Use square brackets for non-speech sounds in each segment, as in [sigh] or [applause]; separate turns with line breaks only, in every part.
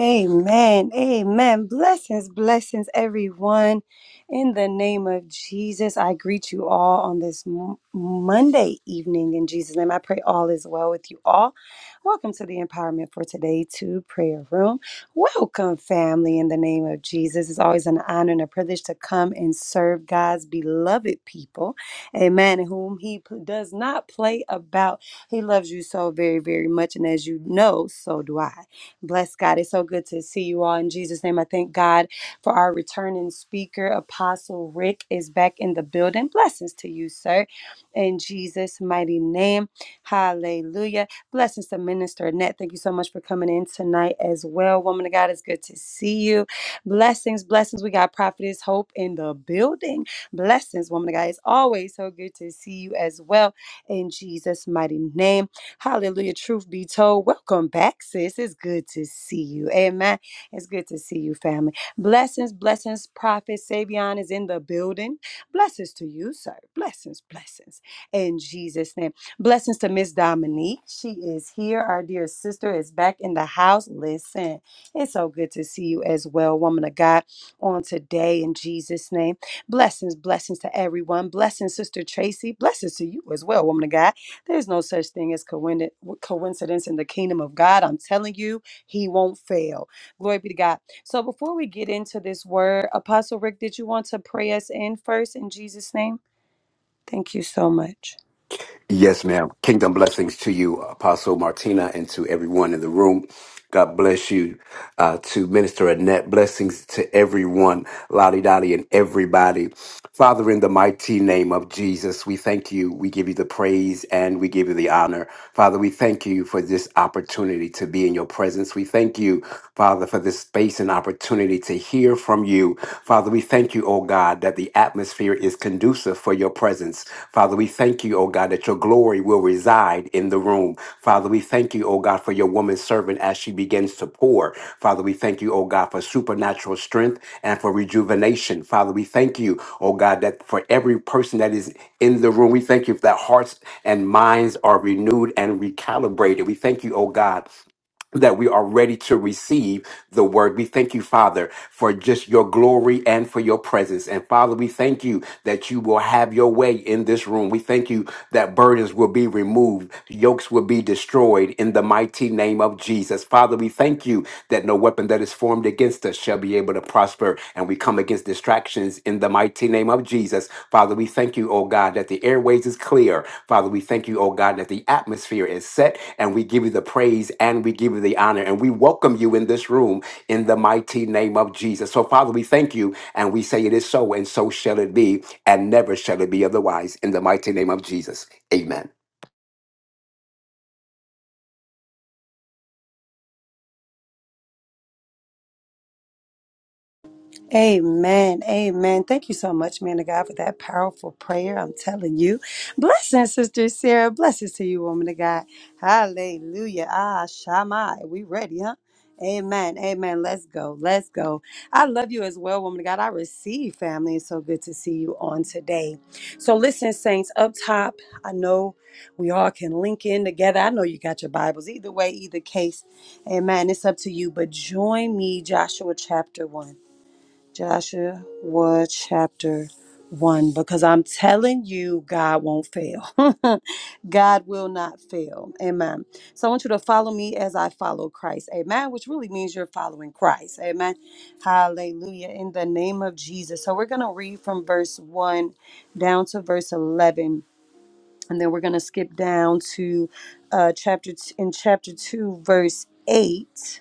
Amen. Amen. Blessings, blessings, everyone. In the name of Jesus, I greet you all on this m- Monday evening. In Jesus' name, I pray all is well with you all. Welcome to the Empowerment for Today to Prayer Room. Welcome, family, in the name of Jesus. It's always an honor and a privilege to come and serve God's beloved people. Amen. Whom He p- does not play about. He loves you so very, very much. And as you know, so do I. Bless God. It's so good to see you all in Jesus' name. I thank God for our returning speaker. Apostle Rick is back in the building. Blessings to you, sir, in Jesus' mighty name. Hallelujah. Blessings to Minister Annette. Thank you so much for coming in tonight as well. Woman of God, it's good to see you. Blessings, blessings. We got Prophetess Hope in the building. Blessings, woman of God. It's always so good to see you as well in Jesus' mighty name. Hallelujah. Truth be told, welcome back, sis. It's good to see you. Amen. It's good to see you, family. Blessings, blessings. Prophet Savion is in the building. Blessings to you, sir. Blessings, blessings. In Jesus' name. Blessings to Miss Dominique. She is here. Our dear sister is back in the house. Listen, it's so good to see you as well, woman of God, on today in Jesus' name. Blessings, blessings to everyone. Blessings, Sister Tracy. Blessings to you as well, woman of God. There's no such thing as coin- coincidence in the kingdom of God. I'm telling you, he won't fail. Glory be to God. So before we get into this word, Apostle Rick, did you want to pray us in first in Jesus' name? Thank you so much.
Yes, ma'am. Kingdom blessings to you, Apostle Martina, and to everyone in the room. God bless you. Uh, to Minister Annette, blessings to everyone, Lottie Dottie, and everybody. Father, in the mighty name of Jesus, we thank you. We give you the praise and we give you the honor. Father, we thank you for this opportunity to be in your presence. We thank you, Father, for this space and opportunity to hear from you. Father, we thank you, oh God, that the atmosphere is conducive for your presence. Father, we thank you, oh God, that your glory will reside in the room. Father, we thank you, oh God, for your woman servant as she begins to pour. Father, we thank you, oh God, for supernatural strength and for rejuvenation. Father, we thank you, oh God, that for every person that is in the room, we thank you that hearts and minds are renewed and recalibrated. We thank you, oh God that we are ready to receive the word. We thank you, Father, for just your glory and for your presence. And Father, we thank you that you will have your way in this room. We thank you that burdens will be removed, yokes will be destroyed in the mighty name of Jesus. Father, we thank you that no weapon that is formed against us shall be able able to prosper and we come against distractions in the mighty name of Jesus. Father, we thank you, oh God, that the airways is clear. Father, we thank you, oh God, that the atmosphere is set and we give you the praise and we give you the honor and we welcome you in this room in the mighty name of Jesus. So, Father, we thank you and we say it is so and so shall it be and never shall it be otherwise in the mighty name of Jesus. Amen.
Amen. Amen. Thank you so much, man of God, for that powerful prayer. I'm telling you. Blessings, Sister Sarah. Blessings to you, woman of God. Hallelujah. Ah, Shammai. We ready, huh? Amen. Amen. Let's go. Let's go. I love you as well, woman of God. I receive family. It's so good to see you on today. So, listen, saints, up top, I know we all can link in together. I know you got your Bibles. Either way, either case. Amen. It's up to you. But join me, Joshua chapter 1. Joshua chapter 1 because I'm telling you, God won't fail. [laughs] God will not fail. Amen. So I want you to follow me as I follow Christ. Amen. Which really means you're following Christ. Amen. Hallelujah. In the name of Jesus. So we're going to read from verse 1 down to verse 11. And then we're going to skip down to uh, chapter t- in chapter 2, verse 8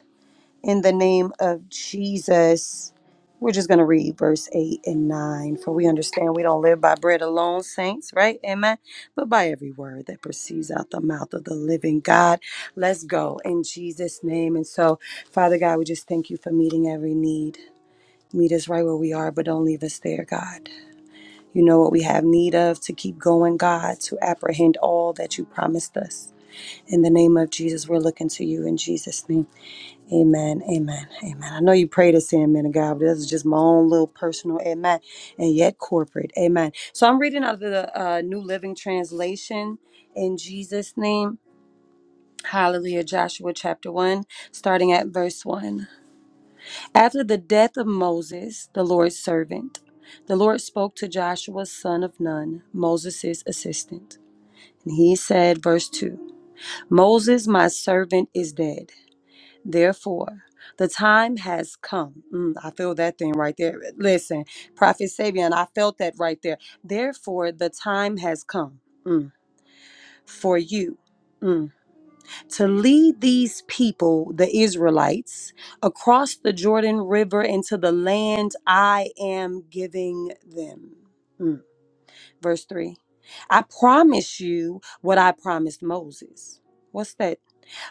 in the name of Jesus, we're just going to read verse 8 and 9. For we understand we don't live by bread alone, saints, right? Amen. But by every word that proceeds out the mouth of the living God. Let's go in Jesus' name. And so, Father God, we just thank you for meeting every need. Meet us right where we are, but don't leave us there, God. You know what we have need of to keep going, God, to apprehend all that you promised us. In the name of Jesus, we're looking to you in Jesus' name. Amen, amen, amen. I know you prayed us in, man of God, but this is just my own little personal amen, and yet corporate amen. So I'm reading out of the uh, New Living Translation in Jesus' name. Hallelujah, Joshua chapter 1, starting at verse 1. After the death of Moses, the Lord's servant, the Lord spoke to Joshua, son of Nun, Moses' assistant. And he said, verse 2 Moses, my servant, is dead. Therefore, the time has come. Mm, I feel that thing right there. Listen, Prophet Sabian, I felt that right there. Therefore, the time has come mm, for you mm, to lead these people, the Israelites, across the Jordan River into the land I am giving them. Mm. Verse 3 I promise you what I promised Moses. What's that?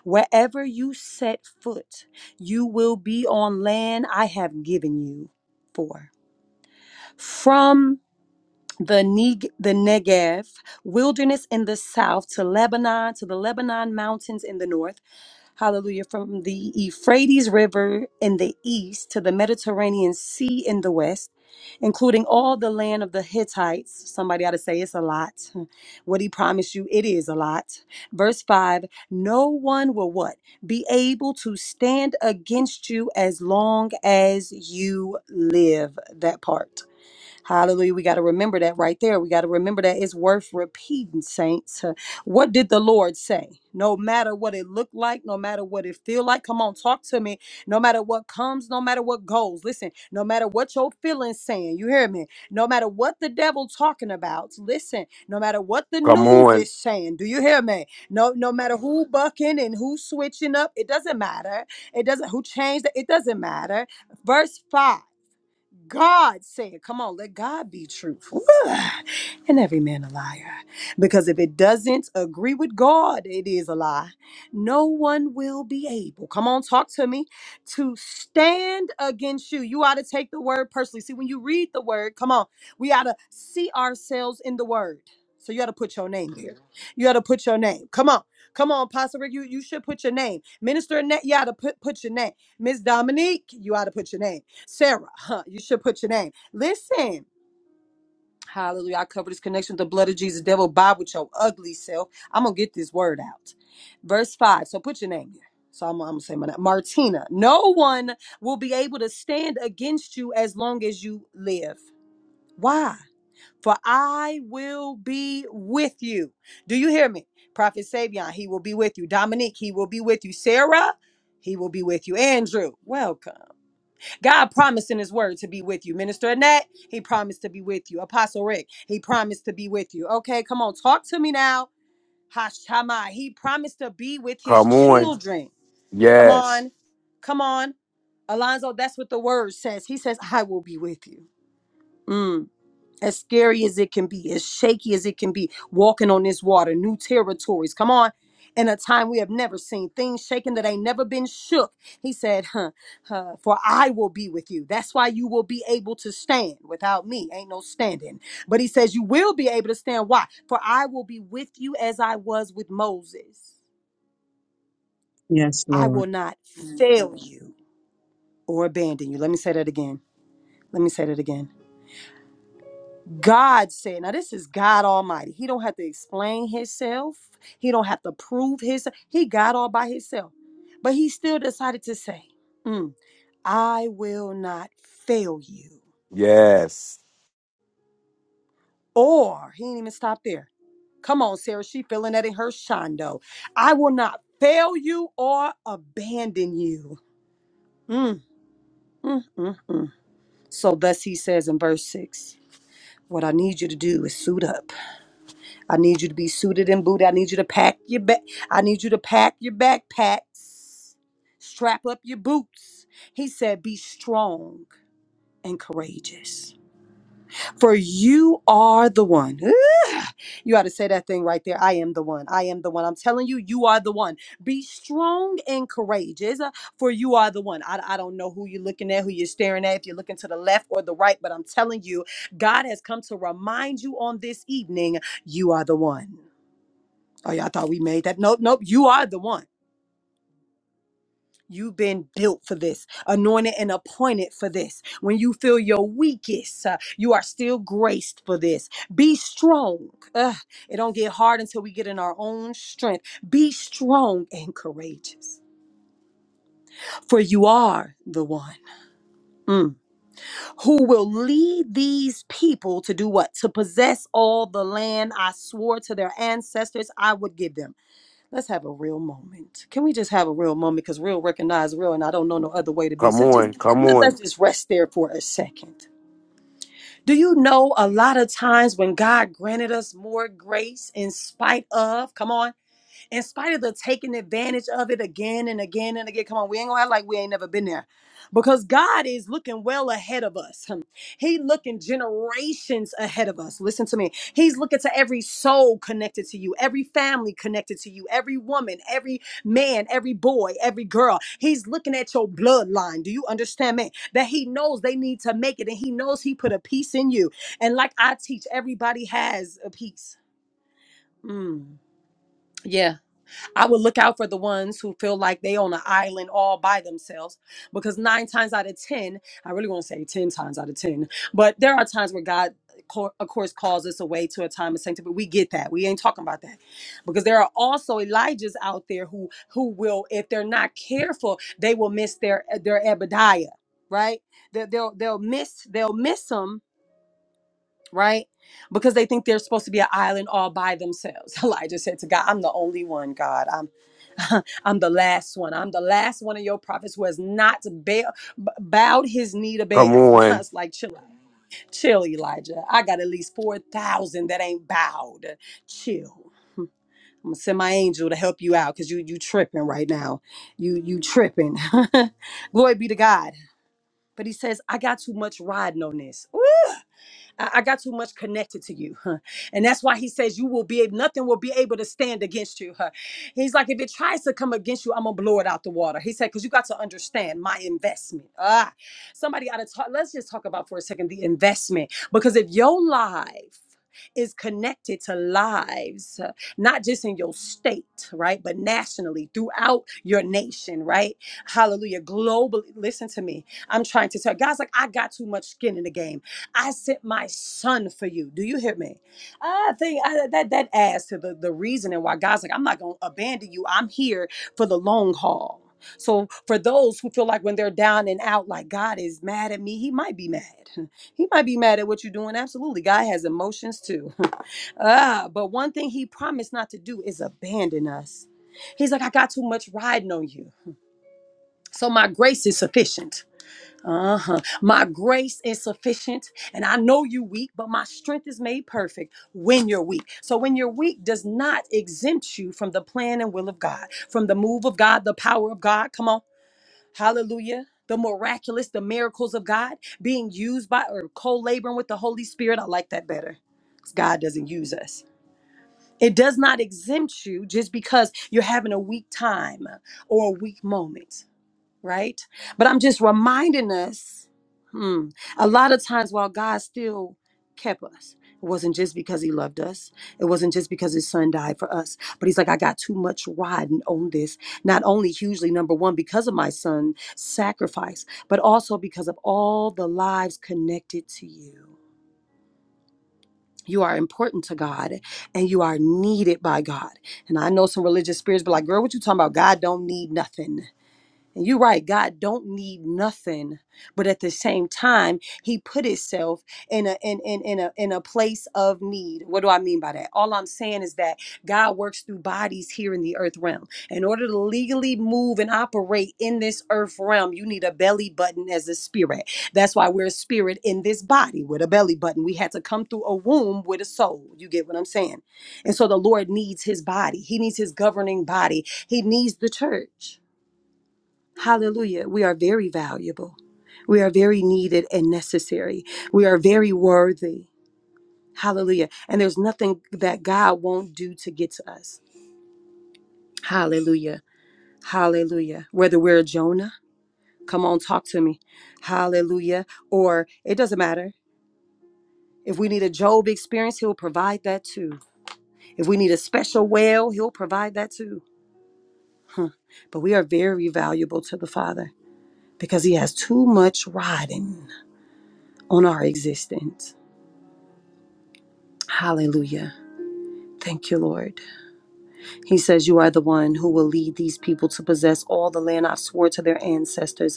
Wherever you set foot, you will be on land I have given you for. From the, Neg- the Negev wilderness in the south to Lebanon, to the Lebanon mountains in the north hallelujah, from the Euphrates River in the east to the Mediterranean Sea in the west, including all the land of the Hittites. Somebody ought to say it's a lot. What he promised you, it is a lot. Verse 5 No one will what? Be able to stand against you as long as you live. That part. Hallelujah. We got to remember that right there. We got to remember that it's worth repeating, saints. Uh, What did the Lord say? No matter what it looked like, no matter what it feel like, come on, talk to me. No matter what comes, no matter what goes, listen. No matter what your feelings saying, you hear me? No matter what the devil talking about, listen. No matter what the news is saying, do you hear me? No, no matter who bucking and who switching up, it doesn't matter. It doesn't who changed. It It doesn't matter. Verse five. God said. Come on, let God be truth. Woo! and every man a liar. Because if it doesn't agree with God, it is a lie. No one will be able, come on, talk to me, to stand against you. You ought to take the word personally. See, when you read the word, come on, we ought to see ourselves in the word. So you ought to put your name here. You ought to put your name. Come on. Come on, Pastor Rick. You, you should put your name. Minister Annette, you ought to put, put your name. Miss Dominique, you ought to put your name. Sarah, huh, you should put your name. Listen. Hallelujah. I cover this connection with the blood of Jesus. Devil, bob with your ugly self. I'm going to get this word out. Verse 5. So put your name here. So I'm, I'm going to say my name. Martina. No one will be able to stand against you as long as you live. Why? For I will be with you. Do you hear me? Prophet Savion, he will be with you. Dominique, he will be with you. Sarah, he will be with you. Andrew, welcome. God promised in his word to be with you. Minister Annette, he promised to be with you. Apostle Rick, he promised to be with you. Okay, come on, talk to me now. Hashamai, he promised to be with his
Come on.
children. Come
Yes.
on, come on. Alonzo, that's what the word says. He says, I will be with you. Mm as scary as it can be, as shaky as it can be, walking on this water, new territories. Come on. In a time we have never seen, things shaken that ain't never been shook. He said, huh, huh, For I will be with you. That's why you will be able to stand. Without me, ain't no standing. But he says, You will be able to stand. Why? For I will be with you as I was with Moses.
Yes,
I will
Lord.
not fail you or abandon you. Let me say that again. Let me say that again. God said, now this is God Almighty. He don't have to explain himself. He don't have to prove his. He got all by himself. But he still decided to say, "Mm, I will not fail you.
Yes.
Or he ain't even stop there. Come on, Sarah. She feeling that in her shondo. I will not fail you or abandon you. Mm, mm, mm, mm. So thus he says in verse six, what I need you to do is suit up. I need you to be suited and booted. I need you to pack your back. I need you to pack your backpacks. Strap up your boots. He said, Be strong and courageous. For you are the one. Ugh. You ought to say that thing right there. I am the one. I am the one. I'm telling you, you are the one. Be strong and courageous, uh, for you are the one. I, I don't know who you're looking at, who you're staring at, if you're looking to the left or the right, but I'm telling you, God has come to remind you on this evening, you are the one. Oh, y'all thought we made that. Nope, nope. You are the one. You've been built for this, anointed and appointed for this. When you feel your weakest, uh, you are still graced for this. Be strong. Ugh, it don't get hard until we get in our own strength. Be strong and courageous, for you are the one mm, who will lead these people to do what? To possess all the land I swore to their ancestors I would give them. Let's have a real moment. Can we just have a real moment? Because real recognize real, and I don't know no other way to be.
Come
So just
on. Come
let-
on.
let's just rest there for a second. Do you know a lot of times when God granted us more grace in spite of? Come on in spite of the taking advantage of it again and again and again. Come on, we ain't gonna act like we ain't never been there. Because God is looking well ahead of us. Hmm. He looking generations ahead of us. Listen to me. He's looking to every soul connected to you, every family connected to you, every woman, every man, every boy, every girl. He's looking at your bloodline. Do you understand me? That he knows they need to make it and he knows he put a piece in you. And like I teach, everybody has a piece. Mm. Yeah. I would look out for the ones who feel like they on an island all by themselves because nine times out of ten, I really want to say ten times out of ten, but there are times where God co- of course calls us away to a time of sanctity but we get that we ain't talking about that because there are also elijahs out there who who will if they're not careful they will miss their their Abadiah, right they, they'll they'll miss they'll miss miss them right? Because they think they're supposed to be an island all by themselves. [laughs] Elijah said to God, I'm the only one, God. I'm [laughs] I'm the last one. I'm the last one of your prophets who has not bail, b- bowed his knee to
Come
Baal. [laughs] And
on.
God's like, chill out. Chill, Elijah. I got at least 4,000 that ain't bowed. Chill. I'm gonna send my angel to help you out because you you tripping right now. You you tripping. [laughs] Glory be to God. But he says, I got too much riding on this. I, I got too much connected to you. [laughs] huh. And that's why he says you will be able, nothing will be able to stand against you. huh. He's like, if it tries to come against you, I'm gonna blow it out the water. He said, because you got to understand my investment. Ah, somebody ought to talk. Let's just talk about for a second the investment. Because if your life is connected to lives, uh, not just in your state, right? But nationally, throughout your nation, right? Hallelujah. Globally, listen to me. I'm trying to tell God's like, I got too much skin in the game. I sent my son for you. Do you hear me? I think I, that that adds to the, the reasoning why God's like, I'm not going to abandon you. I'm here for the long haul. So for those who feel like when they're down and out, like God is mad at me, he might be mad. [laughs] He might be mad at what you're doing. Absolutely. God has emotions too. [laughs] ah, but one thing he promised not to do is abandon us. He's like, I got too much riding on you. So my grace is sufficient. Uh-huh. My grace is sufficient, and I know you weak, but my strength is made perfect when you're weak. So when you're weak does not exempt you from the plan and will of God, from the move of God, the power of God. Come on. Hallelujah. The miraculous, the miracles of God being used by or co-laboring with the Holy Spirit. I like that better. 'Cause God doesn't use us. It does not exempt you just because you're having a weak time or a weak moment right? But I'm just reminding us hmm, a lot of times while God still kept us, it wasn't just because he loved us, it wasn't just because his son died for us, but he's like, I got too much riding on this. Not only hugely, number one, because of my Son's sacrifice, but also because of all the lives connected to you. You are important to God and you are needed by God. And I know some religious spirits be like, girl, what you talking about? God don't need nothing. And you're right, God don't need nothing, but at the same time, He put Himself in a in, in, in a in a place of need. What do I mean by that? All I'm saying is that God works through bodies here in the earth realm. In order to legally move and operate in this earth realm, you need a belly button as a spirit. That's why we're a spirit in this body with a belly button. We had to come through a womb with a soul. You get what I'm saying? And so the Lord needs his body. He needs his governing body. He needs the church. Hallelujah. We are very valuable. We are very needed and necessary. We are very worthy. Hallelujah. And there's nothing that God won't do to get to us. Hallelujah. Hallelujah. Whether we're Jonah, come on, talk to me. Hallelujah. Or it doesn't matter. If we need a Job experience, he'll provide that too. If we need a special well, he'll provide that too. Huh. But we are very valuable to the Father because he has too much riding on our existence. Hallelujah. Thank you, Lord. He says, You are the one who will lead these people to possess all the land I've swore to their ancestors.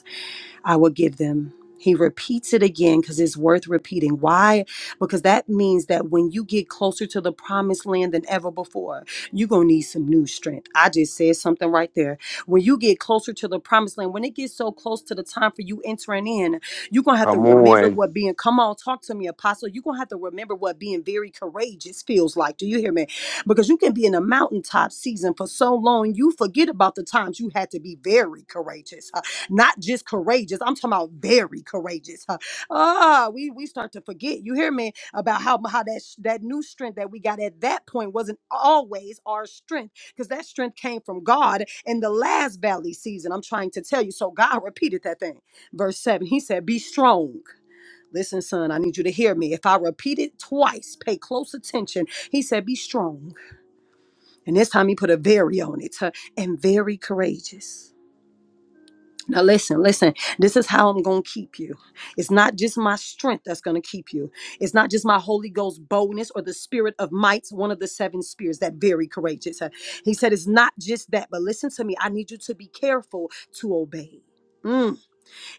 I will give them. He repeats it again because it's worth repeating. Why? Because that means that when you get closer to the promised land than ever before, you're going to need some new strength. I just said something right there. When you get closer to the promised land, when it gets so close to the time for you entering in, you're going to have
Come
to
on.
remember what being, come on, talk to me, Apostle. You're going to have to remember what being very courageous feels like. Do you hear me? Because you can be in a mountaintop season for so long, you forget about the times you had to be very courageous. huh? not just courageous. I'm talking about very courageous. huh? Ah, we we start to forget. You hear me about how how that sh- that new strength that we got at that point wasn't always our strength because that strength came from God in the last valley season. I'm trying to tell you. So God repeated that thing. Verse seven. He said, "Be strong." Listen, son, I need you to hear me. If I repeat it twice, pay close attention. He said, Be strong. And this time he put a very on it huh, and very courageous. Now, listen, listen. This is how I'm going to keep you. It's not just my strength that's going to keep you. It's not just my Holy Ghost boldness or the spirit of might, one of the seven spirits that very courageous. Uh, He said, It's not just that, but listen to me. I need you to be careful to obey. Mm.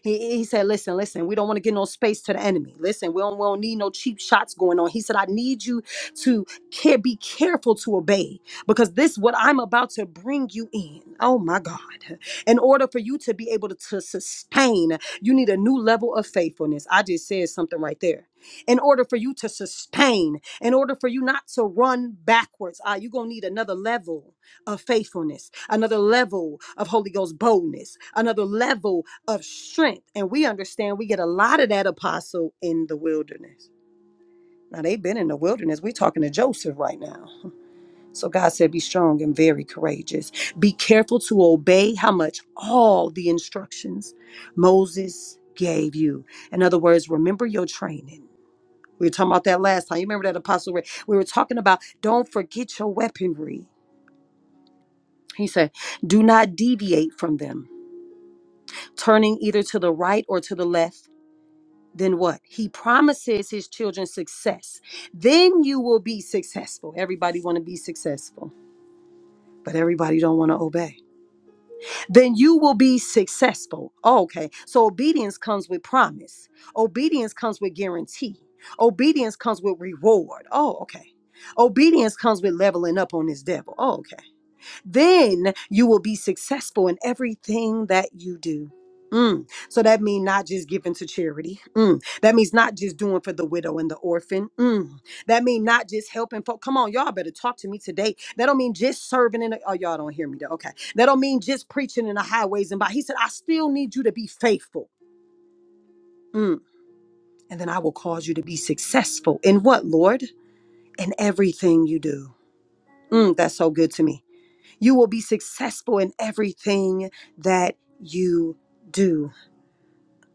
He, he said, Listen, listen, we don't want to give no space to the enemy. Listen, we don't, we don't need no cheap shots going on. He said, I need you to care, be careful to obey because this what I'm about to bring you in. Oh my God. In order for you to be able to, to sustain, you need a new level of faithfulness. I just said something right there. In order for you to sustain, in order for you not to run backwards, ah, you're going to need another level of faithfulness, another level of Holy Ghost boldness, another level of strength. And we understand we get a lot of that apostle in the wilderness. Now they've been in the wilderness. We're talking to Joseph right now. So God said, Be strong and very courageous. Be careful to obey how much all the instructions Moses gave you. In other words, remember your training. We were talking about that last time. You remember that apostle? Rick? We were talking about don't forget your weaponry. He said, Do not deviate from them, turning either to the right or to the left then what? He promises his children success. Then you will be successful. Everybody want to be successful, but everybody don't want to obey. Then you will be successful. Oh, okay. So obedience comes with promise. Obedience comes with guarantee. Obedience comes with reward. Oh, okay. Obedience comes with leveling up on this devil. Oh, okay then you will be successful in everything that you do. Mm. So that means not just giving to charity. Mm. That means not just doing for the widow and the orphan. Mm. That means not just helping folk. Come on, y'all better talk to me today. That don't mean just serving in. The, oh, y'all don't hear me. though. Okay. That don't mean just preaching in the highways and by. He said, I still need you to be faithful. Mm. And then I will cause you to be successful in what, Lord? In everything you do. Mm, that's so good to me. You will be successful in everything that you do.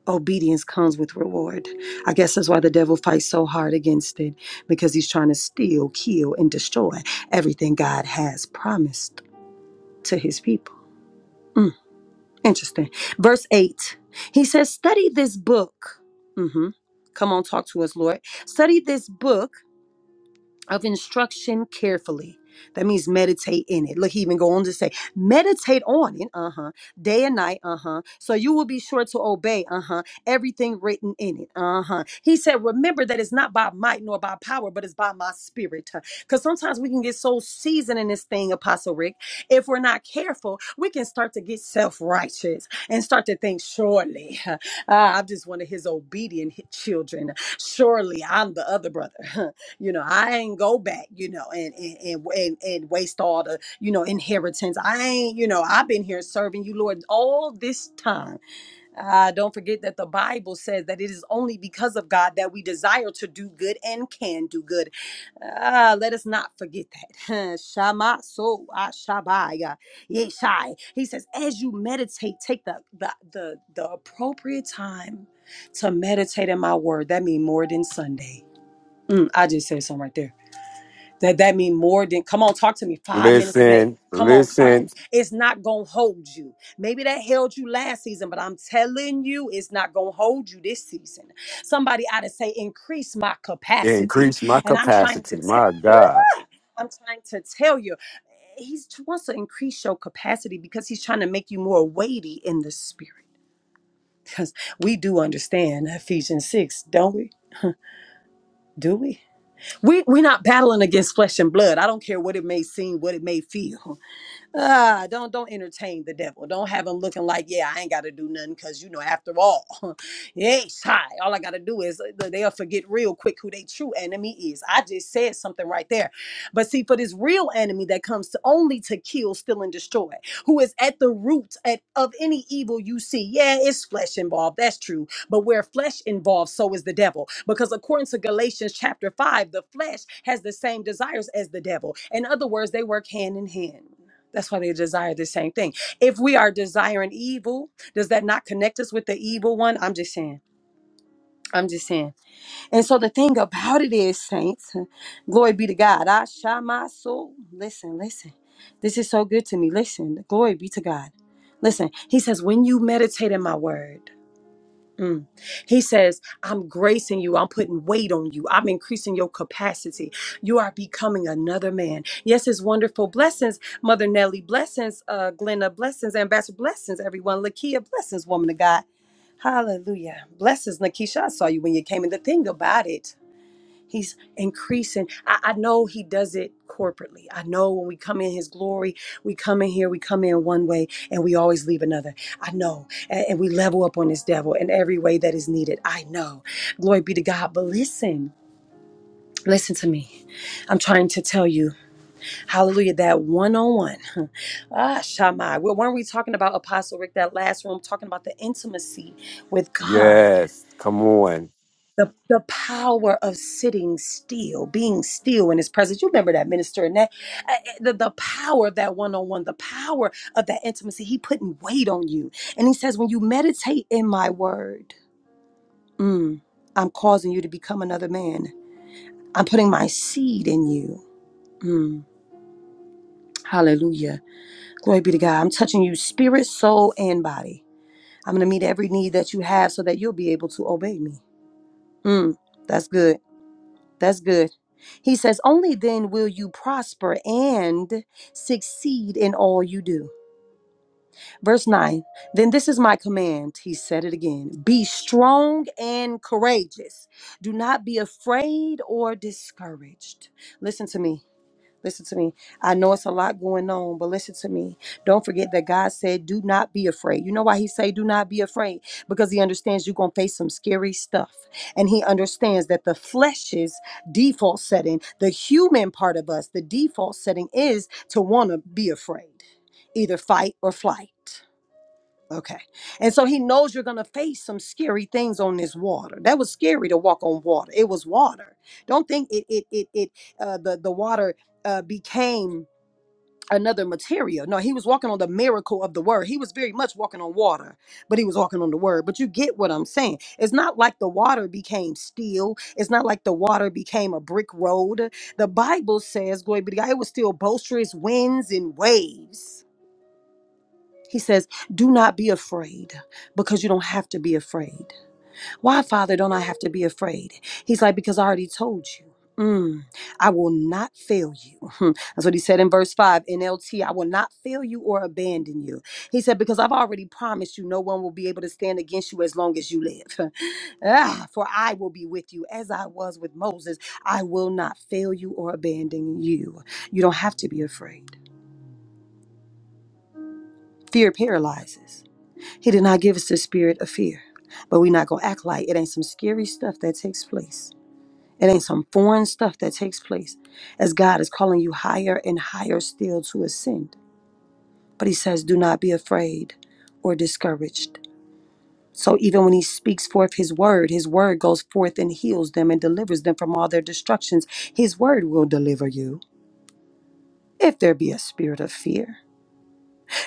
Obedience comes with reward. I guess that's why the devil fights so hard against it because he's trying to steal, kill, and destroy everything God has promised to his people. Mm, interesting. Verse 8, he says, Study this book. hmm Come on, talk to us, Lord. Study this book of instruction carefully. That means meditate in it. Look, he even go on to say, meditate on it, uh huh, day and night, uh huh. So you will be sure to obey, uh huh, everything written in it, uh huh. He said, remember that it's not by might nor by power, but it's by my spirit. Because sometimes we can get so seasoned in this thing, Apostle Rick, if we're not careful, we can start to get self righteous and start to think, surely, [laughs] uh, I'm just one of his obedient children. Surely I'm the other brother. [laughs] you know i ain't go back you know and and and, and, and waste all the you know inheritance i ain't you know i've been here serving you lord all this time uh, don't forget that the bible says that it is only because of god that we desire to do good and can do good Ah, let us not forget that [laughs] shama so ashabaya yeshai he says as you meditate take the the the, the appropriate time to meditate in my word that means more than sunday Mm, I just said something right there that that mean more than come on, talk to me five minutes a day.
Listen,
Come on, talk to
listen,
me. It's not gonna hold you. Maybe that held you last season, but I'm telling you, it's not gonna hold you this season. Somebody ought to say, increase my capacity.
increase my
And I'm trying
capacity.
to tell
My
[laughs]
God.
I'm trying to tell you, he wants to increase your capacity because he's trying to make you more weighty in the spirit. Because we do understand Ephesians 6, don't we? Do we? we we're not battling against flesh and blood. I don't care what it may seem, what it may feel. ah, don't don't entertain the devil. Don't have him looking like, yeah, I ain't got to do nothing because you know, after all, [laughs] yes, hi. All I got to do is uh, they'll forget real quick who they true enemy is. I just said something right there, but see, for this real enemy that comes to only to kill, steal, and destroy, who is at the root at, of any evil you see. Yeah, it's flesh involved. That's true, but where flesh involved, so is the devil. Because according to Galatians chapter five, the flesh has the same desires as the devil. In other words, they work hand in hand. That's why they desire the same thing. If we are desiring evil, does that not connect us with the evil one? I'm just saying. I'm just saying. And so the thing about it is, saints, [laughs] glory be to God. I shall my soul. Listen, listen. This is so good to me. Listen, glory be to God. Listen, he says, when you meditate in my word, Mm. He says, I'm gracing you. I'm putting weight on you. I'm increasing your capacity. You are becoming another man. Yes, it's wonderful. Blessings, Mother Nelly. Blessings, uh, Glenna. Blessings, Ambassador. Blessings, everyone. Lakia. Blessings, woman of God. Hallelujah. Blessings, Nakisha. I saw you when you came in. The thing about it. He's increasing. I, I know he does it corporately. I know when we come in his glory, we come in here, we come in one way, and we always leave another. I know. And, and we level up on this devil in every way that is needed. I know. Glory be to God. But listen, listen to me. I'm trying to tell you, hallelujah, that one on one. [laughs] Ah, Shammai. Well, weren't we talking about Apostle Rick that last room, talking about the intimacy with God?
Yes. Come on.
the the power of sitting still, being still in His presence. You remember that minister and that uh, uh, the the power of that one on one, the power of that intimacy. He putting weight on you, and He says, when you meditate in My Word, mm, I'm causing you to become another man. I'm putting My seed in you. Mm, hallelujah, glory be to God. I'm touching you, spirit, soul, and body. I'm gonna meet every need that you have, so that you'll be able to obey Me. Mm, that's good. That's good. He says, Only then will you prosper and succeed in all you do. Verse 9, then this is my command. He said it again Be strong and courageous. Do not be afraid or discouraged. Listen to me. Listen to me. I know it's a lot going on, but listen to me. Don't forget that God said, "Do not be afraid." You know why He say, "Do not be afraid," because He understands you're gonna face some scary stuff, and He understands that the flesh's default setting, the human part of us, the default setting is to want to be afraid, either fight or flight. Okay. And so he knows you're going to face some scary things on this water. That was scary to walk on water. It was water. Don't think it it it it uh the the water uh became another material. No, he was walking on the miracle of the word. He was very much walking on water, but he was walking on the word. But you get what I'm saying. It's not like the water became steel. It's not like the water became a brick road. The Bible says, glory be to God, it was still boisterous winds and waves he says, Do not be afraid because you don't have to be afraid. Why, Father, don't I have to be afraid? He's like, Because I already told you. Mm, I will not fail you. [laughs] Hmm, That's what he said in verse 5 NLT. I will not fail you or abandon you. He said, Because I've already promised you, no one will be able to stand against you as long as you live. [laughs] ah, for I will be with you as I was with Moses. I will not fail you or abandon you. You don't have to be afraid. Fear paralyzes. He did not give us the spirit of fear, but we're not going to act like it ain't some scary stuff that takes place. It ain't some foreign stuff that takes place as God is calling you higher and higher still to ascend. But He says, do not be afraid or discouraged. So even when He speaks forth His word, His word goes forth and heals them and delivers them from all their destructions. His word will deliver you if there be a spirit of fear.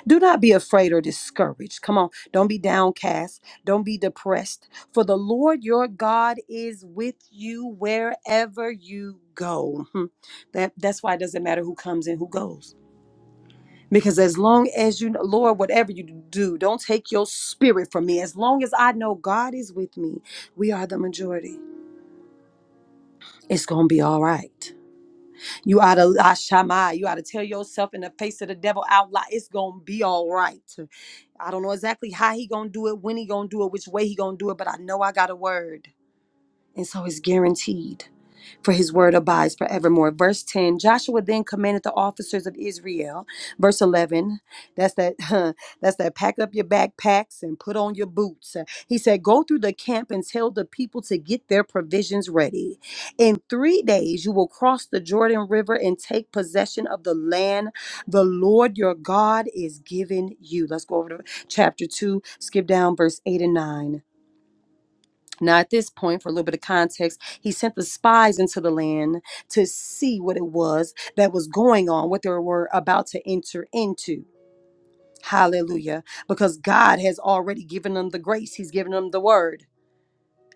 Do not be afraid or discouraged. Come on. Don't be downcast. Don't be depressed. For the Lord your God is with you wherever you go. Hmm. That, that's why it doesn't matter who comes and who goes. Because as long as you, Lord, whatever you do, don't take your spirit from me. As long as I know God is with me, we are the majority. It's going to be all right. You ought to Ashama, you ought to tell yourself in the face of the devil out loud, it's gonna be all right. I don't know exactly how he gonna do it, when he gonna do it, which way he gonna do it, but I know I got a word and so is guaranteed. For his word abides forevermore. Verse 10 Joshua then commanded the officers of Israel. Verse 11, that's that, [laughs] huh, that's that pack up your backpacks and put on your boots. He said, Go through the camp and tell the people to get their provisions ready. In three days, you will cross the Jordan River and take possession of the land the Lord your God is giving you. Let's go over to chapter 2, skip down verse 8 and 9. Now, at this point, for a little bit of context, he sent the spies into the land to see what it was that was going on, what they were about to enter into. Hallelujah. Because God has already given them the grace, He's given them the word.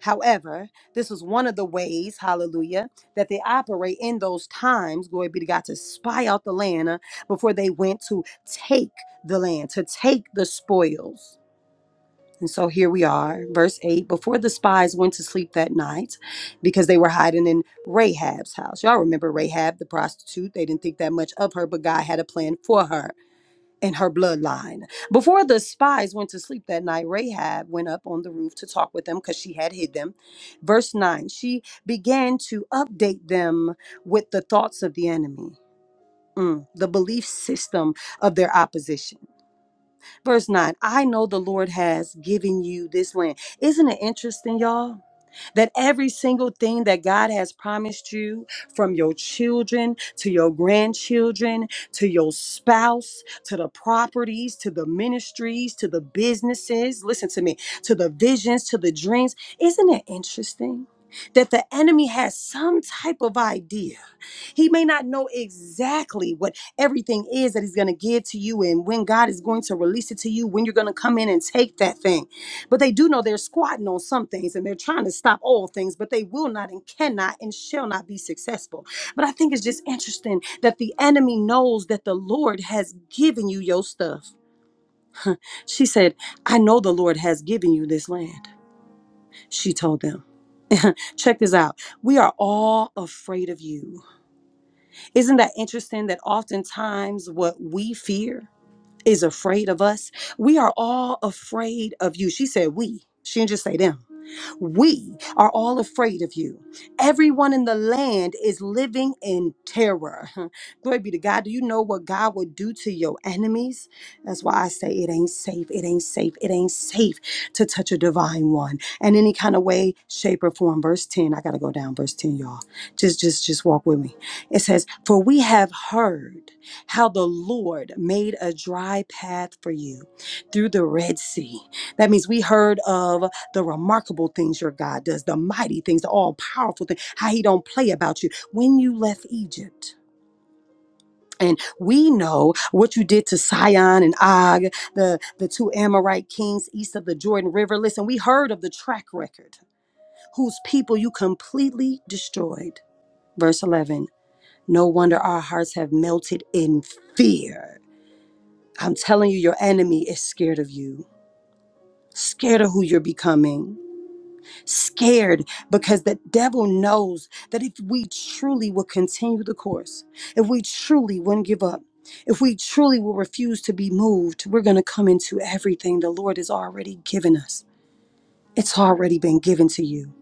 However, this was one of the ways, hallelujah, that they operate in those times, glory be to God, to spy out the land uh, before they went to take the land, to take the spoils. And so here we are, verse 8. Before the spies went to sleep that night, because they were hiding in Rahab's house. Y'all remember Rahab, the prostitute? They didn't think that much of her, but God had a plan for her and her bloodline. Before the spies went to sleep that night, Rahab went up on the roof to talk with them because she had hid them. Verse 9, she began to update them with the thoughts of the enemy, mm, the belief system of their opposition. Verse 9, I know the Lord has given you this land. Isn't it interesting, y'all? That every single thing that God has promised you, from your children to your grandchildren to your spouse to the properties to the ministries to the businesses, listen to me, to the visions to the dreams, isn't it interesting that the enemy has some type of idea? He may not know exactly what everything is that he's going to give to you and when God is going to release it to you, when you're going to come in and take that thing. But they do know they're squatting on some things and they're trying to stop all things, but they will not and cannot and shall not be successful. But I think it's just interesting that the enemy knows that the Lord has given you your stuff. She said, I know the Lord has given you this land. She told them, check this out. We are all afraid of you. Isn't that interesting that oftentimes what we fear is afraid of us? We are all afraid of you. She said we. She didn't just say them. We are all afraid of you. Everyone in the land is living in terror. [laughs] Glory be to God. Do you know what God will do to your enemies? That's why I say it ain't safe. It ain't safe. It ain't safe to touch a divine one in any kind of way, shape, or form. Verse 10. I gotta go down, verse 10, y'all. Just just just walk with me. It says, For we have heard how the Lord made a dry path for you through the Red Sea. That means we heard of the remarkable things your God does, the mighty things, the all powerful things, how he don't play about you. When you left Egypt, and we know what you did to Sihon and Og, the, the two Amorite kings east of the Jordan River. Listen, we heard of the track record, whose people you completely destroyed. Verse 11 No wonder our hearts have melted in fear. I'm telling you, your enemy is scared of you, scared of who you're becoming scared because the devil knows that if we truly will continue the course, if we truly wouldn't give up, if we truly will refuse to be moved, we're going to come into everything the Lord has already given us. It's already been given to you.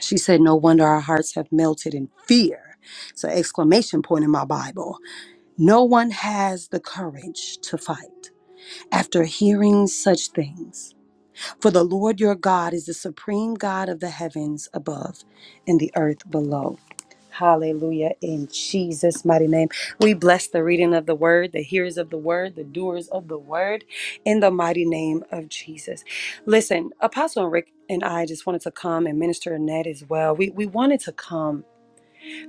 She said, No wonder our hearts have melted in fear. It's an exclamation point in my Bible. No one has the courage to fight after hearing such things. For the Lord your God is the supreme God of the heavens above and the earth below. Hallelujah. In Jesus' mighty name, we bless the reading of the word, the hearers of the word, the doers of the word, in the mighty name of Jesus. Listen, Apostle Rick and I just wanted to come and Minister Annette as well. We, we wanted to come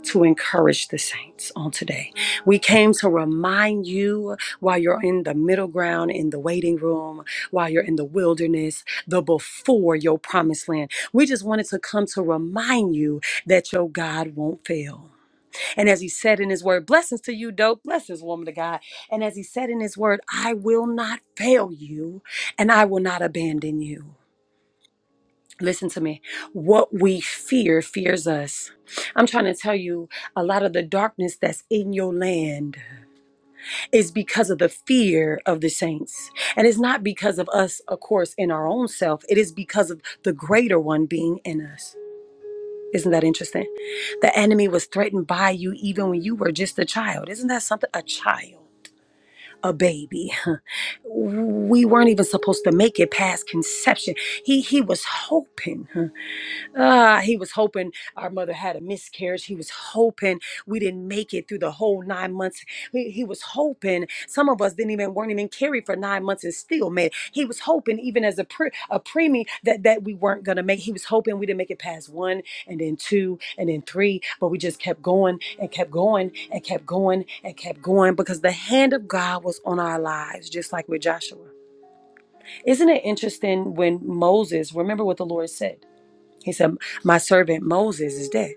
to encourage the saints on today. We came to remind you while you're in the middle ground, in the waiting room, while you're in the wilderness, the before your promised land. We just wanted to come to remind you that your God won't fail. And as he said in his word, blessings to you, dope, blessings, woman of God. And as he said in his word, I will not fail you and I will not abandon you. Listen to me. What we fear fears us. I'm trying to tell you a lot of the darkness that's in your land is because of the fear of the saints. And it's not because of us, of course, in our own self. It is because of the greater one being in us. Isn't that interesting? The enemy was threatened by you even when you were just a child. Isn't that something? A child, a baby. [laughs] We weren't even supposed to make it past conception. He he was hoping. huh, Ah, he was hoping our mother had a miscarriage. He was hoping we didn't make it through the whole nine months. He, he was hoping some of us didn't even weren't even carried for nine months and still made. it. He was hoping even as a pre, a preemie that that we weren't gonna make. He was hoping we didn't make it past one and then two and then three, but we just kept going and kept going and kept going and kept going because the hand of God was on our lives, just like with Joshua. Isn't it interesting when Moses? Remember what the Lord said. He said, My servant Moses is dead.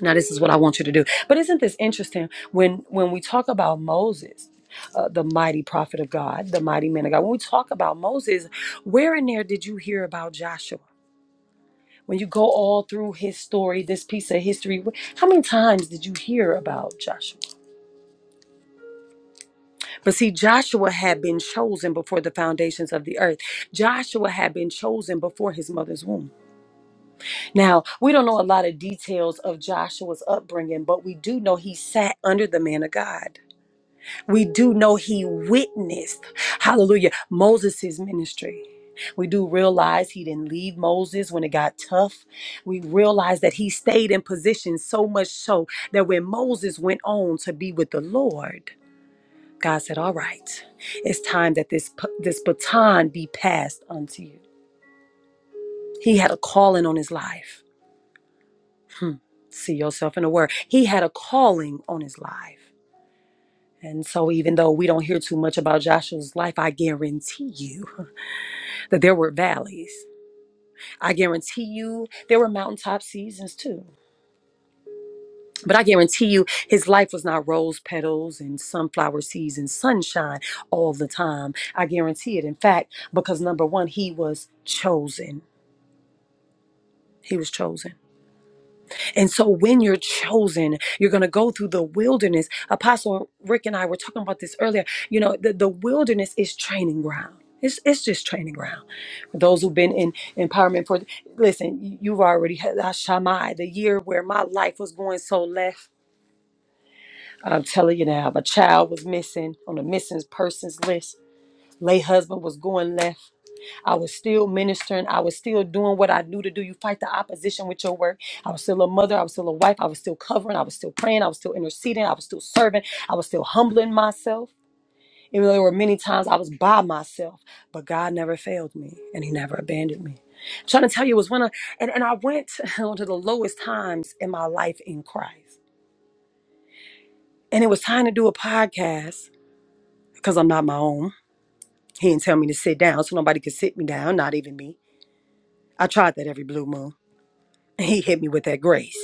Now, this is what I want you to do. But isn't this interesting when, when we talk about Moses, uh, the mighty prophet of God, the mighty man of God, when we talk about Moses, where in there did you hear about Joshua? When you go all through his story, this piece of history, wh- how many times did you hear about Joshua? But see, Joshua had been chosen before the foundations of the earth. Joshua had been chosen before his mother's womb. Now, we don't know a lot of details of Joshua's upbringing, but we do know he sat under the man of God. We do know he witnessed, hallelujah, Moses' ministry. We do realize he didn't leave Moses when it got tough. We realize that he stayed in position so much so that when Moses went on to be with the Lord, God said, All right, it's time that this, p- this baton be passed unto you. He had a calling on his life. see yourself in the word. He had a calling on his life. And so, even though we don't hear too much about Joshua's life, I guarantee you [laughs] that there were valleys. I guarantee you there were mountaintop seasons too. But I guarantee you his life was not rose petals and sunflower seeds and sunshine all the time. I guarantee it. In fact, because number one, he was chosen. He was chosen. And so when you're chosen, you're going to go through the wilderness. Apostle Rick and I were talking about this earlier. You know, the, the wilderness is training ground. It's, it's just training ground. For those who've been in empowerment for, listen, you- have already had uh, Shammai, the year where my life was going so left. I'm telling you now, my child was missing on the missing persons list. Lay husband was going left. I was still ministering. I was still doing what I knew to do. You fight the opposition with your work. I was still a mother. I was still a wife. I was still covering. I was still praying. I was still interceding. I was still serving. I was still humbling myself. Even though there were many times I was by myself, but God never failed me and He never abandoned me. I'm trying to tell you, it was one of, and, and I went [laughs] to the lowest times in my life in Christ. And it was time to do a podcast because I'm not my own. He didn't tell me to sit down, so nobody could sit me down, not even me. I tried that every blue moon. he hit me with that grace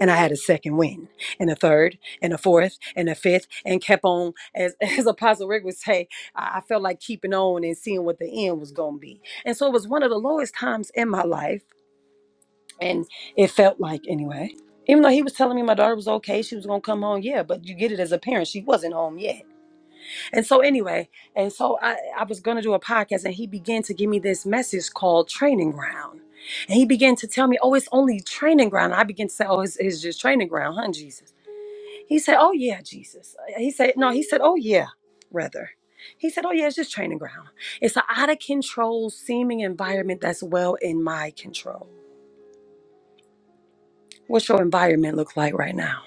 and i had a second win and a third and a fourth and a fifth and kept on as, [laughs] as apostle rick would say i I felt like keeping on and seeing what the end was going to be and so it was one of the lowest times in my life and it felt like anyway even though he was telling me my daughter was okay she was going to come home yeah but you get it as a parent she wasn't home yet and so anyway, and so I, I was gonna do a podcast and he began to give me this message called training ground. And he began to tell me, Oh, it's only training ground. And I began to say, Oh, it's, it's just training ground, huh, Jesus? He said, Oh yeah, Jesus. Uh, He said, No, he said, Oh yeah, rather. He said, Oh yeah, it's just training ground. It's an out of control seeming environment that's well in my control. What's your environment look like right now?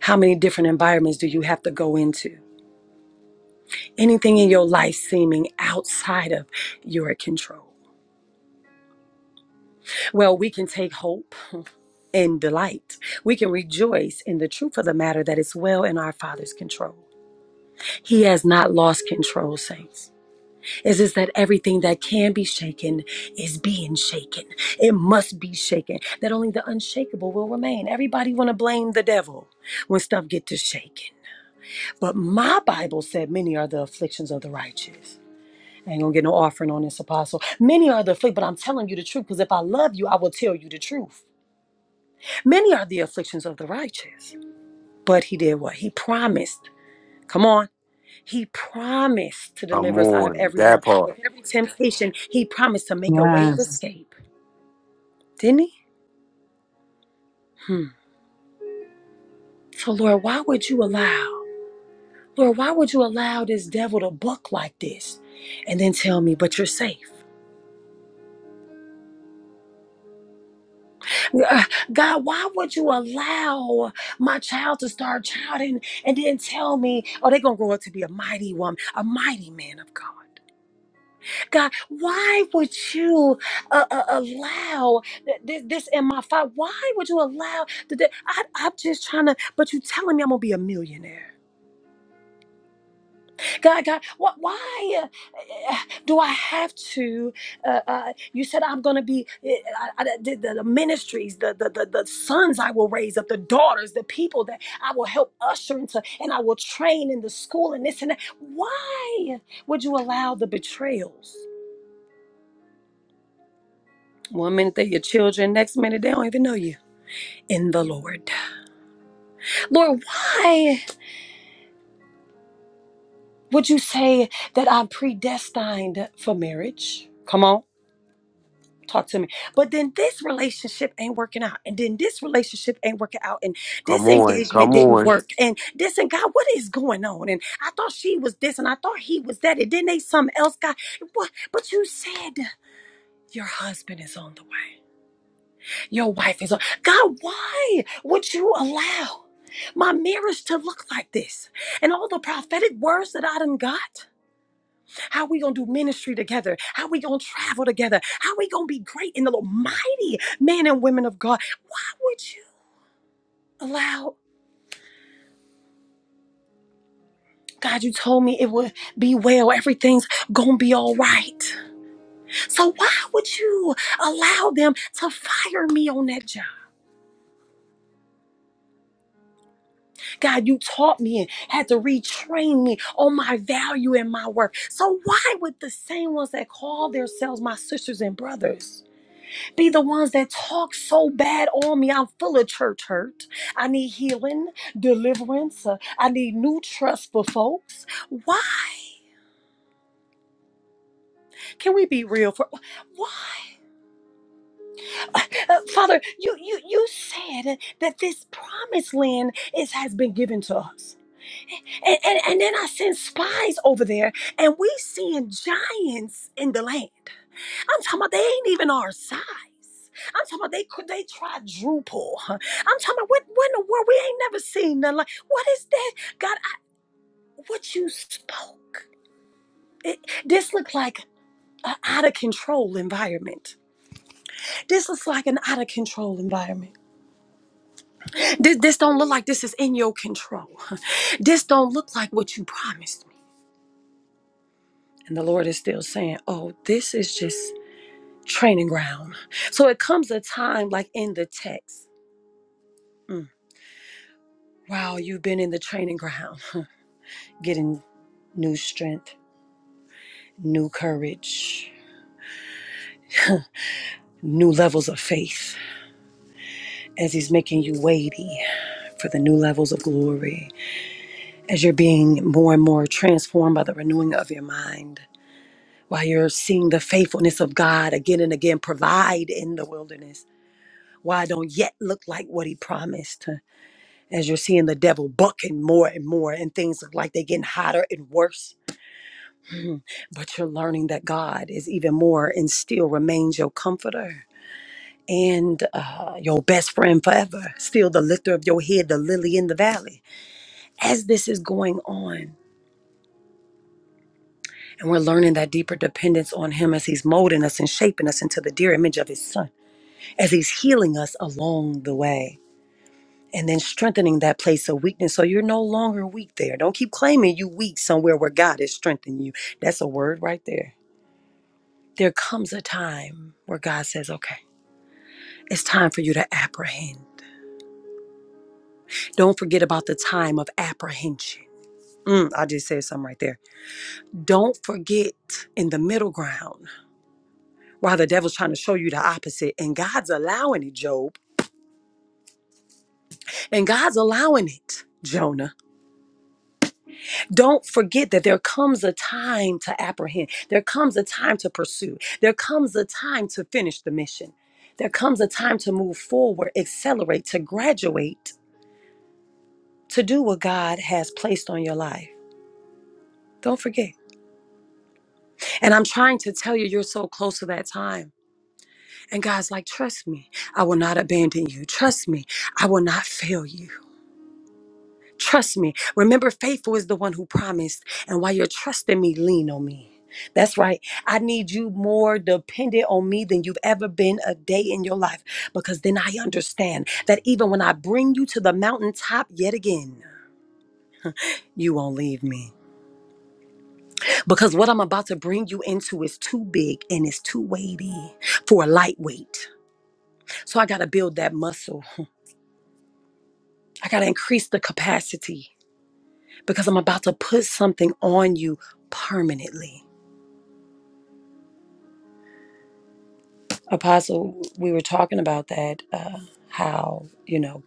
How many different environments do you have to go into? anything in your life seeming outside of your control. Well, we can take hope and delight. We can rejoice in the truth of the matter that it's well in our Father's control. He has not lost control, saints. It's just that everything that can be shaken is being shaken. It must be shaken. That only the unshakable will remain. Everybody want to blame the devil when stuff get to shaking. But my Bible said many are the afflictions of the righteous. I ain't gonna get no offering on this apostle. Many are the afflicted, but I'm telling you the truth, because if I love you, I will tell you the truth. Many are the afflictions of the righteous. But he did what? He promised. Come on. He promised to
Come
deliver us out of
on.
every one.
That
With
part.
every temptation, he promised to make a way of
Yes.
escape. Didn't he? Hmm. So Lord, why would you allow? Lord, why would you allow this devil to buck like this and then tell me, but you're safe? [sighs] Yeah, God, why would you allow my child to start childing and then tell me, oh, they're going to grow up to be a mighty woman, a mighty man of God? God, why would you uh, uh, allow th- this, this in my father? Why would you allow th- th- I, I'm just trying to, but you telling me I'm going to be a millionaire. God, God, what, why uh, uh, do I have to? Uh, uh, you said I'm going to be uh, I, I, the, the the ministries, the, the, the, the sons I will raise up, the daughters, the people that I will help usher into, and I will train in the school and this and that. Why would you allow the betrayals? One minute they're your children, next minute they don't even know you in the Lord. Lord, why would you say that I'm predestined for marriage? Come on. talk to me. But then this relationship ain't working out. And then this relationship ain't working out. And
Come
this
on.
engagement
Come
didn't
on.
work. And this and God, what is going on? And I thought she was this and I thought he was that. And then they something else God. What but you said your husband is on the way. Your wife is on. God, why would you allow my marriage to look like this? And all the prophetic words that I done got. How we gonna do ministry together? How we gonna travel together? How we gonna be great in the Lord, mighty men and women of God? Why would you allow? God, you told me it would be well. Everything's gonna be all right. So why would you allow them to fire me on that job? God, you taught me and had to retrain me on my value and my worth. So why would the same ones that call themselves my sisters and brothers? be the ones that talk so bad on me. I'm full of church hurt. I need healing, deliverance. uh, I need new trust for folks. Why? Can we be real for why? Uh, uh, Father, you you you said that this promised land is has been given to us. And, and, and then I send spies over there and we seeing giants in the land. I'm talking about they ain't even our size. I'm talking about they could they quadruple. huh? I'm talking about what what in the world we ain't never seen nothing like. What is that? God, I, what you spoke. It, this looked like an out of control environment. This looks like an out of control environment. This this don't look like this is in your control. [laughs] This don't look like what you promised me. And the Lord is still saying, "Oh, this is just training ground." So it comes a time like in the text. Mm. Wow, you've been in the training ground, [laughs] getting new strength, new courage, new levels of faith as He's making you weighty for the new levels of glory, as you're being more and more transformed by the renewing of your mind, while you're seeing the faithfulness of God again and again provide in the wilderness. Why I don't yet look like what he promised, huh? as you're seeing the devil bucking more and more, and things look like they're getting hotter and worse but you're learning that God is even more and still remains your comforter and uh, your best friend forever, still the lifter of your head, the lily in the valley. As this is going on, and we're learning that deeper dependence on Him as He's molding us and shaping us into the dear image of His Son, as He's healing us along the way. And then strengthening that place of weakness. So you're no longer weak there. Don't keep claiming you weak somewhere where God is strengthening you. That's a word right there. There comes a time where God says, okay. It's time for you to apprehend. Don't forget about the time of apprehension. Mm, I just said something right there. Don't forget in the middle ground while the devil's trying to show you the opposite, and God's allowing it, Job, and God's allowing it. Jonah, don't forget that there comes a time to apprehend. There comes a time to pursue. There comes a time to finish the mission. There comes a time to move forward, accelerate, to graduate, to do what God has placed on your life. Don't forget. And I'm trying to tell you, you're so close to that time. And God's like, trust me, I will not abandon you. Trust me, I will not fail you. Trust me. Remember, faithful is the one who promised. And while you're trusting me, lean on me. That's right. I need you more dependent on me than you've ever been a day in your life because then I understand that even when I bring you to the mountaintop yet again, you won't leave me. Because what I'm about to bring you into is too big and it's too weighty for a lightweight. So I got to build that muscle. I got to increase the capacity because I'm about to put something on you permanently. Apostle, we were talking about that, uh, how, you know,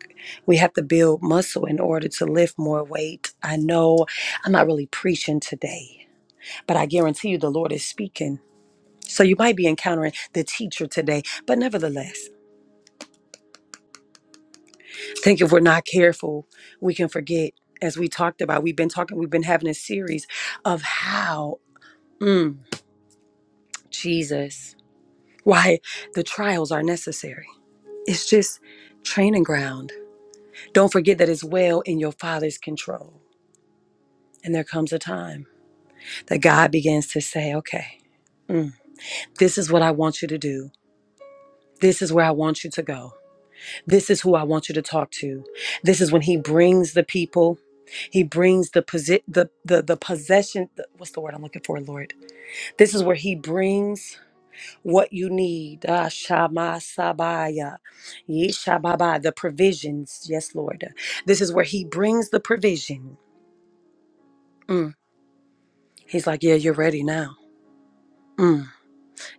we have to build muscle in order to lift more weight. I know I'm not really preaching today, but I guarantee you the Lord is speaking. So you might be encountering the teacher today, but nevertheless, I think if we're not careful, we can forget. As we talked about, we've been talking, we've been having a series of how Mm, Jesus. Why the trials are necessary. It's just training ground. Don't forget that it's well in your Father's control. And there comes a time that God begins to say, okay, mm, this is what I want you to do. This is where I want you to go. This is who I want you to talk to. This is when He brings the people. He brings the posi- the, the the possession. The, what's the word I'm looking for, Lord? This is where He brings what you need. Ah, Shama Sabaya. Yeshababa, the provisions. Yes, Lord. This is where he brings the provision. Mm. He's like, Yeah, you're ready now. Mm.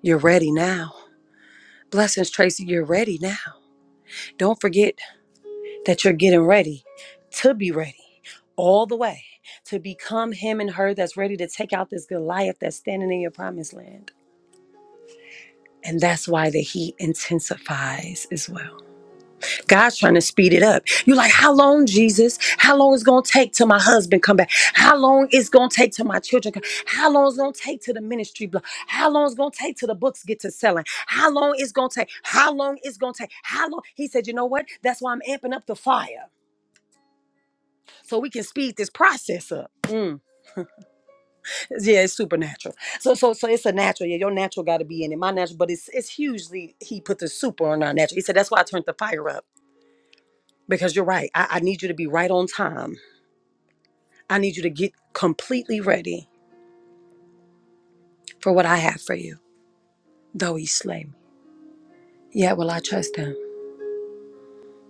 You're ready now. Blessings, Tracy, you're ready now. Don't forget that you're getting ready to be ready all the way to become him and her that's ready to take out this Goliath that's standing in your promised land. And that's why the heat intensifies as well. God's trying to speed it up. You're like, how long, Jesus? How long is gonna take till my husband come back? How long is gonna take till my children come? How long is gonna take till the ministry blow? How long is gonna take till the books get to selling? How long is gonna take? How long is gonna take? How long? He said, you know what? That's why I'm amping up the fire so we can speed this process up. Mm. Yeah, it's supernatural. So, so, so it's a natural. Yeah, your natural got to be in it. My natural, but it's it's hugely. He put the super on our natural. He said that's why I turned the fire up because you're right. I, I need you to be right on time I need you to get completely ready for what I have for you. Though he slay me, yet will I trust him.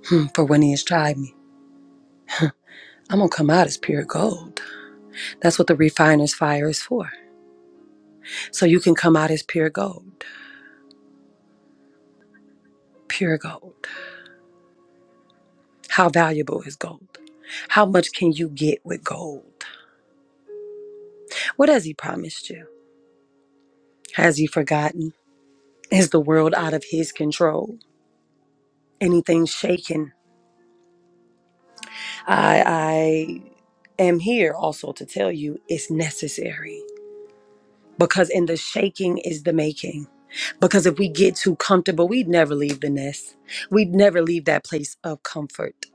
Hmm, for when he has tried me, I'm gonna come out as pure gold. That's what the refiner's fire is for. So you can come out as pure gold. Pure gold. How valuable is gold? How much can you get with gold? What has he promised you? Has he forgotten? Is the world out of his control? Anything shaken? I I am here also to tell you it's necessary. because in the shaking is the making. Because if we get too comfortable, we'd never leave the nest. We'd never leave that place of comfort.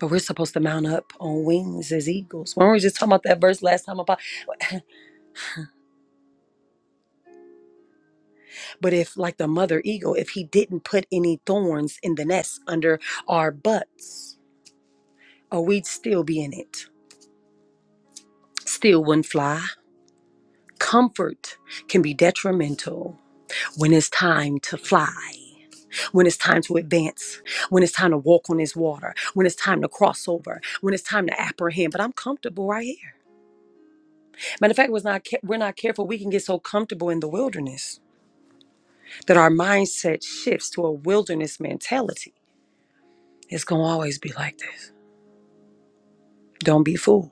But we're supposed to mount up on wings as eagles. When we were just talking about that verse last time about, [clears throat] [laughs] but if like the mother eagle, if he didn't put any thorns in the nest under our butts, or we'd still be in it. Still wouldn't fly. Comfort can be detrimental when it's time to fly. when it's time to advance, when it's time to walk on this water, when it's time to cross over, when it's time to apprehend. But I'm comfortable right here. Matter of fact, was not ca- we're not careful, we can get so comfortable in the wilderness that our mindset shifts to a wilderness mentality. It's gonna always be like this. Don't be fooled.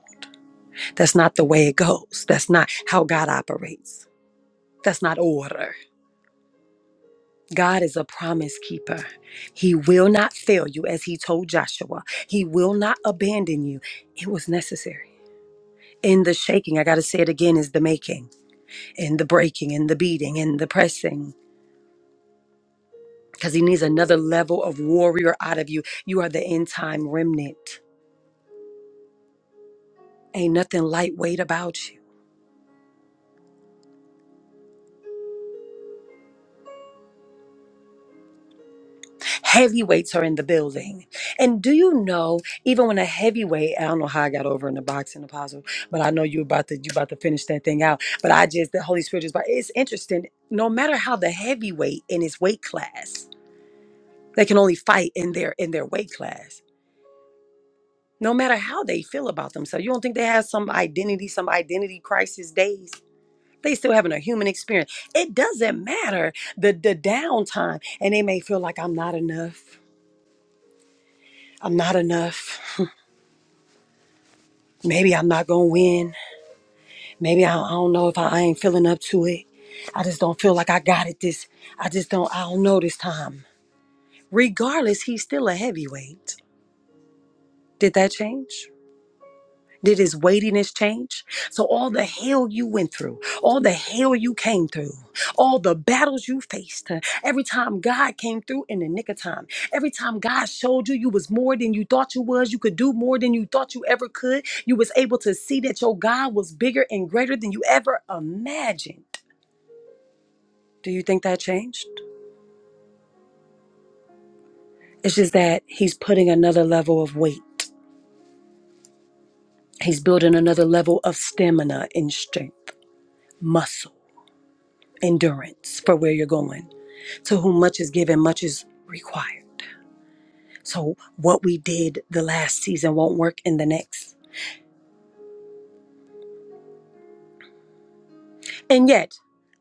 That's not the way it goes. That's not how God operates. That's not order. God is a promise keeper. He will not fail you, as he told Joshua. He will not abandon you. It was necessary. in the shaking, I got to say it again, is the making, in the breaking, in the beating, in the pressing, because he needs another level of warrior out of you. You are the end time remnant. Ain't nothing lightweight about you. Heavyweights are in the building. And do you know, even when a heavyweight, I don't know how I got over in the boxing apostle, but I know you about to you about to finish that thing out. But I just the Holy Spirit is but it's interesting. No matter how the heavyweight in his weight class, they can only fight in their in their weight class no matter how they feel about themselves. You don't think they have some identity, some identity crisis days? They still having a human experience. It doesn't matter the the downtime, and they may feel like I'm not enough. I'm not enough. Maybe I'm not gonna win. Maybe I, I don't know if I, I ain't feeling up to it. I just don't feel like I got it. This I just don't. I don't know this time. Regardless, he's still a heavyweight. Did that change? Did his weightiness change? So, all the hell you went through, all the hell you came through, all the battles you faced, uh, every time God came through in the nick of time, every time God showed you you was more than you thought you was, you could do more than you thought you ever could, you was able to see that your God was bigger and greater than you ever imagined. Do you think that changed? It's just that he's putting another level of weight, he's building another level of stamina and strength, muscle, endurance for where you're going. To whom much is given, much is required. So what we did the last season won't work in the next. And yet,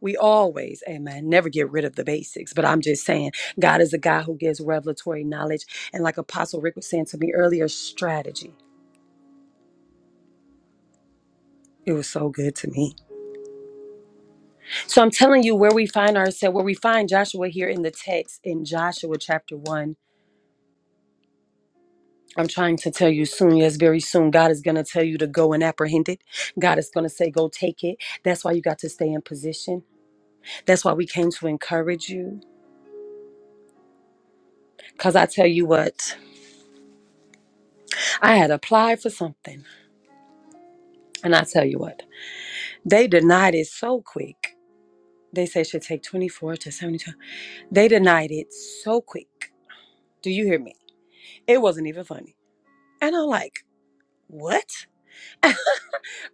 we always, amen, never get rid of the basics. But I'm just saying, God is a God who gives revelatory knowledge. And like Apostle Rick was saying to me earlier, strategy. It was so good to me. So I'm telling you where we find ourselves, where we find Joshua here in the text in Joshua chapter 1 I'm trying to tell you soon, yes, very soon, God is going to tell you to go and apprehend it. God is going to say, go take it. That's why you got to stay in position. That's why we came to encourage you. Because I tell you what, I had applied for something. And I tell you what, they denied it so quick. They said it should take 24 to 72. They denied it so quick. Do you hear me? It wasn't even funny. And I'm like, what?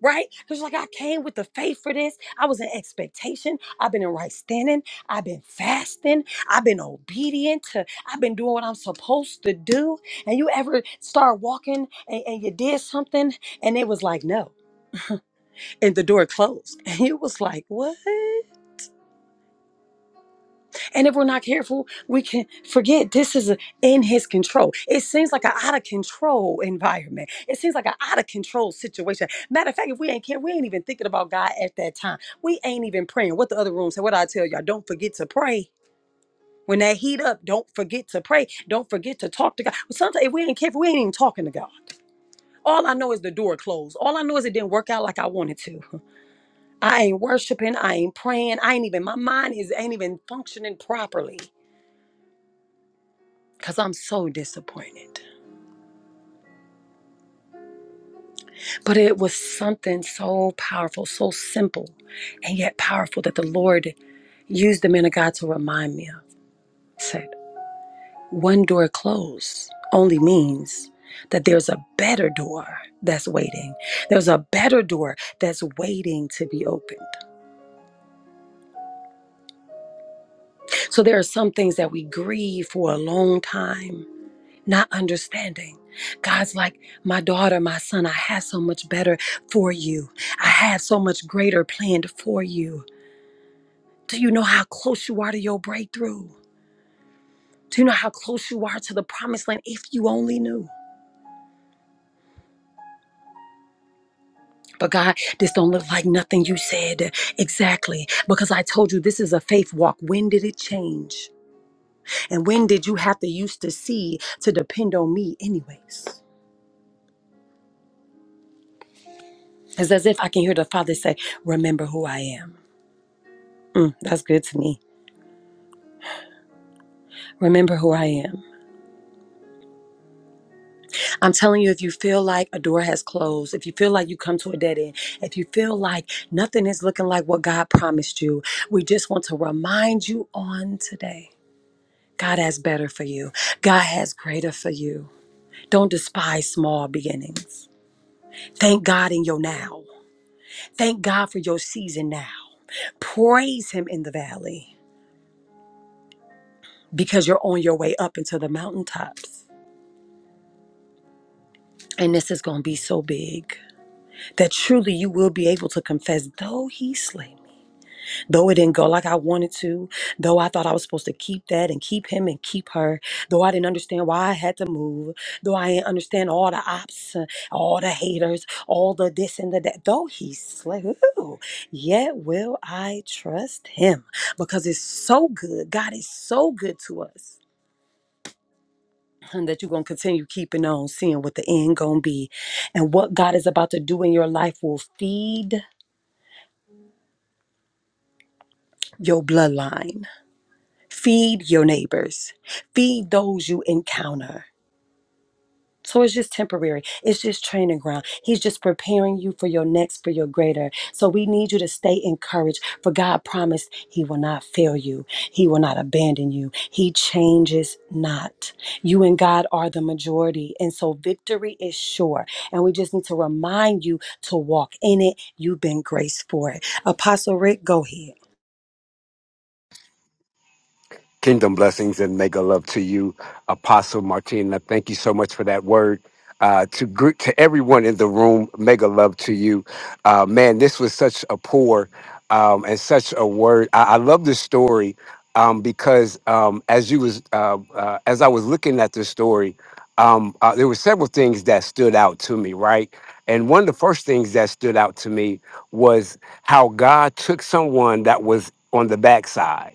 right? Because like I came with the faith for this. I was in expectation. I've been in right standing. I've been fasting. I've been obedient to I've been doing what I'm supposed to do. And you ever start walking and, and you did something and it was like no. And the door closed. [laughs] And you was like, what? And if we're not careful, we can forget this is a, in his control. It seems like an out of control environment. It seems like an out of control situation. Matter of fact, if we ain't care, we ain't even thinking about God at that time. We ain't even praying. What the other room said, what I tell y'all, don't forget to pray. When that heat up, don't forget to pray. Don't forget to talk to God. Sometimes if we ain't careful, we ain't even talking to God. All I know is the door closed. All I know is it didn't work out like I wanted to. I ain't worshiping. I ain't praying. I ain't even, my mind is ain't even functioning properly. because I'm so disappointed. But it was something so powerful, so simple, and yet powerful that the Lord used the man of God to remind me of. Said, one door closed only means that there's a better door that's waiting. There's a better door that's waiting to be opened. So there are some things that we grieve for a long time not understanding. God's like, my daughter, my son, I have so much better for you. I have so much greater planned for you. Do you know how close you are to your breakthrough? Do you know how close you are to the promised land if you only knew? But God, this don't look like nothing you said exactly because I told you this is a faith walk. When did it change? And when did you have to used to see to depend on me anyways? It's as if I can hear the Father say, remember who I am. Mm, that's good to me. Remember who I am. I'm telling you, if you feel like a door has closed, if you feel like you come to a dead end, if you feel like nothing is looking like what God promised you, we just want to remind you on today God has better for you, God has greater for you. Don't despise small beginnings. Thank God in your now. Thank God for your season now. Praise Him in the valley because you're on your way up into the mountaintops. And this is going to be so big. that truly you will be able to confess, though he slay me, though it didn't go like I wanted to, though I thought I was supposed to keep that and keep him and keep her, though I didn't understand why I had to move, though I didn't understand all the ops, uh, all the haters, all the this and the that, though he slay, ooh, yet will I trust him because it's so good. God is so good to us. And that you're going to continue keeping on, seeing what the end going to be. And what God is about to do in your life will feed your bloodline, feed your neighbors, feed those you encounter. So it's just temporary. It's just training ground. He's just preparing you for your next, for your greater. So we need you to stay encouraged. For God promised He will not fail you. He will not abandon you. He changes not. You and God are the majority. And so victory is sure. And we just need to remind you to walk in it. You've been graced for it. Apostle Rick, go ahead.
Kingdom blessings and mega love to you, Apostle Martina. Thank you so much for that word. Uh, to gr- to everyone in the room, mega love to you. Uh, man, this was such a pour um, and such a word. I, I love this story um, because um, as you was uh, uh, as I was looking at this story, um, uh, there were several things that stood out to me, right? And one of the first things that stood out to me was how God took someone that was on the backside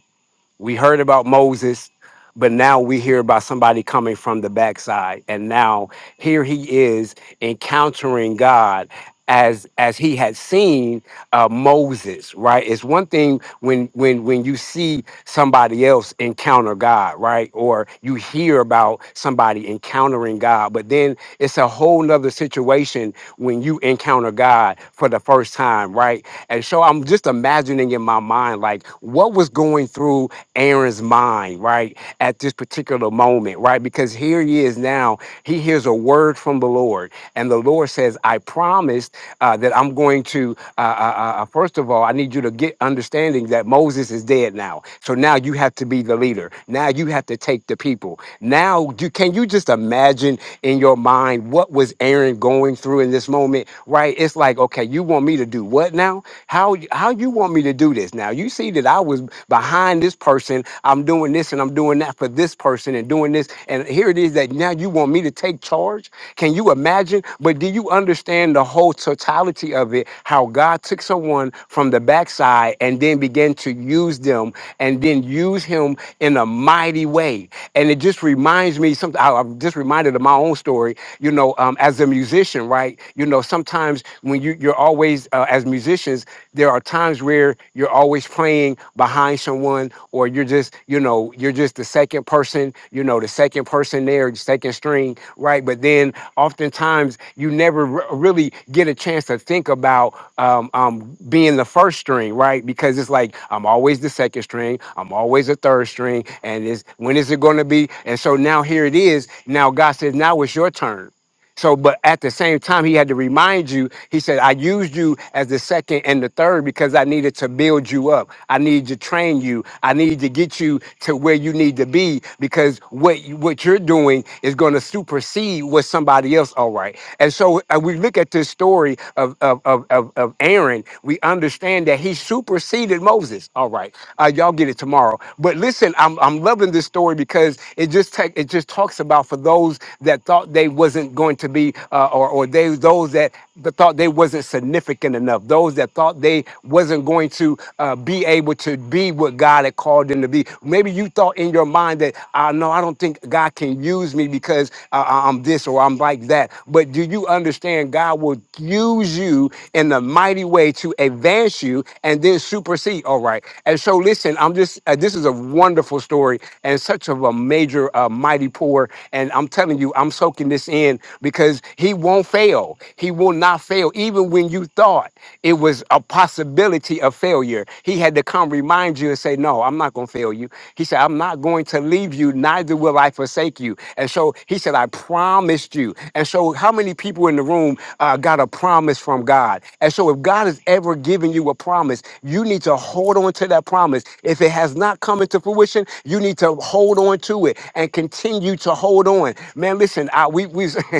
we heard about Moses, but now we hear about somebody coming from the backside. And now here he is encountering God as as he had seen uh, Moses, right? It's one thing when when when you see somebody else encounter God, right? Or you hear about somebody encountering God, but then it's a whole nother situation when you encounter God for the first time, right? And so I'm just imagining in my mind like what was going through Aaron's mind, right, at this particular moment, right? Because here he is now, he hears a word from the Lord, and the Lord says, I promised uh, that I'm going to, uh, uh, uh, uh, first of all, I need you to get understanding that Moses is dead now. So now you have to be the leader. Now you have to take the people. Now, do, can you just imagine in your mind what was Aaron going through in this moment, right? It's like, okay, you want me to do what now? How, how you want me to do this now? You see that I was was behind this person. I'm doing this and I'm doing that for this person and doing this. And here it is that now you want me to take charge. Can you imagine? But do you understand the whole totality of it? How God took someone from the backside and then began to use them and then use him in a mighty way. And it just reminds me something. I- I'm just reminded of my own story. You know, um, as a musician, right? You know, sometimes when you you're always uh, as musicians there are times where you're always playing behind someone or you're just you know you're just the second person you know the second person there the second string right but then oftentimes you never re- really get a chance to think about um, um, being the first string right because it's like i'm always the second string i'm always a third string and is when is it going to be and so now here it is now god says now it's your turn so, but at the same time, he had to remind you, he said, I used you as the second and the third because I needed to build you up. I need to train you. I need to get you to where you need to be because what, you- what you're doing is going to supersede what somebody else, all right. And so uh, we look at this story of, of, of, of, of Aaron, we understand that he superseded Moses. All right, uh, y'all get it tomorrow. But listen, I'm, I'm loving this story because it just take, it just talks about for those that thought they wasn't going to be, uh, or, or they those that th- thought they wasn't significant enough, those that thought they wasn't going to uh, be able to be what God had called them to be. Maybe you thought in your mind that, I uh, no, I don't think God can use me because because uh, I'm this or I'm like that. But do you understand God will use you in a mighty way to advance you and then supersede? All right. And so, listen, I'm just, uh, this is a wonderful story and such of a major, uh, mighty pour. And I'm telling you, I'm soaking this in because he won't fail. He will not fail. Even when you thought it was a possibility of failure, he had to come remind you and say, No, I'm not going to fail you. He said, I'm not going to leave leave you, neither will I forsake you. And so he said, I promised you. And so, how many people in the room uh, got a promise from God? And so, if God has ever given you a promise, you need to hold on to that promise. If it has not come into fruition, you need to hold on to it and continue to hold on. Man, listen, I, we, we [laughs]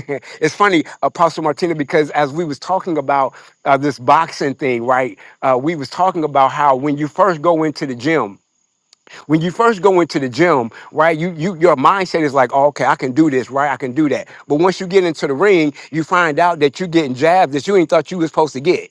it's funny, Apostle Martina, because as we was talking about uh, this boxing thing, right? Uh, we was talking about how when you first go into the gym, when you first go into the gym, right? You you your mindset is like, oh, okay, I can do this, right? I can do that. But once you get into the ring, you find out that you're getting jabs that you ain't thought you was supposed to get.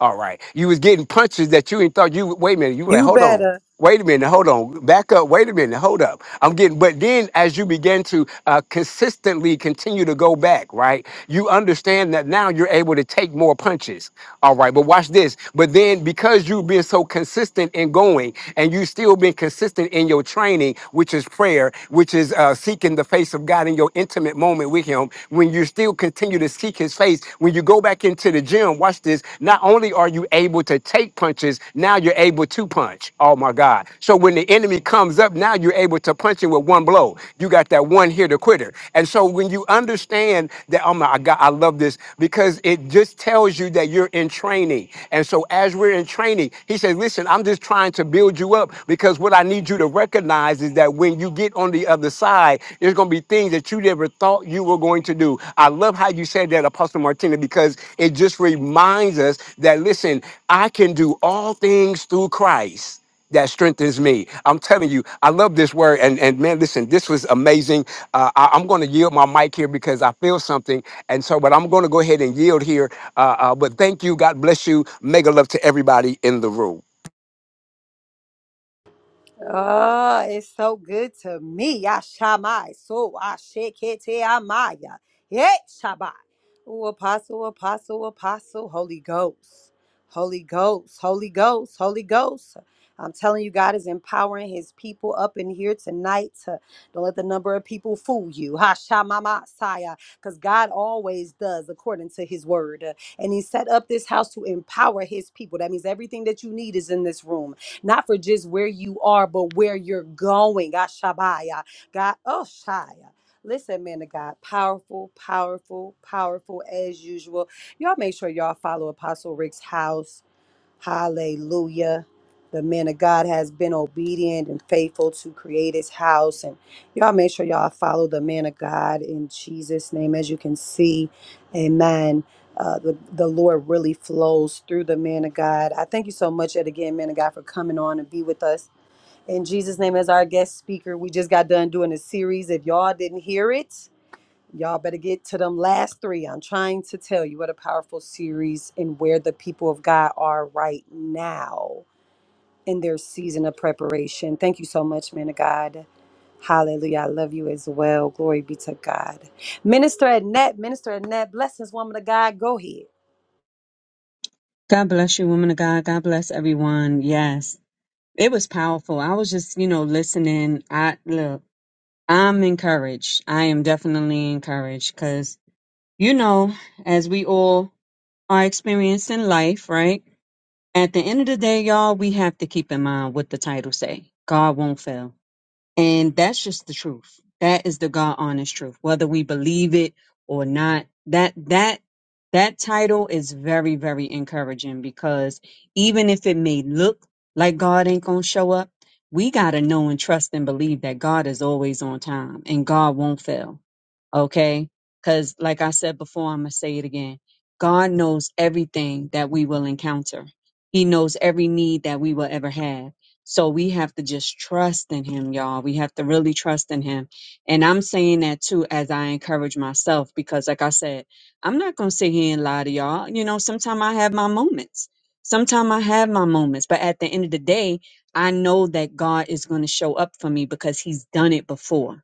All right, you was getting punches that you ain't thought you. Wait a minute, you were like,
You
hold on.
better.
Wait a minute, hold on, back up. Wait a minute, hold up. I'm getting, but then as you begin to uh, consistently continue to go back, right, you understand that now you're able to take more punches. All right, but watch this. But then because you've been so consistent in going and you still been consistent in your training, which is prayer, which is uh, seeking the face of God in your intimate moment with him, when you still continue to seek his face, when you go back into the gym, watch this, not only are you able to take punches, now you're able to punch. Oh my God. So when the enemy comes comes up, now you're able to punch it with one blow. You got that one here to quitter. And so when you understand that, oh my God, I love this because it just tells you that you're in training. And so as we're in training, he says, listen, I'm just trying to build you up because what I need you to recognize is that when you get on the other side, there's going to be things that you never thought you were going to do. I love how you said that, Apostle Martina, because it just reminds us that, listen, I can do all things through Christ that strengthens me. I'm telling you, I love this word. And and man, listen, this was amazing. Uh, I, am going to yield my mic here because I feel something. And so, but I'm going to go ahead and yield here. Uh, uh, but thank you. God bless you. Mega love to everybody in the room.
Oh, it's so good to me. Yashamai. So I shake it amaya. Yeah, Shabbat. Oh, apostle, apostle, apostle, Holy Ghost. Holy Ghost, Holy Ghost, Holy Ghost. I'm telling you, God is empowering his people up in here tonight. To, don't let the number of people fool you. Hashamama Saya. Because God always does according to his word. And he set up this house to empower his people. That means everything that you need is in this room not for just where you are, but where you're going. Ashabaya. God, oh, Shia. Listen, man of God, powerful, powerful, powerful as usual. Y'all make sure y'all follow Apostle Rick's house Hallelujah. The man of God has been obedient and faithful to create his house. And y'all make sure y'all follow the man of God in Jesus' name. As you can see, amen. Uh, the, the Lord really flows through the man of God. I thank you so much yet again, man of God, for coming on and be with us. In Jesus' name, as our guest speaker, we just got done doing a series. If y'all didn't hear it, Y'all better get to them last three. I'm trying to tell you what a powerful series and where the people of God are right now in their season of preparation. Thank you so much, man of God. Hallelujah. I love you as well. Glory be to God. Minister Annette, Minister Annette, blessings, woman of God. Go ahead.
God bless you, woman of God. God bless everyone. Yes. It was powerful. I was just, you know, listening. I look, I'm encouraged. I am definitely encouraged because, you know, as we all are experiencing life, right? At the end of the day, y'all, we have to keep in mind what the title say. God won't fail. And that's just the truth. That is the God honest truth. Whether we believe it or not, that that that title is very, very encouraging because even if it may look like God ain't gonna show up, we gotta know and trust and believe that God is always on time and God won't fail Okay. Because, like I said before, I'm going to say it again. God knows everything that we will encounter, He knows every need that we will ever have. So we have to just trust in Him, y'all. We have to really trust in Him. And I'm saying that too as I encourage myself because, like I said, I'm not going to sit here and lie to y'all. You know, sometimes I have my moments. Sometimes I have my moments. But at the end of the day, I know that God is going to show up for me because He's done it before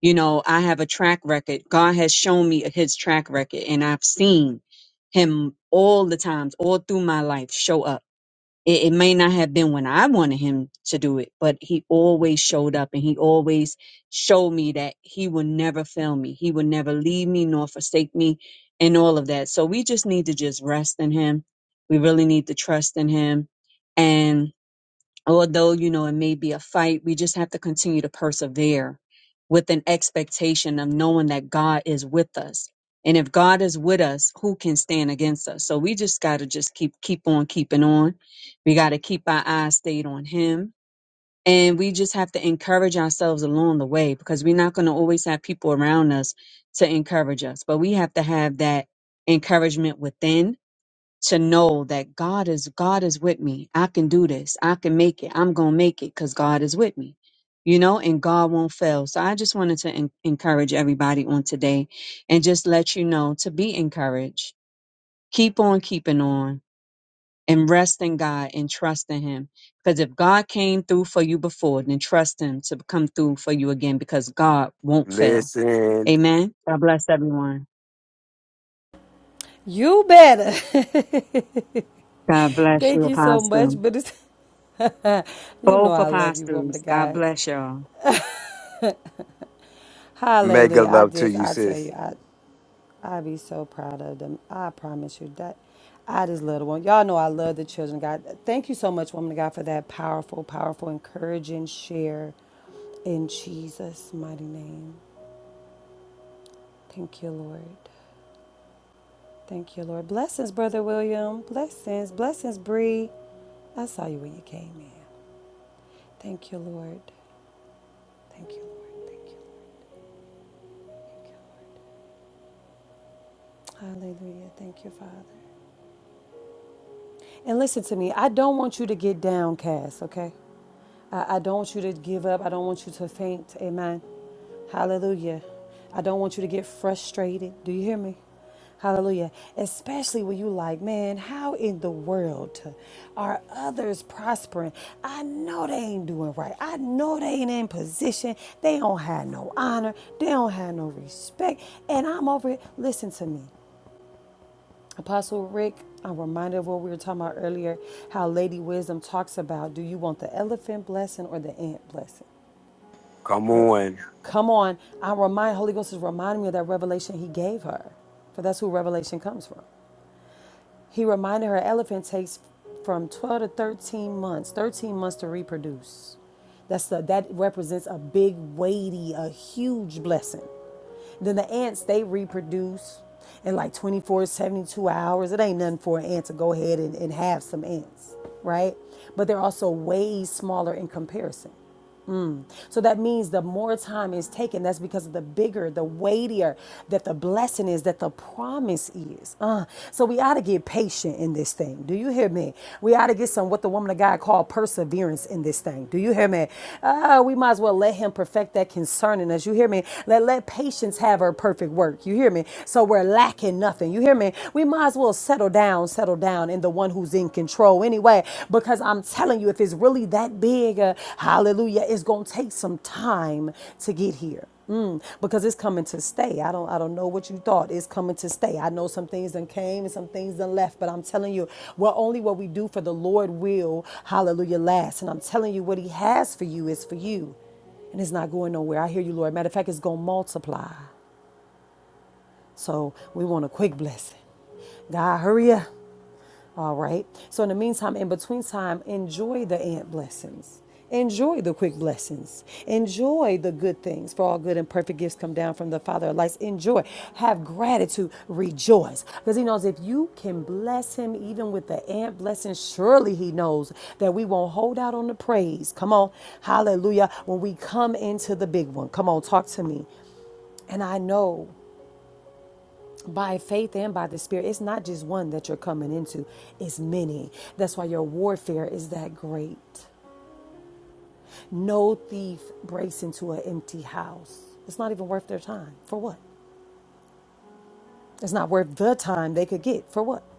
you know, I have a track record. God has shown me his track record and I've seen him all the times, all through my life show up. It, it may not have been when I wanted him to do it, but he always showed up and he always showed me that he will never fail me. He will never leave me nor forsake me and all of that. So we just need to just rest in him. We really need to trust in him although you know it may be a fight we just have to continue to persevere with an expectation of knowing that god is with us and if god is with us who can stand against us so we just got to just keep keep on keeping on we got to keep our eyes stayed on him and we just have to encourage ourselves along the way because we're not going to always have people around us to encourage us but we have to have that encouragement within to know that God is God is with me. I can do this. I can make it. I'm going to make it cuz God is with me. You know, and God won't fail. So I just wanted to en- encourage everybody on today and just let you know to be encouraged. Keep on keeping on and rest in God and trust in him because if God came through for you before, then trust him to come through for you again because God won't fail.
Listen,
Amen. God bless everyone.
You better.
God
[laughs]
bless
Thank
you,
you so
Apostle.
much. But it's [laughs] you know
Both
I love you, woman
apostles.
of
God
God.
bless y'all.
mega
Hallelujah. I
love to
just
you,
I tell
sis.
you, I. I be so proud of them. I promise you that. I just love the one. Y'all know I love the children, God. Thank you so much, woman of God, for that powerful, powerful, encouraging share in Jesus' mighty name. Thank you, Lord. Thank you, Lord. Blessings, Brother William. Blessings. Blessings, Bree. I saw you when you came in. Thank you, Lord. Thank you, Lord. Thank you, Lord. Thank you, Lord. Hallelujah. Thank you, Father. And listen to me, I don't want you to get downcast, okay? I, I don't want you to give up. I don't want you to faint. Amen. Hallelujah. I don't want you to get frustrated. Do you hear me? Hallelujah. Especially when you like, man, how in the world are others prospering? I know they ain't doing right. I know they ain't in position. They don't have no honor. They don't have no respect. And I'm over here. Listen to me. Apostle Rick, I'm reminded of what we were talking about earlier, how Lady Wisdom talks about do you want the elephant blessing or the ant blessing?
Come on.
Come on, I remind Holy Ghost is reminding me of that revelation he gave her. For that's who revelation comes from. He reminded her elephant takes from 12 to 13 months, 13 months to reproduce. That's the, that represents a big, weighty, a huge blessing. Then the ants, they reproduce in like 24, 72 hours. It ain't nothing for an ant to go ahead and, and have some ants, right? But they're also way smaller in comparison. So that means the more time is taken, that's because of the bigger, the weightier that the blessing is, that the promise is. Uh, so we ought to get patient in this thing. Do you hear me? We ought to get some what the woman of God called perseverance in this thing. Do you hear me? Uh, we might as well let him perfect that concerning us. You hear me? Let let patience have her perfect work. You hear me? So we're lacking nothing. You hear me? We might as well will settle down, settle down in the one who's in control anyway. Because I'm telling you, if it's really that big, uh, hallelujah, it's gonna take some time to get here. Mm, because it's coming to stay. I don't I don't know what you thought. It's coming to stay. I know some things done came and some things done left, but I'm telling you, well, only what we do for the Lord will, hallelujah, last. And I'm telling you, what he has for you is for you. And it's not going nowhere. I hear you, Lord. Matter of fact, it's gonna multiply. So we want a quick blessing. God, hurry up. All right. So in the meantime, in between time, enjoy the ant blessings. Enjoy the quick blessings. Enjoy the good things. For all good and perfect gifts come down from the Father of lights. Enjoy. Have gratitude. Rejoice. Because he knows if you can bless him even with the ant blessing, surely he knows that we won't hold out on the praise. Come on. Hallelujah. When we come into the big one. Come on, talk to me. And I know by faith and by the spirit it's not just one that you're coming into it's many that's why your warfare is that great no thief breaks into an empty house it's not even worth their time for what it's not worth the time they could get for what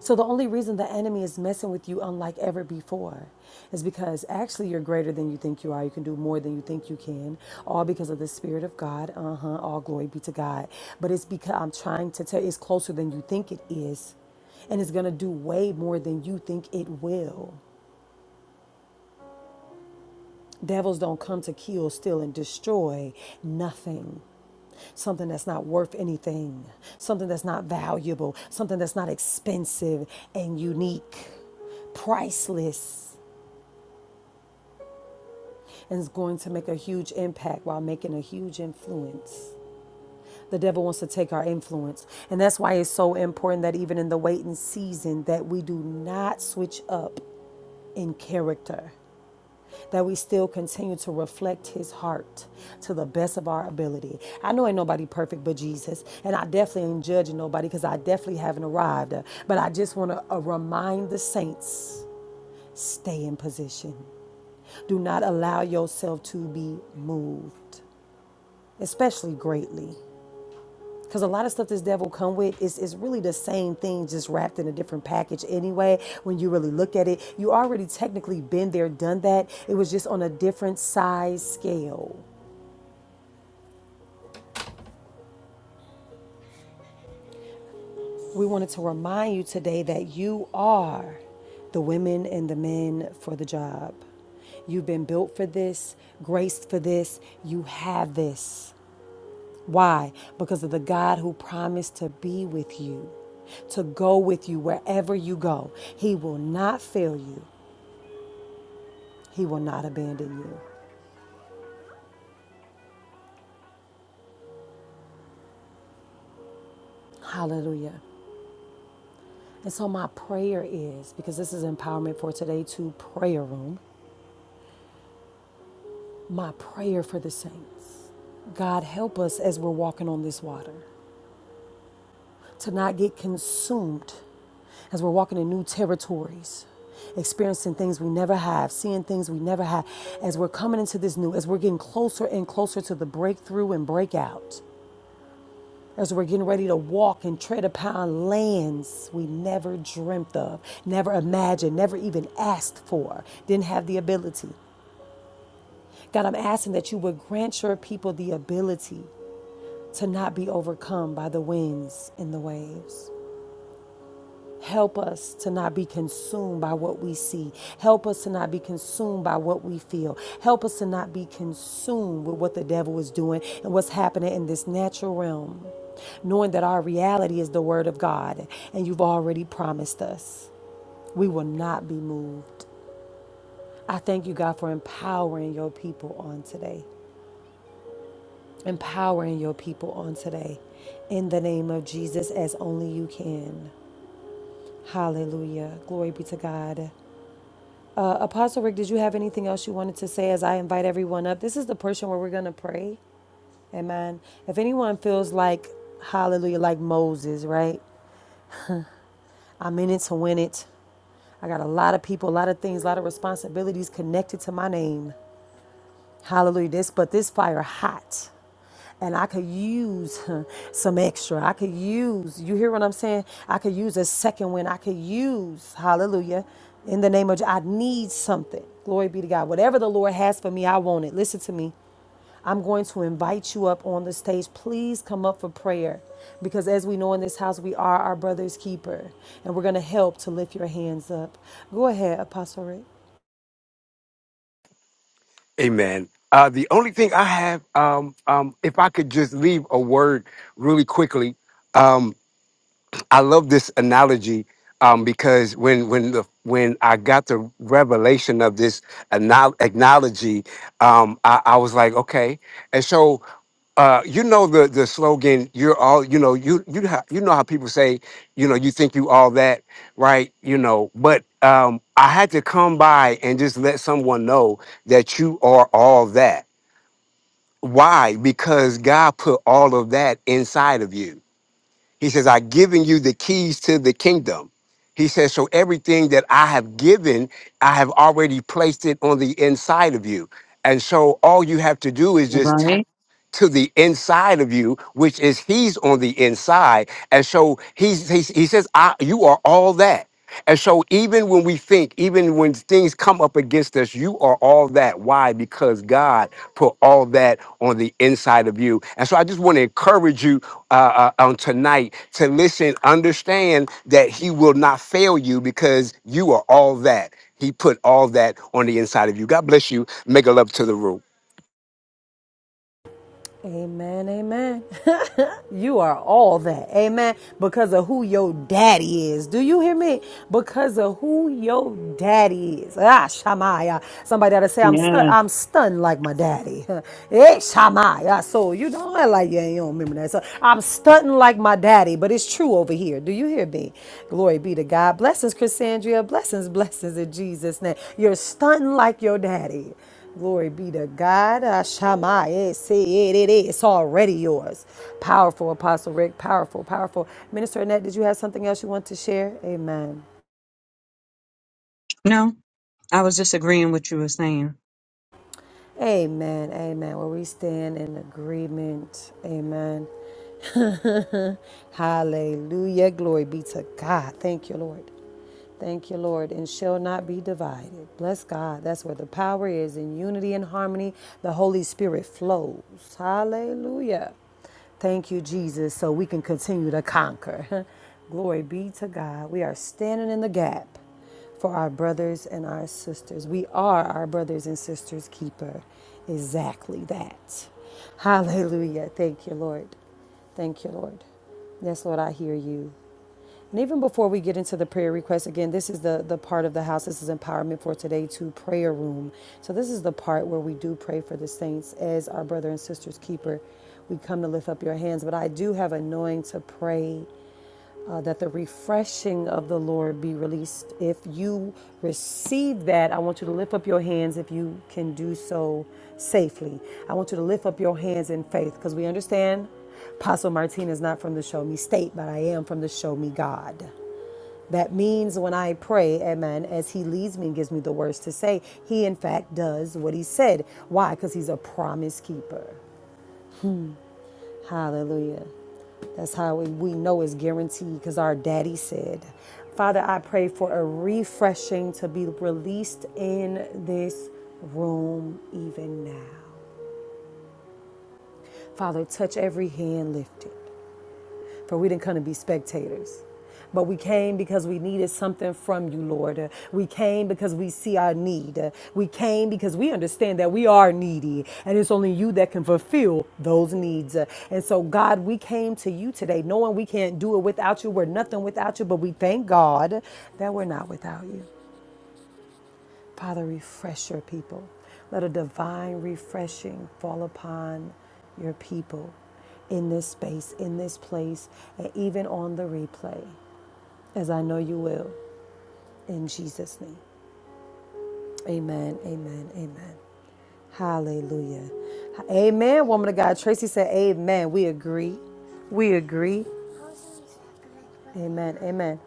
So the only reason the enemy is messing with you unlike ever before is because actually you're greater than you think you are. You can do more than you think you can, all because of the Spirit of God. Uh huh. All glory be to God. But it's because I'm trying to tell. you, It's closer than you think it is, and it's gonna do way more than you think it will. Devils don't come to kill, steal, and destroy nothing. Something that's not worth anything, something that's not valuable, something that's not expensive and unique, priceless, and is going to make a huge impact while making a huge influence. The devil wants to take our influence. And that's why it's so important that even in the waiting season that we do not switch up in character. that we still continue to reflect his heart to the best of our ability. I know ain't nobody perfect but Jesus, and I definitely ain't judging nobody because I definitely haven't arrived. Uh, But I just want to uh, remind the saints stay in position. Do not allow yourself to be moved, especially greatly. Because a lot of stuff this devil come with is, is really the same thing, just wrapped in a different package anyway. When you really look at it, you already technically been there, done that. It was just on a different size scale. We wanted to remind you today that you are the women and the men for the job. You've been built for this, graced for this, you have this. Why? Because of the God who promised to be with you, to go with you wherever you go. He will not fail you, He will not abandon you. Hallelujah. And so, my prayer is because this is empowerment for today to prayer room. My prayer for the saints God, help us as we're walking on this water to not get consumed as we're walking in new territories, experiencing things we never have, seeing things we never have, as we're coming into this new, as we're getting closer and closer to the breakthrough and breakout. As we're getting ready to walk and tread upon lands we never dreamt of, never imagined, never even asked for, didn't have the ability. God, I'm asking that you would grant your people the ability to not be overcome by the winds and the waves. Help us to not be consumed by what we see. Help us to not be consumed by what we feel. Help us to not be consumed with what the devil is doing and what's happening in this natural realm, knowing that our reality is the word of God and you've already promised us. We will not be moved. I thank you, God, for empowering your people on today. Empowering your people on today in the name of Jesus as only you can. Hallelujah. Glory be to God. Uh, Apostle Rick, did you have anything else you wanted to say as I invite everyone up? This is the portion where we're going to pray. Amen. If anyone feels like, hallelujah, like Moses, right? I'm in it to win it. I got a lot of people, a lot of things, a lot of responsibilities connected to my name. Hallelujah. This, but this fire hot. And I could use huh, some extra. I could use, you hear what I'm saying? I could use a second wind. I could use, hallelujah, in the name of, Je- I need something. Glory be to God. Whatever the Lord has for me, I want it. Listen to me. I'm going to invite you up on the stage. Please come up for prayer because as we know in this house, we are our brother's keeper and we're going to help to lift your hands up. Go ahead, Apostle Rick.
Amen. Uh, the only thing I have, um, um, if I could just leave a word really quickly, um, I love this analogy um, because when when the when I got the revelation of this anal- analogy, um, I, I was like, okay. And so, uh, you know, the the slogan, "You're all," you know, you you ha- you know how people say, you know, you think you all that, right? You know, but um, I had to come by and just let someone know that you are all that. Why? Because God put all of that inside of you he says, I've given you the keys to the kingdom. He says, So everything that I have given, I have already placed it on the inside of you. And so all you have to do is just tap
Right?
to the inside of you, which is he's on the inside. And so he's, he's he says, I, You are all that. And so even when we think, even when things come up against us, you are all that. Why? Because God put all that on the inside of you. And so I just want to encourage you uh, uh, on tonight to listen, understand that He will not fail you because you are all that. He put all that on the inside of you. God bless you. Make a love to the room.
Amen, amen. [laughs] you are all that. Amen. Because of who your daddy is. Do you hear me? Because of who your daddy is. Ah, Shamaya. Somebody ought to say, I'm, stu-
Yes.
I'm stunned like my daddy. [laughs] hey, Shamaya. So you know not like you, you don't remember that. So I'm stunting like my daddy, but it's true over here. Do you hear me? Glory be to God. Blessings, Chrisandria. Blessings, blessings in Jesus' name. You're stunting like your daddy. Glory be to God. Ashama, eh, say it, it, it. It's already yours. Powerful, Apostle Rick. Powerful, powerful. Minister Annette, did you have something else you want to share? Amen.
No, I was just agreeing with you were saying.
Amen. Amen. Where we stand in agreement. Amen. [laughs] Hallelujah. Glory be to God. Thank you, Lord. Thank you, Lord, and shall not be divided. Bless God. That's where the power is in unity and harmony. The Holy Spirit flows. Hallelujah. Thank you, Jesus, so we can continue to conquer. [laughs] Glory be to God. We are standing in the gap for our brothers and our sisters. We are our brothers and sisters' keeper. Exactly that. Hallelujah. Thank you, Lord. Thank you, Lord. Yes, Lord, I hear you. And even before we get into the prayer request, again, this is the, the part of the house. This is empowerment for today to prayer room. So this is the part where we do pray for the saints as our brother and sister's keeper. We come to lift up your hands, but I do have anointing to pray uh, that the refreshing of the Lord be released. If you receive that, I want you to lift up your hands if you can do so safely. I want you to lift up your hands in faith because we understand. Apostle Martina is not from the Show Me State, but I am from the Show Me God. That means when I pray, amen, as he leads me and gives me the words to say, he in fact does what he said. Why? Because he's a promise keeper. Hallelujah. That's how we know it's guaranteed because our daddy said. Father, I pray for a refreshing to be released in this room even now. Father, touch every hand lifted. for we didn't come to be spectators. But we came because we needed something from you, Lord. Uh, We came because we see our need. Uh, We came because we understand that we are needy and it's only you that can fulfill those needs. Uh, And so, God, we came to you today knowing we can't do it without you. We're nothing without you, but we thank God that we're not without you. Father, refresh your people. Let a divine refreshing fall upon your people in this space, in this place, and even on the replay, as I know you will. In Jesus' name. Amen, amen, amen. Hallelujah. Amen, woman of God. Tracy said, Amen. We agree. We agree. Amen, amen.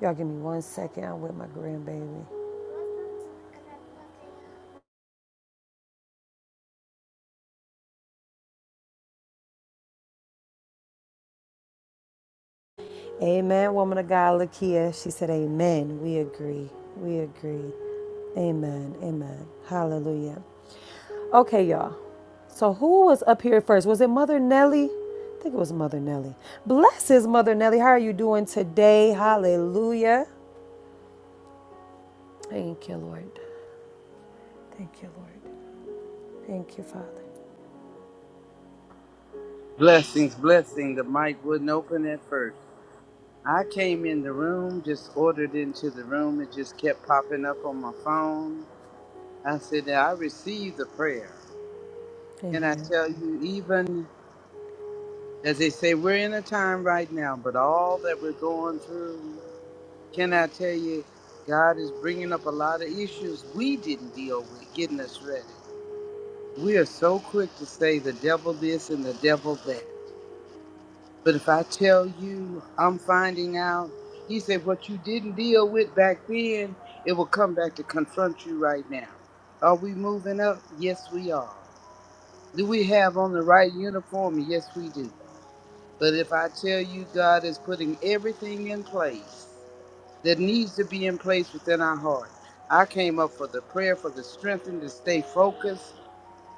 Y'all give me one second. I'm with my grandbaby. Amen, woman of God, Lakia. She said, Amen. We agree. We agree. Amen. Amen. Hallelujah. Okay, y'all. So who was up here first? Was it Mother Nelly? I think it was Mother Nelly. Bless his Mother Nelly. How are you doing today? Hallelujah. Thank you, Lord. Thank you, Lord. Thank you, Father.
Blessings, blessing. The mic wouldn't open at first. I came in the room, just ordered into the room. It just kept popping up on my phone. I said, I received the prayer. Can I
Amen.
tell you, even as they say, we're in a time right now, but all that we're going through, can I tell you, God is bringing up a lot of issues we didn't deal with, getting us ready. We are so quick to say the devil this and the devil that. But if I tell you I'm finding out, he said, what you didn't deal with back then, it will come back to confront you right now. Are we moving up? Yes, we are. Do we have on the right uniform? Yes, we do. But if I tell you God is putting everything in place that needs to be in place within our heart, I came up for the prayer for the strength and to stay focused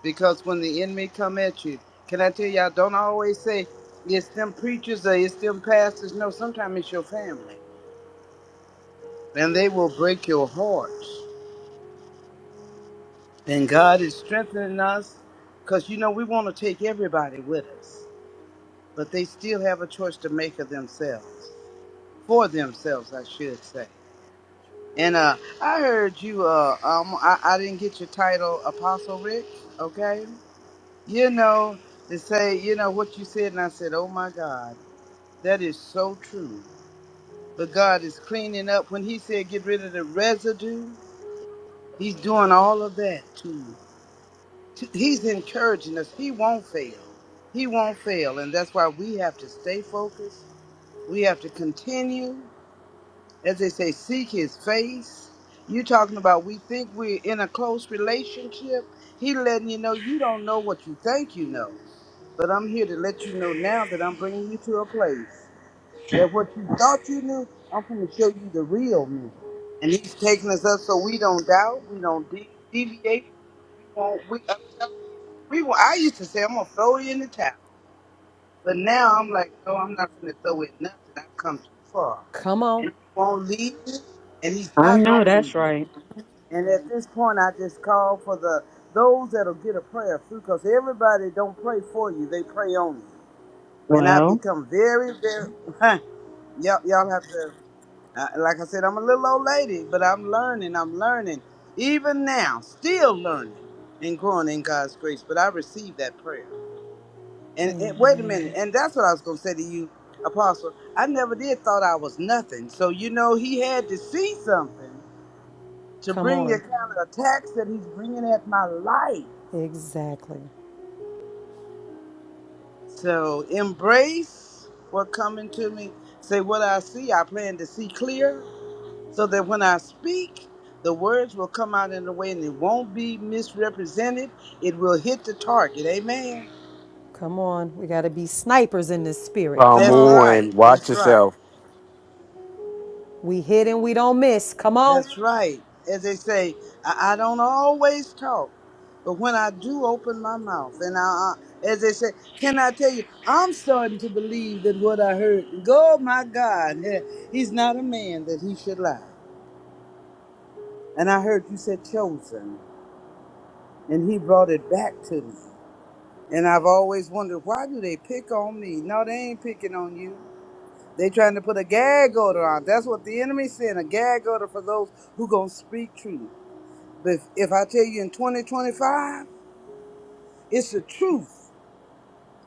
because when the enemy come at you, can I tell you, I don't always say it's them preachers or it's them pastors. No, sometimes it's your family. And they will break your heart. And God is strengthening us because, you know, we want to take everybody with us. But they still have a choice to make of themselves. For themselves, I should say. And uh, I heard you, uh, um, I, I didn't get your title, Apostle Rick, okay? You know, to say, you know, what you said, and I said, oh my God. That is so true. But God is cleaning up. When He said get rid of the residue, He's doing all of that too. He's encouraging us. He won't fail. He won't fail. And that's why we have to stay focused. We have to continue. As they say, seek His face. you are talking about we think we're in a close relationship. He letting you know you don't know what you think you know. But I'm here to let you know now that I'm bringing you to a place. that what you thought you knew, I'm going to show you the real me. And he's taking us up so we don't doubt, we don't de- deviate, and we won't. We, I'm telling you, we. won't- I used to say I'm gonna throw you in the towel, but now I'm like, no, I'm not gonna throw in nothing. I've come too far,
Come on.
and he won't leave me, and he's
I
not
know
gonna leave
that's
me.
right.
And at this point, I just call for the those that'll get a prayer through, because everybody don't pray for you; they pray on you. And I've
Well,
become very, very. [laughs] y'all, y'all have to. Uh, like I said, I'm a little old lady, but I'm learning. I'm learning. Even now, still learning and growing in God's grace. But I received that prayer. And, and wait a minute.
Amen.
And that's what I was going to say to you, Apostle. I never did thought I was nothing. So, you know, he had to see something to
Come
bring the
on.
kind of attacks that he's bringing at my life.
Exactly.
So embrace what coming to me. Say what I see. I plan to see clear. so that when I speak, the words will come out in a way and it won't be misrepresented. It will hit the target. Amen.
Come on. We got to be snipers in this spirit.
Come
Come
That's
on.
on,
right.
watch
That's right.
yourself.
We hit and we don't miss. Come on.
That's right. As they say, I, I don't always talk, but when I do open my mouth, and I, as they say, can I tell you, I'm starting to believe that what I heard, oh my God, yeah, he's not a man that he should lie. And I heard you said chosen, and he brought it back to me. And I've always wondered why do they pick on me? No, they ain't picking on you. They trying to put a gag order on. That's what the enemy sent, a gag order for those who gonna speak truth. But if, if I tell you in 2025, it's the truth.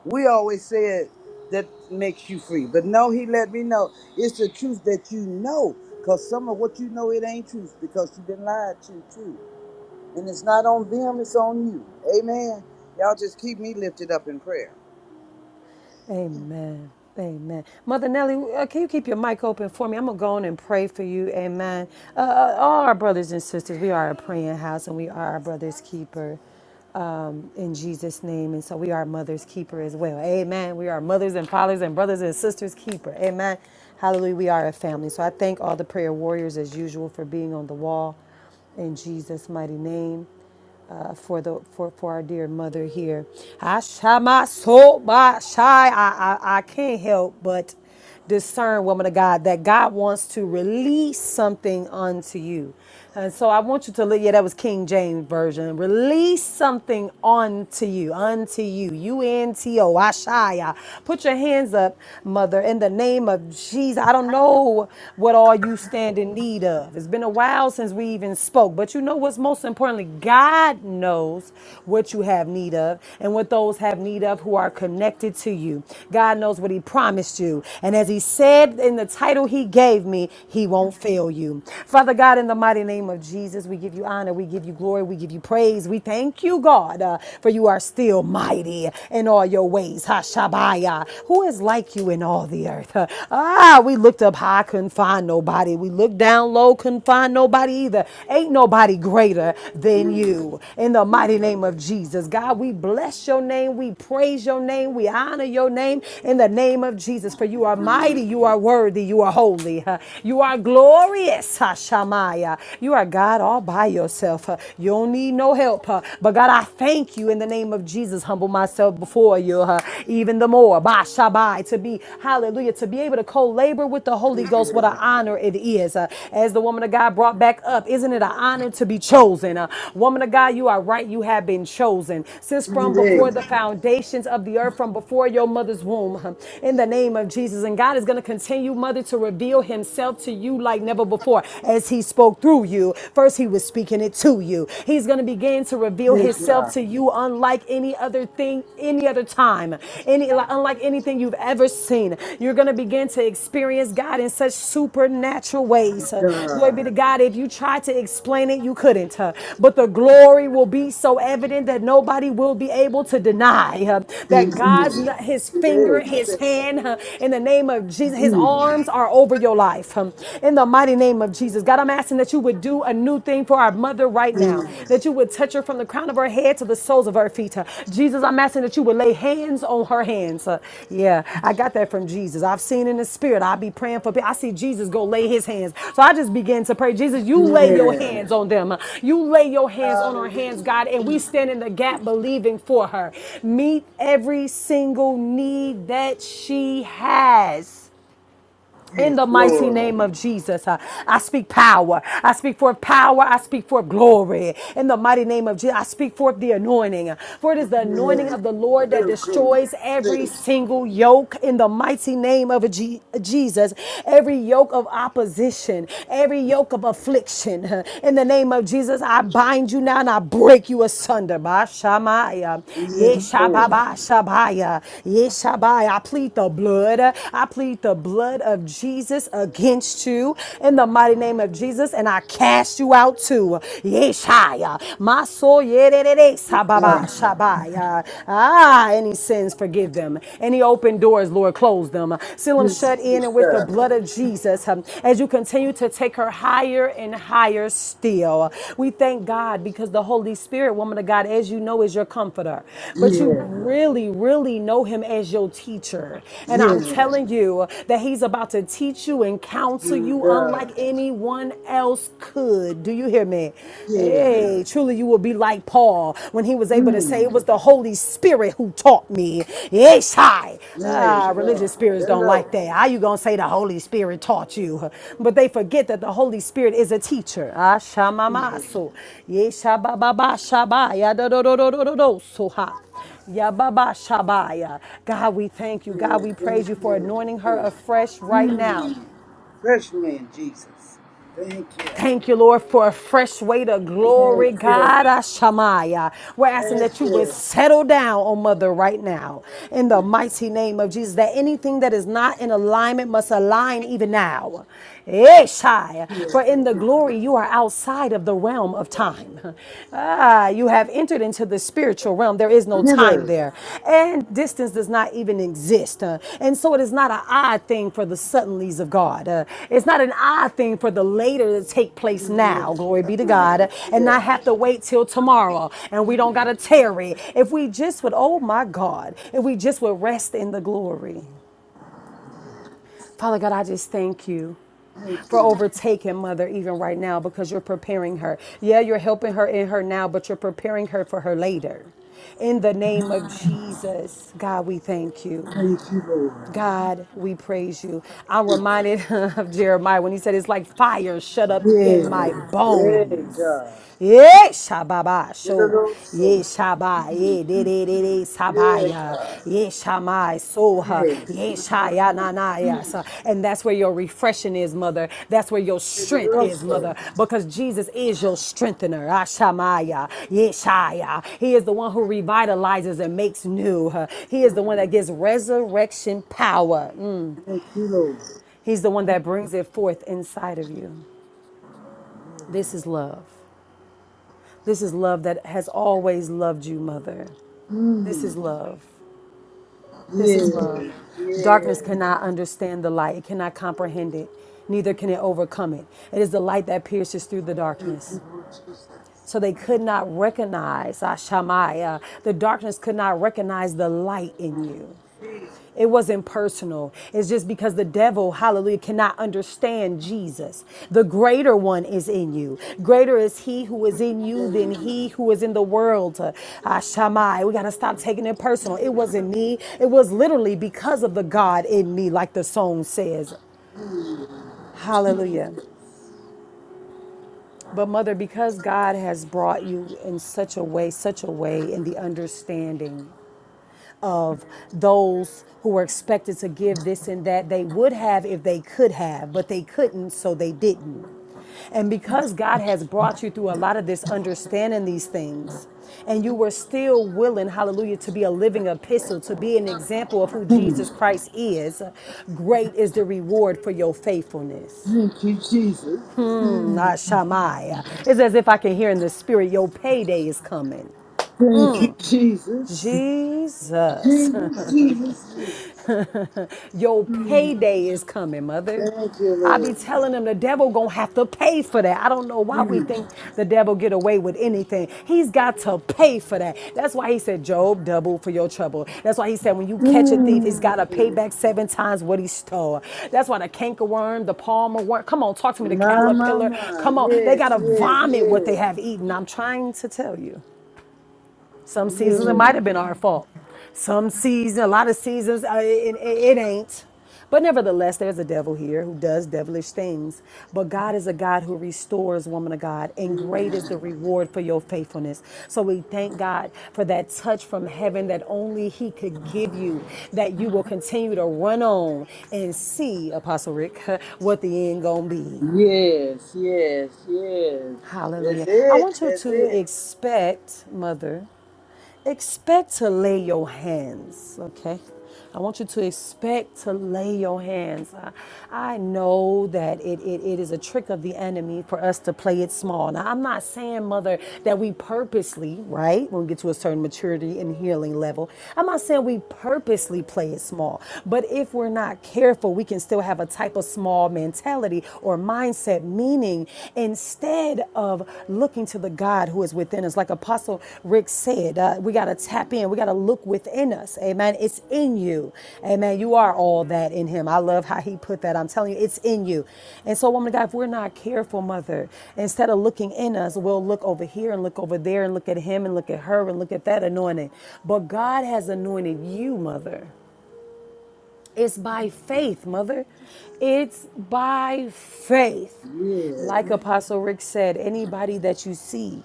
We always said that makes you free. But no, he let me know it's the truth that you know. Cause some of what you know it ain't truth because you've been lied to too. And it's not on them, it's on you. Amen. Y'all just keep me lifted up in prayer.
Amen. Amen. Mother Nelly, uh, can you keep your mic open for me? I'm going to go on and pray for you. Amen. Uh, uh, all our brothers and sisters, we are a praying house and we are our brother's keeper. um, in Jesus' name. And so we are mother's keeper as well. Amen. We are mothers and fathers and brothers and sisters keeper. Amen. Hallelujah. We are a family. So I thank all the prayer warriors as usual for being on the wall in Jesus' mighty name. Uh, for the for, for our dear mother here, I shy my soul, my shy. I, I I can't help but discern, woman of God, that God wants to release something unto you. And so I want you to look, yeah, that was King James Version. Release something unto you, unto you. U-N-T-O, Ashaya. Put your hands up, mother, in the name of Jesus. I don't know what all you stand in need of. It's been a while since we even spoke, but you know what's most importantly, God knows what you have need of and what those have need of who are connected to you. God knows what He promised you. And as He said in the title He gave me, He won't fail you. Father God, in the mighty name of Jesus, we give you honor, we give you glory, we give you praise. We thank you, God, uh, for you are still mighty in all your ways. Hashabaya. Who is like you in all the earth? [laughs] Ah, we looked up high, couldn't find nobody. We looked down low, couldn't find nobody either. Ain't nobody greater than you. In the mighty name of Jesus, God, we bless your name. We praise your name. We honor your name in the name of Jesus. For you are mighty, you are worthy, you are holy, huh? you are glorious, Hashamaya. You are God all by yourself. huh? You don't need no help. huh? But God, I thank you in the name of Jesus. Humble myself before you, huh? even the more. Bashabai, to be, hallelujah, to be be able to co labor with the Holy Ghost, what an honor it is. Uh, as the woman of God brought back up, isn't it an honor to be chosen? Uh, woman of God, you are right. You have been chosen since from before the foundations of the earth, from before your mother's womb, huh, in the name of Jesus. And God is going to continue, mother, to reveal himself to you like never before as he spoke through you. First, he was speaking it to you. He's going to begin to reveal himself to you unlike any any other thing, any other time, any like, unlike anything you've ever seen. You're gonna begin to experience God in such supernatural ways. Uh, Glory be
Duh.
to God. If you tried to explain it, you couldn't. uh, But the glory will be so evident that nobody will be able to deny uh, that God's
Jesus,
His
it
finger,
is.
His hand, uh, in the name of Jesus, His arms are over your life. um, In the mighty name of Jesus, God, I'm asking that you would do a new thing for our mother right now.
Yes,
That you would touch her from the crown of her head to the soles of her feet. Uh, Jesus, I'm asking that you would lay hands on her hands. Uh, Yeah, I got that from Jesus. I've seen in the spirit. I be praying for people. I see Jesus go lay his hands. So I just began to pray, Jesus, you lay your hands
yes.
on them. Uh, You lay your hands on our hands,
Hallelujah,
God, and we
Jesus,
stand in the gap believing for her. Meet every single need that she has. In the mighty
Lord.
name of Jesus, uh, I speak power. I speak forth power. I speak forth glory. In the mighty name of Jesus, I speak forth the anointing. For it is the anointing
Yes.
of the Lord that
Feel good.
destroys
Say,
every single yoke. In the mighty name of Je- Jesus, every yoke of opposition, every yoke of affliction. In the name of Jesus, I bind you now and I break you asunder. Sheba Shamaya,
yes, Lord.
Yeshababa Shabaya, Yeshabaya. I plead the blood. I plead the blood of Jesus against you in the mighty name of Jesus, and I cast you out too. Yeshaya, my soul, Yerere Sababa Shabaya. Ah, any sins, forgive them. Any open doors, Lord, close them. Seal them
Yes,
shut in and with the
Jesus.
blood of blood of Jesus um, as you continue to take her higher and higher still. We thank God because the Holy Spirit, woman of God, as you know, is your comforter. But you
Yes,
really, really know him as your teacher. And I'm
yes,
telling you that he's about to teach you and counsel
you
you unlike
God.
anyone else could. Do you hear me?
Yes.
Hey, truly, you will be like Paul when he he was able to say it
Mm.
was the Holy Spirit who taught me. Yeshai.
Yes,
Ah,
God.
religious spirits don't like
Hello,
that. How you gonna say the Holy Spirit taught you? But they forget that the Holy Spirit is a teacher. Ah,
Jesus.
shamamaso. Yeshabababa shabaya. Do, do, do, do, do, do, do, so ha. Yababa Shabaya. God, we thank you. God, we praise you for anointing her afresh right now.
Refresh me, Jesus. Thank you.
Thank you, Lord, for a fresh weight of
Thank
glory,
you.
God. Ashamaya. We're asking
Thank
that you would
you.
settle down on Mother right now in the mighty name of Jesus. That anything that is not in alignment must align even now. Eshai. For in the glory, you are outside of the realm of time. [laughs] Ah, you have entered into the spiritual realm, there is no
Give
time
us.
there. And distance does not even exist. Uh, and so it is not an odd thing for the suddenlies of God. Uh, it's not an odd thing for the later to take place
Yes,
now, glory be to God, uh, and
yes.
not have to wait till tomorrow. And we don't got to tarry. If we just would, oh my God, if we just would rest in the glory. Father God, I just thank you for overtaking mother even right now because you're preparing her. Yeah, you're helping her in her now, but you're preparing her for her later. In the name of Jesus, God, we thank you.
Thank you, Lord.
God, we praise you. I'm reminded [laughs] of Jeremiah when he said, It's like fire shut up in my
Yes. Yeah,
bones.
God.
Yeah, shababa,
Give us
sure.
those
Yeah,
souls.
shaba, yeah, de de de de,
Yeah,
sabaya.
God.
Yeah, shamai, soha.
Yes.
Yeah, Aya, na, na, ya, sa. And that's where your refreshing is, mother. That's where your
Baby,
strength is,
Russell.
mother. Because Jesus is your strengthener. Ashamaya, Yeshaya. He is the one who revitalizes and makes new. huh. He is the one that gives resurrection power. Mm.
Thank you, Lord.
He's the one that brings it forth inside of you. This is love. This is love that has always loved you, mother. This is love. This is
Yes.
love. Darkness
Yes.
cannot understand the light, it cannot comprehend it, neither can it overcome it. It is the light that pierces through the
Thank you,
darkness.
Lord Jesus.
So they could not recognize, Ashamaya, the darkness could not recognize the light in you.
Jesus.
It wasn't personal. It's just because the devil, hallelujah, cannot understand Jesus. The greater one is in you. Greater is he who is in you than he who is in the world. Ah, Shammai, we got to stop taking it personal. It wasn't me. It was literally because of the God in me, like the song says. Hallelujah. But, Mother, because God has brought you in such a way, such a way in the understanding of those who were expected to give this and that. They would have if they could have, but they couldn't, so they didn't. And because God has brought you through a lot of this understanding these things, and you were still willing, hallelujah, to be a living epistle, to be an example of who Jesus Christ is, great is the reward for your faithfulness.
Thank you, Jesus.
Mm, Ah, Shammai. It's as if I can hear in the spirit, your payday is coming.
Thank you, Jesus.
Jesus.
Jesus, Jesus, Jesus.
Your
Mm,
payday is coming, mother.
Thank you,
I be
Lord.
telling them the devil gonna have to pay for that. I don't know why we think the devil get away with anything. He's got to pay for that. That's why he said, Job, double for your trouble. That's why he said, when you catch a thief, he's got to pay back seven times what he stole. That's why the cankerworm, the palmer worm, come on, talk to me, the
My, my,
caterpillar,
my.
come on, they
Yes,
got to
yes,
vomit what they
yes.
have eaten. I'm trying to tell you. Some seasons it might have been our fault. Some season, a lot of seasons, uh, it, it, it ain't. But nevertheless, there's a devil here who does devilish things. But God is a God who restores, woman of God, and great is the reward for your faithfulness. So we thank God for that touch from heaven that only He could give you, that you will continue to run on and see, Apostle Rick, [laughs] what the end gonna be.
Yes, yes, yes. That's
Hallelujah. I
it.
want you
That's
to
it.
expect, Mother. Expect to lay your hands, okay? I want you to expect to lay your hands. I, I know that it, it, it is a trick of the enemy for us to play it small. Now, I'm not saying, Mother, that we purposely, right, when we get to a certain maturity and healing level, I'm not saying we purposely play it small. But if we're not careful, we can still have a type of small mentality or mindset meaning instead of looking to the God who is within us. Like Apostle Rick said, uh, we got to tap in, we got to look within us. Amen. It's in you. Amen. You are all that in Him. I love how He put that. I'm telling you, it's in you. And so, woman of God, if we're not careful, Mother, instead of looking in us, we'll look over here and look over there and look at Him and look at her and look at that anointing. But God has anointed you, Mother. It's by faith, mother. It's by faith. Like Apostle Rick said, anybody that you see,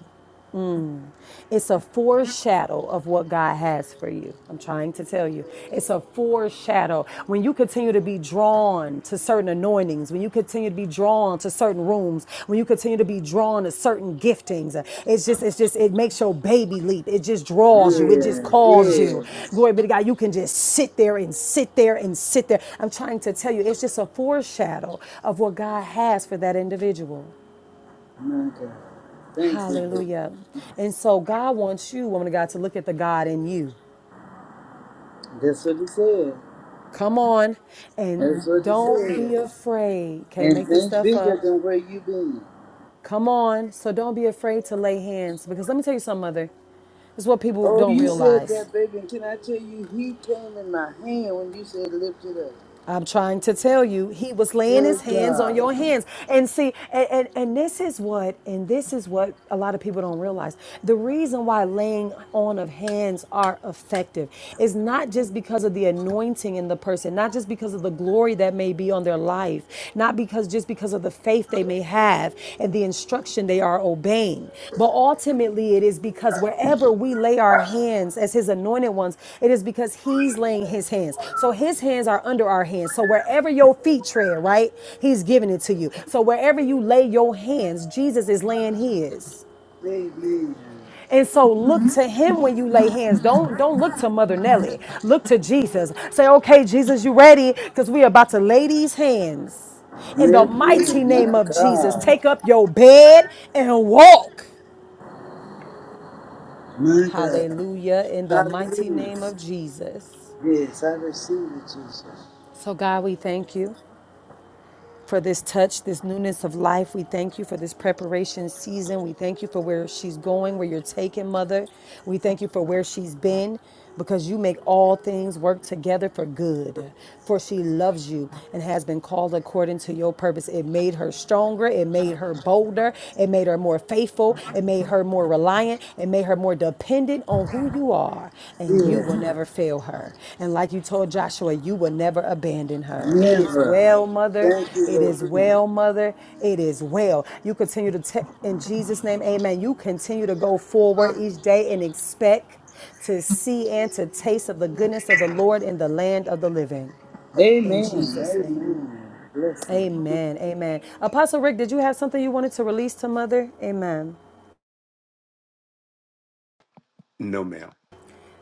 it's a foreshadow of what God has for you. I'm trying to tell you. It's a foreshadow. When you continue to be drawn to certain anointings, when you continue to be drawn to certain rooms, when you continue to be drawn to certain giftings, it's just, it's just, it makes your baby leap. It just draws you. It just
Yeah,
calls you.
yeah.
Glory be to God. You can just sit there and sit there and sit there. I'm trying to tell you, it's just a foreshadow of what God has for that individual.
My God. Thank you, Lord.
Hallelujah. And so God wants you, woman of God, to look at the God in you.
That's what he said.
Come on. And
That's what it
don't be
said.
afraid. Can't
And
make this
think
stuff
bigger
up.
than where you been.
Come on. So don't be afraid to lay hands. Because let me tell you something, mother. It's what people
Oh,
don't
you said
realize.
that, baby. And can I tell you, he came in my hand when you said lift it up.
I'm trying to tell you, he was laying his
Good
hands on
God.
your hands. And see, and, and, and this is what, and this is what a lot of people don't realize. The reason why laying on of hands are effective is not just because of the anointing in the person, not just because of the glory that may be on their life, not because just because of the the faith they may have and the instruction they are obeying. But ultimately, it is because wherever we lay our hands as His anointed ones, it is because He's laying His hands. So His hands are under our hands. So wherever your feet tread, right, He's giving it to you. So wherever you lay your hands, Jesus is laying His.
Baby.
And so look to him when you lay hands. Don't don't look to Mother Nelly. Look to Jesus. Say, okay, Jesus, you ready? Because we about to lay these hands. In the
Baby.
mighty name
My
of Jesus,
God.
take up your bed and walk.
My God.
Hallelujah. In the mighty
Hallelujah.
name of Jesus.
Yes, I receive it, Jesus.
So, God, we thank you. for this touch, this newness of life. We thank you for this preparation season. We thank you for where she's going, where you're taking, Mother. We thank you for where she's been because you make all things work together for good. For she loves you and has been called according to your purpose. It made her stronger, it made her bolder, it made her more faithful, it made her more reliant, and made her more dependent on who you are, and you will
Yeah.
never fail her. And like you told Joshua, you will never abandon her. It is
Never.
well, mother.
Thank you,
It is
Lord.
well, mother. It is well. You continue to, te- in Jesus' name, amen. You continue to go forward each day and expect to see and to taste of the goodness of the Lord in the land of the living. In
Amen.
Jesus' name.
Amen. Bless him.
Amen. Amen. Apostle Rick, did you have something you wanted to release to Mother? Amen.
No, ma'am.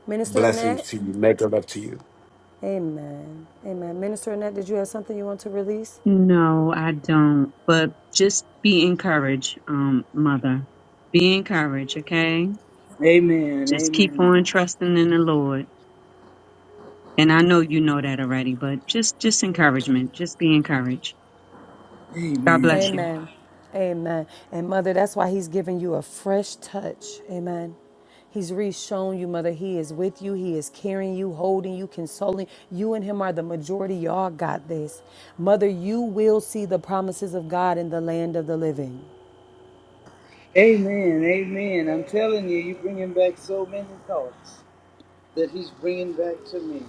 Minister
Blessings
Annette?
to you. Make a love to you.
Amen. Amen. Minister Annette, did you have something you want to release?
No, I don't. But just be encouraged, um, mother. Be encouraged, okay?
Amen.
Just keep on
Amen.
trusting in the Lord. And I know you know that already, but just just encouragement. Just be encouraged. God
Amen.
bless you.
Amen. Amen. And mother, that's why he's giving you a fresh touch. Amen. He's re-shown you, mother. He is with you. He is carrying you, holding you, consoling. You and him are the majority. Y'all got this. Mother, you will see the promises of God in the land of the living.
Amen, amen. I'm telling you, you're bringing back so many thoughts that he's bringing back to me.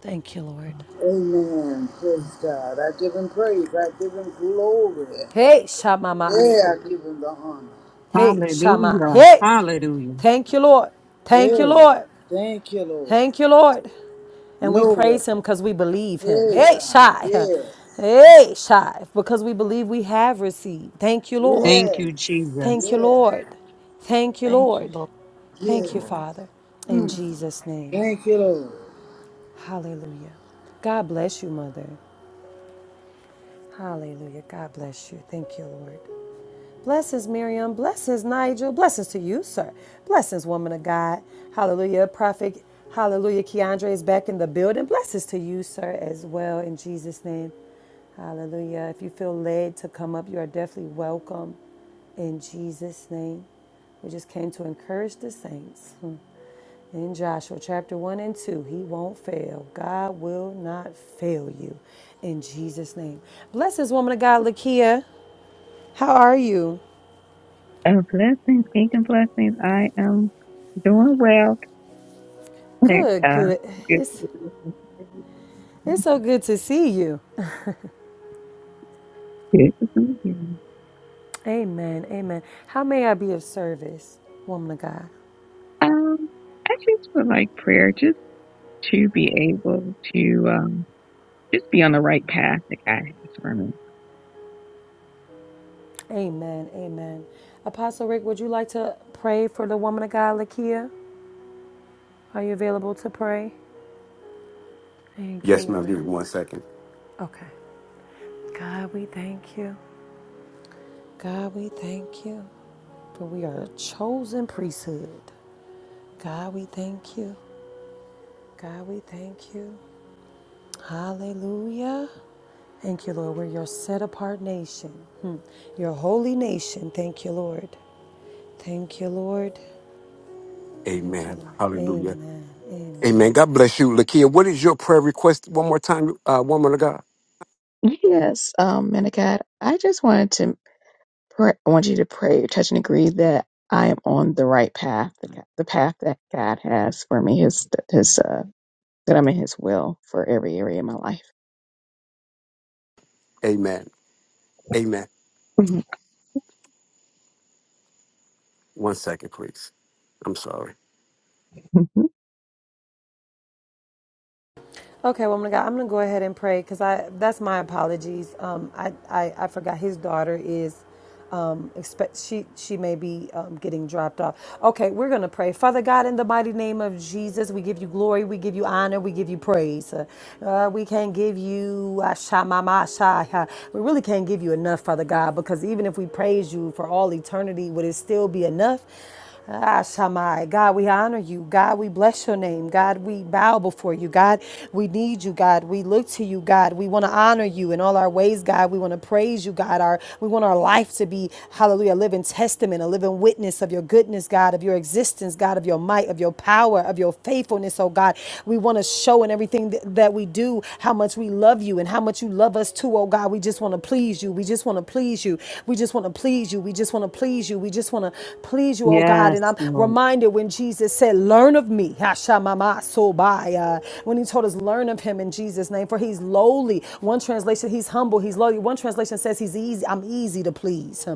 Thank you, Lord.
Amen. Praise God. I give him praise. I give him glory.
Hey,
Yeah,
Shamamasu.
I give him the honor.
Hey, Shama.
hallelujah.
Hey,
Hallelujah.
thank you, Lord. Thank you,
Yeah.
Lord.
Thank you, Lord.
Thank you, Lord. And we
No weapon.
praise him because we believe him.
Hey,
Hey,
God.
Shai.
Yes.
Hey, Shai. Because we believe we have received. Thank you, Lord.
Thank
Yes.
you, Jesus.
Thank you,
Yes.
Lord. Thank you,
Thank you,
Lord. Thank
Yeah.
you,
Lord.
Father. In Jesus' name.
Thank you, Lord.
Hallelujah. God bless you, Mother. Hallelujah. God bless you. Thank you, Lord. Blessings, Miriam. Blessings, Nigel. Blessings to you, sir. Blessings, woman of God. Hallelujah. Prophet, hallelujah. Keandre is back in the building. Blessings to you, sir, as well, in Jesus' name. Hallelujah. If you feel led to come up, you are definitely welcome in Jesus' name. We just came to encourage the saints. Hmm. In Joshua chapter 1 and 2, he won't fail. God will not fail you in Jesus' name. Bless woman of God, Lakia. How are you?
Uh, blessings, kingdom blessings. I am doing well. Thank
Good,
God.
good.
good,
It's
to be
it's
here.
so good to see you.
good to be here.
Amen. Amen. How may I be of service, woman of God?
Um, I just would like prayer just to be able to um, just be on the right path that God has for me.
Amen. Amen. Apostle Rick, would you like to pray for the woman of God, Lakia? Are you available to pray? Thank you,
Yes, ma'am.
Lord.
Give me one second.
Okay. God, we thank you. God, we thank you for we are a chosen priesthood. God, we thank you. God, we thank you. Hallelujah. Thank you, Lord. We're your set apart nation, Hmm. your holy nation. Thank you, Lord. Thank you, Lord. Thank you,
Amen.
Lord.
Hallelujah.
Amen. Amen.
Amen. God bless you, Lakia. What is your prayer request? One more time, uh, woman of God.
Yes, um, Manicad, I just wanted to pray, I want you to pray, touch and agree that I am on the right path, the, g- the path that God has for me, his, his, uh, that I'm in his will for every area of my life.
Amen. Amen. One second, please. I'm sorry.
Mhm.
Okay, woman of God, I'm gonna go ahead and pray because I that's my apologies. Um, I, I I forgot his daughter is um expect she she may be um, getting dropped off. Okay, we're gonna pray. Father God, in the mighty name of Jesus, we give you glory, we give you honor, we give you praise. Uh, we can't give you ashamamashaya. We really can't give you enough, Father God, because even if we praise you for all eternity, would it still be enough? Ah, Shammai. God, we honor you. God, we bless your name. God, we bow before you. God, we need you. God, we look to you. God, we want to honor you in all our ways. God, we want to praise you. God, our we want our life to be Hallelujah, a living testament, a living witness of your goodness, God, of your existence, God, of your might, of your power, of your faithfulness. Oh God, we want to show in everything th- that we do how much we love you and how much you love us too do, oh God. We just want to please you. We just want to please you. We just want to please you. We just want to please you. We just want to please you, oh God.
Yes,
And I'm
Lord.
reminded when Jesus said, Learn of me. When he told us, Learn of him in Jesus' name, for he's lowly. One translation, he's humble. He's lowly. One translation says, He's easy. I'm easy to please.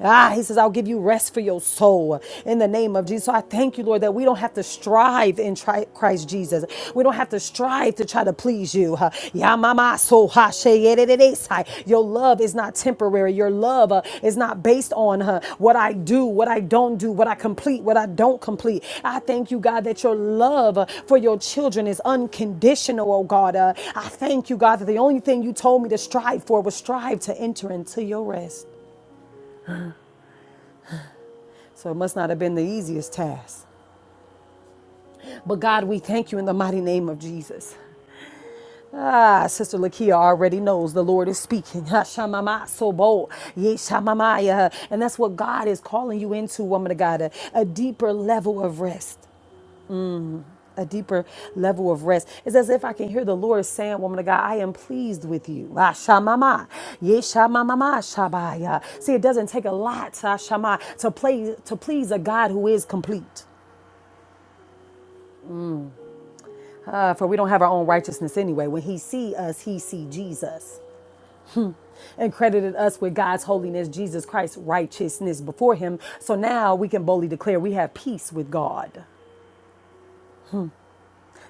Ah, he says, I'll give you rest for your soul in the name of Jesus. So I thank you, Lord, that we don't have to strive strive in tri- Christ Jesus. We don't have to strive to try to please you. huh? Yamama so ha she yedededesai. Your love is not temporary. Your love uh, is not based on huh, what I do, what I don't do, what I complete, what I don't complete. I thank you, God, that your love uh, for your children is unconditional, oh God. Uh, I thank you, God, that the only thing you told me to strive for was strive to enter into your rest. So it must not have been the easiest task. But God, we thank you in the mighty name of Jesus. Ah, Sister Lakia already knows the Lord is speaking. [laughs] Hashamama so bold. Yeshamamaya. And that's what God is calling you into, woman of God, a, a deeper level of rest. A deeper level of rest. It's as if I can hear the Lord saying, Woman of God, I am pleased with you. Hashamama. Yeshamamama shabaya. See, it doesn't take a lot Hashama, to, play, to please a God who is complete. Uh, for we don't have our own righteousness anyway. When he see us, he see Jesus. and credited us with God's holiness, Jesus Christ's righteousness before him. So now we can boldly declare we have peace with God,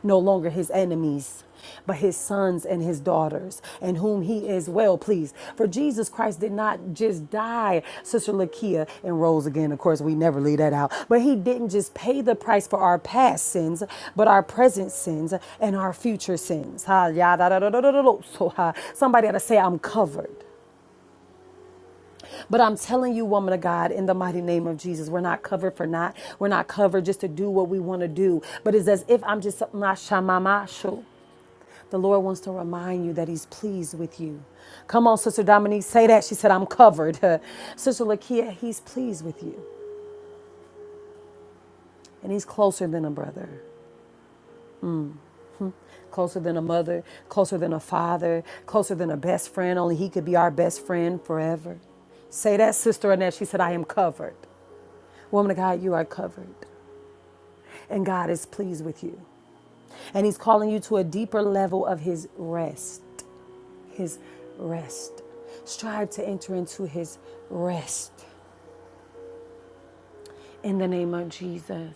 no longer his enemies, but his sons and his daughters, and whom he is well pleased. For Jesus Christ did not just die, Sister Lakia, and rose again. Of course, we never leave that out. But he didn't just pay the price for our past sins, but our present sins and our future sins. Ha, ya, da, da, da, da, da, da, da. So, ha, somebody ought to say, I'm covered. But I'm telling you, woman of God, in the mighty name of Jesus, we're not covered for not. We're not covered just to do what we want to do. But it's as if I'm just mashamamashu. The Lord wants to remind you that He's pleased with you. Come on, Sister Dominique, say that. She said, I'm covered. [laughs] Sister Lakia, He's pleased with you. And He's closer than a brother closer than a mother, closer than a father, closer than a best friend. Only He could be our best friend forever. Say that, Sister Annette. She said, I am covered. Woman of God, you are covered. and God is pleased with you. And He's calling you to a deeper level of His rest, His rest. Strive to enter into His rest in the name of Jesus.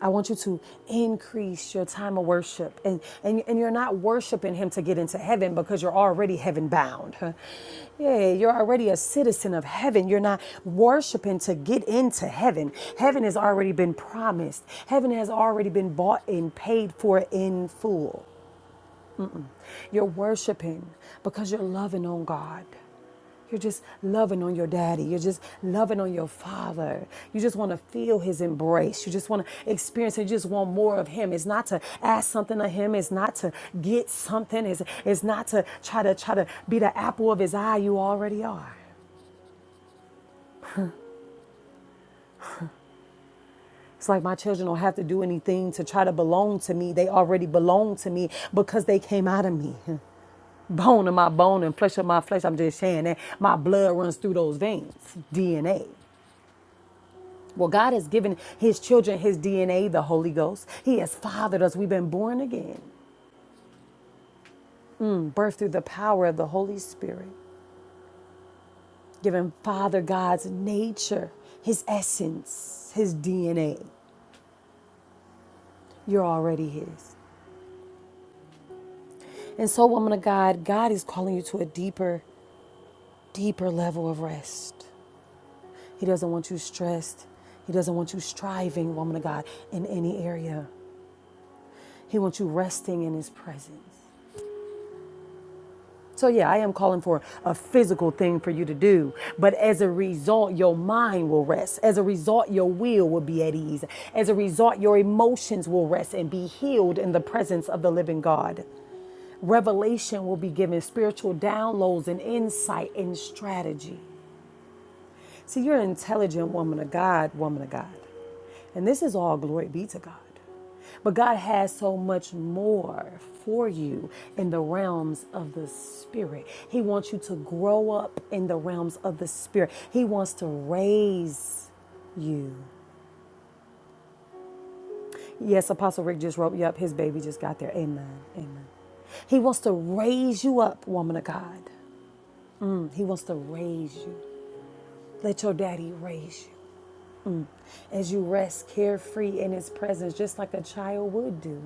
I want you to increase your time of worship. And, and, and you're not worshiping Him to get into heaven because you're already heaven bound. [laughs] Huh? Yeah, you're already a citizen of heaven. You're not worshiping to get into heaven. Heaven has already been promised, heaven has already been bought and paid for in full. You're worshiping because you're loving on God. You're just loving on your daddy. You're just loving on your father. You just want to feel his embrace. You just want to experience it. You just want more of him. It's not to ask something of him. It's not to get something. It's, it's not to try to try to be the apple of his eye. You already are. It's like my children don't have to do anything to try to belong to me. They already belong to me because they came out of me. [laughs] bone of my bone and flesh of my flesh. I'm just saying that my blood runs through those veins, DNA. Well, God has given his children his DNA, the Holy Ghost. He has fathered us. We've been born again, birthed through the power of the Holy Spirit, given Father God's nature, his essence, his DNA. You're already his. And so, woman of God, God is calling you to a deeper, deeper level of rest. He doesn't want you stressed. He doesn't want you striving, woman of God, in any area. He wants you resting in His presence. So, yeah, I am calling for a physical thing for you to do. But as a result, your mind will rest. As a result, your will will be at ease. As a result, your emotions will rest and be healed in the presence of the living God. Revelation will be given, spiritual downloads and insight and strategy. See, you're an intelligent woman of God, woman of God. And this is all glory be to God. But God has so much more for you in the realms of the spirit. He wants you to grow up in the realms of the spirit. He wants to raise you. Yes, Apostle Rick just wrote you up. His baby just got there. Amen. Amen. He wants to raise you up, woman of God. Mm, He wants to raise you. Let your daddy raise you. as you rest carefree in his presence, just like a child would do.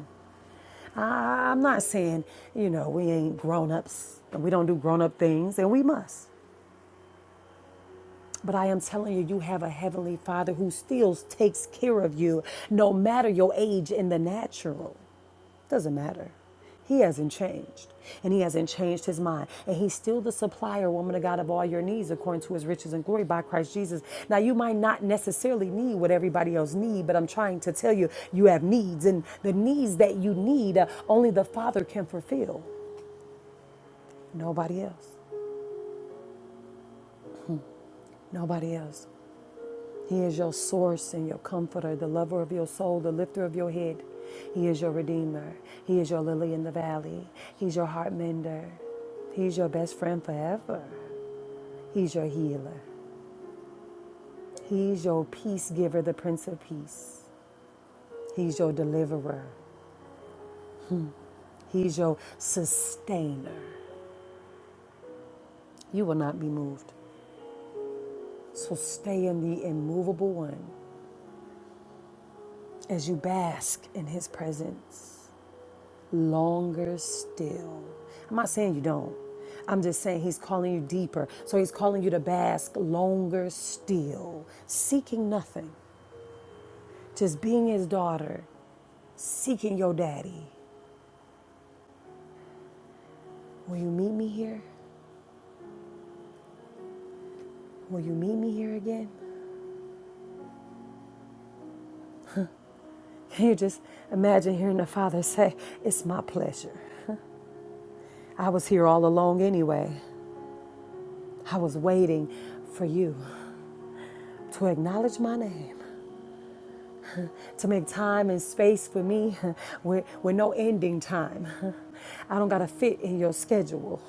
I, I'm not saying, you know, we ain't grown ups and we don't do grown up things, and we must. But I am telling you, you have a heavenly father who still takes care of you no matter your age in the natural. Doesn't matter. He hasn't changed, and he hasn't changed his mind. And he's still the supplier, woman of God, of all your needs, according to his riches and glory by Christ Jesus. Now, you might not necessarily need what everybody else needs, but I'm trying to tell you, you have needs, and the needs that you need, uh, only the Father can fulfill. Nobody else. Nobody else. He is your source and your comforter, the lover of your soul, the lifter of your head. He is your redeemer. He is your lily in the valley. He's your heart mender. He's your best friend forever. He's your healer. He's your peace giver, the Prince of Peace. He's your deliverer. He's your sustainer. You will not be moved. So stay in the immovable one as you bask in his presence. longer still. I'm not saying you don't. I'm just saying he's calling you deeper. So he's calling you to bask longer still, seeking nothing, just being his daughter, seeking your daddy. Will you meet me here? Will you meet me here again? [laughs] Can you just imagine hearing the father say, It's my pleasure. I was here all along anyway. I was waiting for you to acknowledge my name. to make time and space for me [laughs] with, with no ending time. [laughs] I don't gotta fit in your schedule.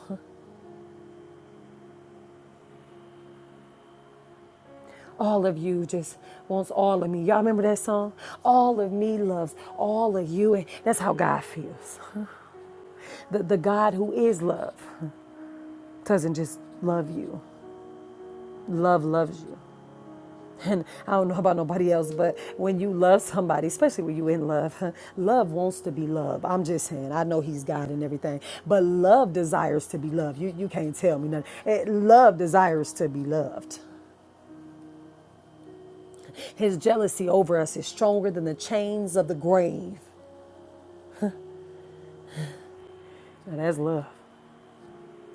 All of you just wants all of me. Y'all remember that song? All of me loves all of you. And that's how God feels. The, the God who is love doesn't just love you. Love loves you. And I don't know about nobody else, but when you love somebody, especially when you in love, huh, love wants to be loved. I'm just saying, I know he's God and everything, but love desires to be loved. You, you can't tell me nothing. Eh, love desires to be loved. His jealousy over us is stronger than the chains of the grave. Now that's love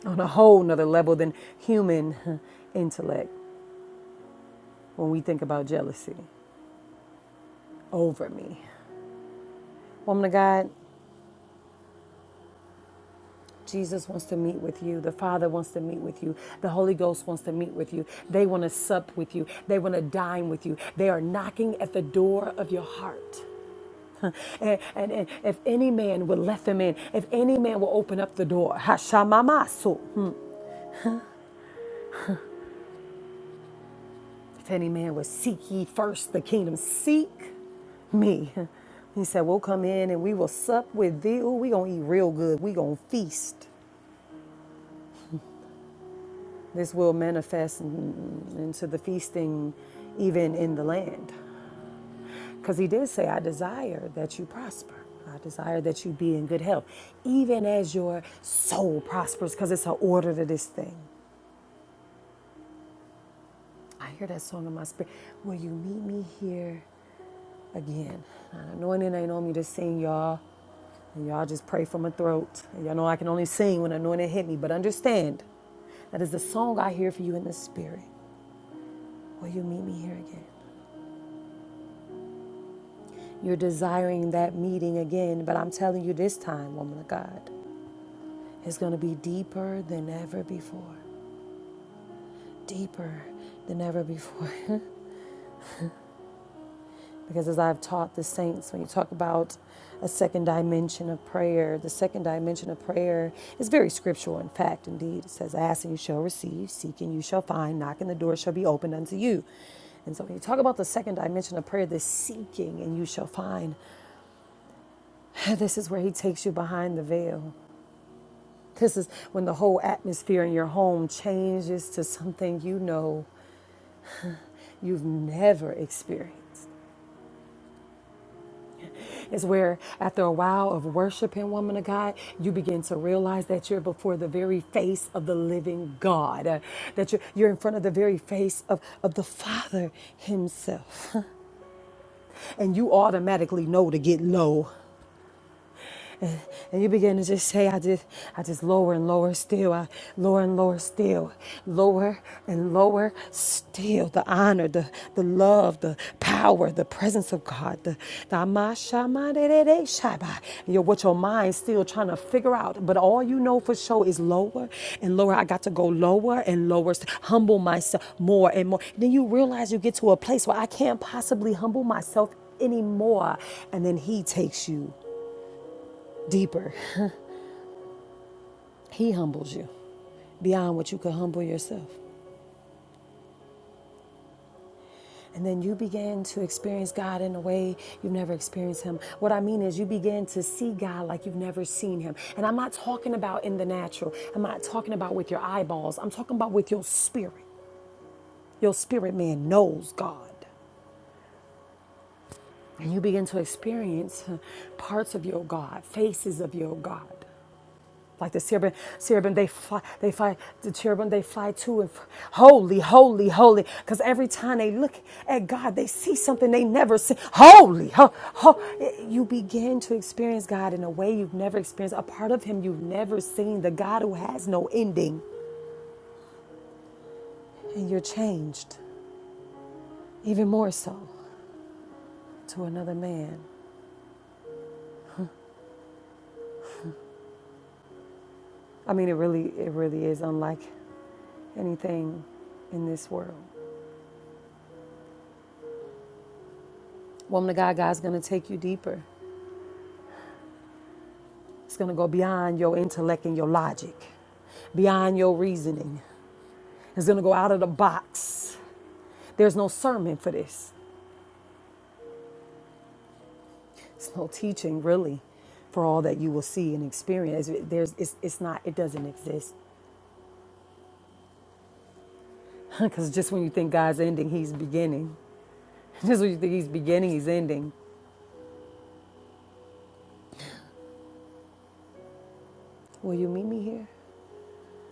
on a whole nother level than human huh, intellect when we think about jealousy over me. Woman of God, Jesus wants to meet with you. The Father wants to meet with you. The Holy Ghost wants to meet with you. They want to sup with you. They want to dine with you. They are knocking at the door of your heart. [laughs] And, and- and if any man would let them in, if any man will open up the door, Hashamamasu. If any man would seek ye first the kingdom, seek me. [laughs] He said, We'll come in and we will sup with thee. Ooh, we gonna eat real good. We gonna feast. This will manifest into the feasting even in the land. Because he did say, I desire that you prosper. I desire that you be in good health, even as your soul prospers, because it's an order to this thing. I hear that song in my spirit. Will you meet me here again? An anointing ain't on me to sing, y'all. And y'all just pray from my throat. And y'all know I can only sing when anointing hit me, but understand that is the song I hear for you in the spirit. Will you meet me here again? You're desiring that meeting again, but I'm telling you this time, woman of God, it's going to be deeper than ever before. Deeper than ever before. [laughs] because as I've taught the saints, when you talk about a second dimension of prayer, the second dimension of prayer is very scriptural, in fact, indeed. It says, Ask and you shall receive, seek and you shall find, knock and the door shall be opened unto you. And so when you talk about the second dimension of prayer, the seeking and you shall find, [sighs] this is where he takes you behind the veil. This is when the whole atmosphere in your home changes to something you know you've never experienced. It's where, after a while of worshiping, woman of God, you begin to realize that you're before the very face of the living God, uh, that you're, you're in front of the very face of, of the Father Himself. And you automatically know to get low. And you begin to just say, I just, I just lower and lower still, I lower and lower still, lower and lower still. The honor, the, the love, the power, the presence of God, the, the amashamadedede shaba. You're with your mind still trying to figure out, but all you know for sure is lower and lower. I got to go lower and lower, humble myself more and more. Then you realize you get to a place where I can't possibly humble myself anymore. And then He takes you deeper. He humbles you beyond what you could humble yourself. And then you begin to experience God in a way you've never experienced Him. What I mean is, you begin to see God like you've never seen Him. And I'm not talking about in the natural, I'm not talking about with your eyeballs, I'm talking about with your spirit. Your spirit man knows God. And you begin to experience parts of your God, faces of your God. like the cherubim, cherubim they fly, they fly, the cherubim they fly to and f- holy, holy, holy. Because every time they look at God, they see something they never see. Holy, ho, ho. You begin to experience God in a way you've never experienced, a part of Him you've never seen, the God who has no ending, and you're changed even more so to another man. I mean, it really, it really is unlike anything in this world. Woman of God, God's gonna take you deeper. It's going to go beyond your intellect and your logic, beyond your reasoning. It's going to go out of the box. There's no sermon for this. It's no teaching, really, for all that you will see and experience. There's, it's, it's not, it doesn't exist. [laughs] Because just when you think God's ending, He's beginning. [laughs] Just when you think He's beginning, He's ending. Will you meet me here?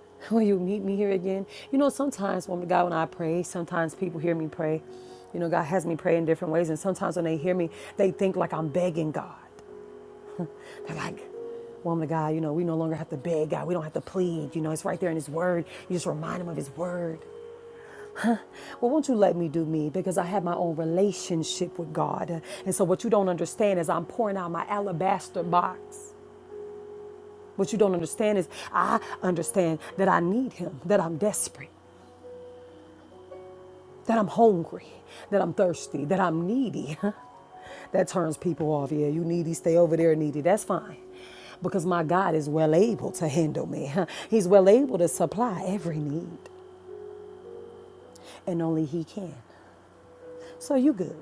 [laughs] Will you meet me here again? You know, sometimes, when God, when I pray, sometimes people hear me pray. You know, God has me pray in different ways. And sometimes when they hear me, they think like I'm begging God. They're like, woman of God, you know, we no longer have to beg God. We don't have to plead. You know, it's right there in His Word. You just remind Him of His Word. Well, won't you let me do me? Because I have my own relationship with God. And so what you don't understand is I'm pouring out my alabaster box. What you don't understand is I understand that I need Him, that I'm desperate that I'm hungry, that I'm thirsty, that I'm needy. [laughs] That turns people off. Yeah, you needy, stay over there, needy. That's fine. Because my God is well able to handle me. [laughs] He's well able to supply every need, and only He can. So you good.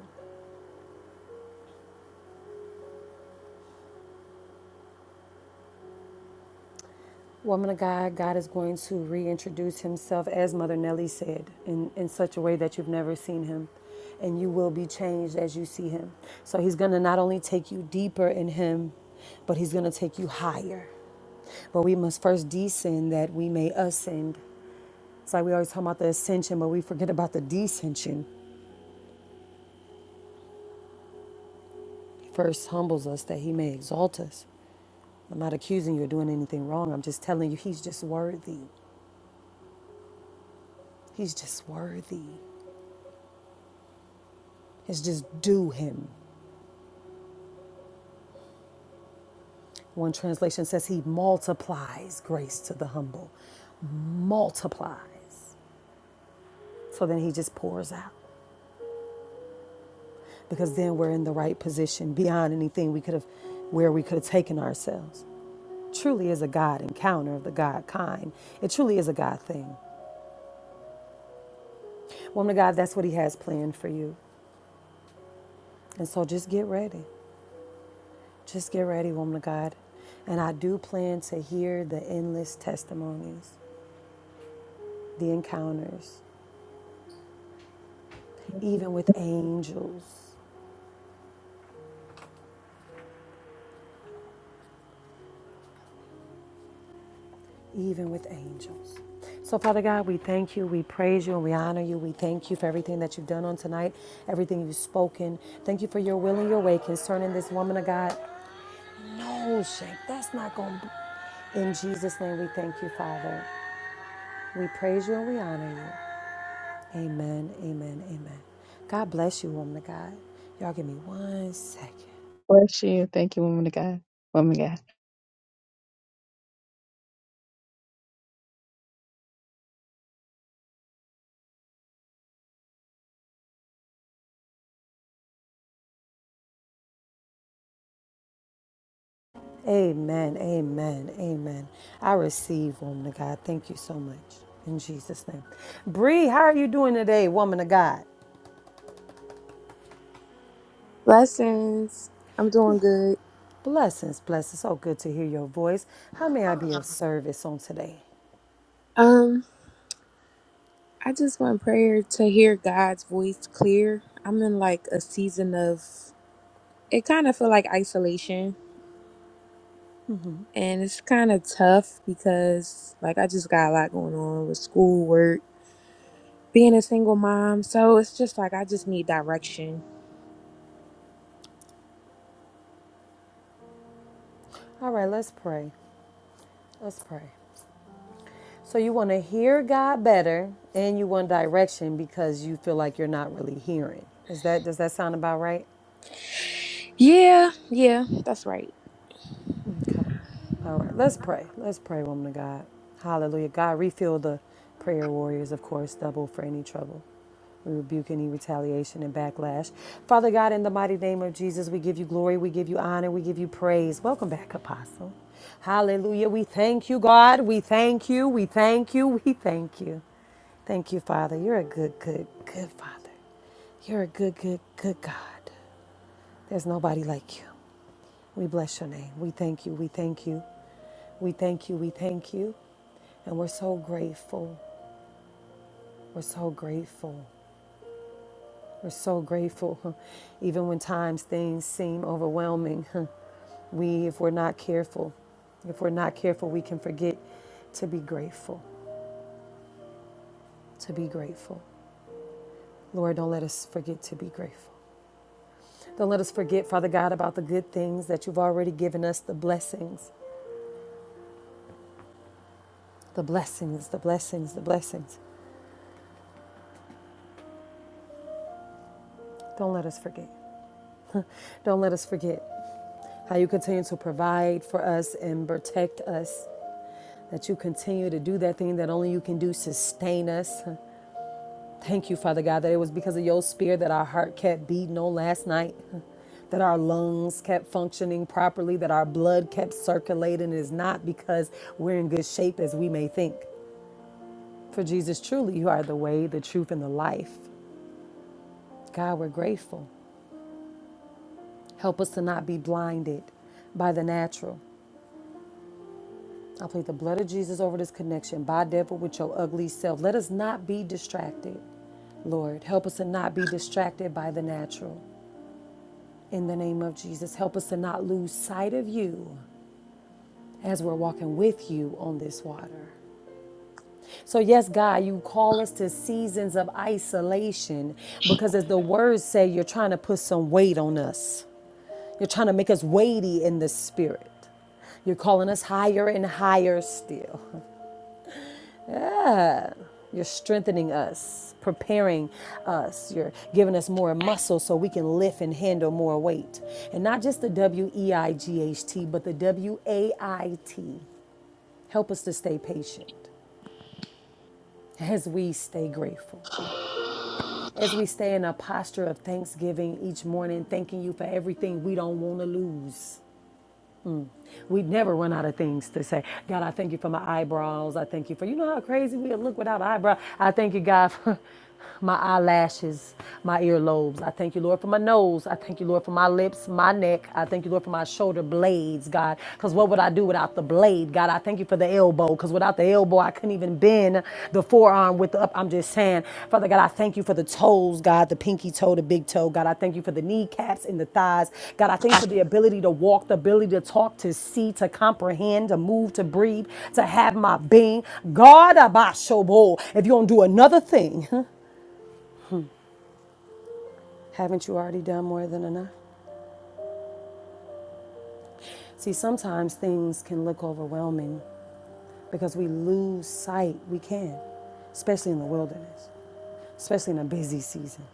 Woman of God, God is going to reintroduce Himself, as Mother Nelly said, in, in such a way that you've never seen Him and you will be changed as you see him. So he's going to not only take you deeper in him, but he's going to take you higher. But we must first descend that we may ascend. It's like we always talk about the ascension, but we forget about the descension. He first humbles us that he may exalt us. I'm not accusing you of doing anything wrong. I'm just telling you, he's just worthy. He's just worthy. It's just do him. One translation says he multiplies grace to the humble, multiplies. So then he just pours out because then we're in the right position beyond anything we could have, where we could have taken ourselves. Truly is a God encounter of the God kind. It truly is a God thing. Woman of God, that's what He has planned for you. And so just get ready. Just get ready, woman of God. And I do plan to hear the endless testimonies, the encounters, even with angels, even with angels. So, Father God, we thank you, we praise you, and we honor you. We thank you for everything that you've done on tonight, everything you've spoken. Thank you for your will and your way concerning this woman of God. No, Shake, that's not going to be. In Jesus' name, we thank you, Father. We praise you and we honor you. Amen, amen, amen. God bless you, woman of God. Y'all give me one second.
Bless you. Thank you, woman of God. Woman of God.
Amen, amen, amen. I receive, woman of God. Thank you so much. In Jesus' name. Bree, how are you doing today, woman of God?
Blessings. I'm doing good.
Blessings, blessings. So good to hear your voice. How may I be of service on today?
Um, I just want prayer to hear God's voice clear. I'm in like a season of it kind of feel like isolation and it's kind of tough because like I just got a lot going on with school, work, being a single mom. So it's just like I just need direction.
All right, let's pray. Let's pray. So you want to hear God better and you want direction because you feel like you're not really hearing. Is that does that sound about right?
Yeah, yeah, that's right.
Okay. All right. Let's pray. Let's pray, woman of God. Hallelujah. God, refill the prayer warriors, of course, double for any trouble. We rebuke any retaliation and backlash. Father God, in the mighty name of Jesus, we give you glory, we give you honor, we give you praise. Welcome back, Apostle. Hallelujah. We thank you, God. We thank you. We thank you. We thank you. Thank you, Father. You're a good, good, good Father. You're a good, good, good God. There's nobody like you. We bless your name. We thank you. We thank you. We thank you. We thank you. And we're so grateful. We're so grateful. We're so grateful. [laughs] Even when times things seem overwhelming, [laughs] we, if we're not careful, if we're not careful, we can forget to be grateful, to be grateful. Lord, don't let us forget to be grateful. Don't let us forget, Father God, about the good things that you've already given us, the blessings, the blessings, the blessings, the blessings. Don't let us forget. Don't let us forget how you continue to provide for us and protect us. That you continue to do that thing that only you can do, sustain us. Thank you, Father God, that it was because of your spirit that our heart kept beating on last night, that our lungs kept functioning properly, that our blood kept circulating. It is not because we're in good shape as we may think. For Jesus, truly, you are the way, the truth, and the life. God, we're grateful. Help us to not be blinded by the natural. I plead the blood of Jesus over this connection. By devil, with your ugly self. Let us not be distracted. Lord, help us to not be distracted by the natural. In the name of Jesus, help us to not lose sight of you as we're walking with you on this water. So, yes, God, you call us to seasons of isolation because, as the words say, you're trying to put some weight on us. You're trying to make us weighty in the spirit. You're calling us higher and higher still. Yeah. You're strengthening us, preparing us. You're giving us more muscle so we can lift and handle more weight. And not just the W E I G H T, but the W A I T. Help us to stay patient as we stay grateful. As we stay in a posture of thanksgiving each morning, thanking you for everything we don't want to lose. We never run out of things to say. God, I thank you for my eyebrows. I thank you for, you know how crazy we look without eyebrows. I thank you, God, for [laughs] my eyelashes, my earlobes. I thank you, Lord, for my nose. I thank you, Lord, for my lips, my neck. I thank you, Lord, for my shoulder blades, God. Because what would I do without the blade, God? I thank you for the elbow. Because without the elbow, elbow. I couldn't even bend the forearm with the up. I'm just saying, Father God, I thank you for the toes, God, the pinky toe, the big toe. God, I thank you for the kneecaps and the thighs. God, I thank you for the ability to walk, the ability to talk, to see, to comprehend, to move, to breathe, to have my being. God, Abashobo, if you don't do another thing, [laughs] haven't you already done more than enough? See, sometimes things can look overwhelming because we lose sight. We can, especially in the wilderness, especially in a busy season.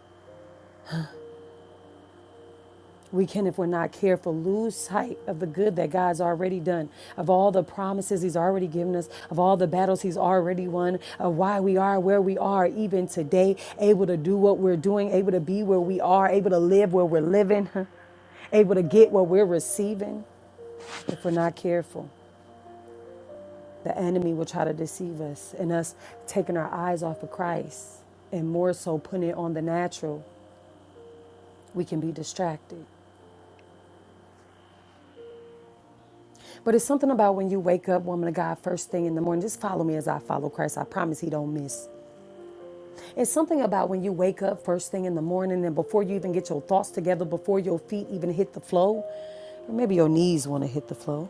We can, if we're not careful, lose sight of the good that God's already done, of all the promises He's already given us, of all the battles He's already won, of why we are where we are, even today, able to do what we're doing, able to be where we are, able to live where we're living, [laughs] able to get what we're receiving. If we're not careful, the enemy will try to deceive us, and us taking our eyes off of Christ and more so putting it on the natural, we can be distracted. But it's something about when you wake up, woman of God, first thing in the morning. Just follow me as I follow Christ. I promise He don't miss. It's something about when you wake up first thing in the morning and before you even get your thoughts together, before your feet even hit the floor, or maybe your knees want to hit the floor.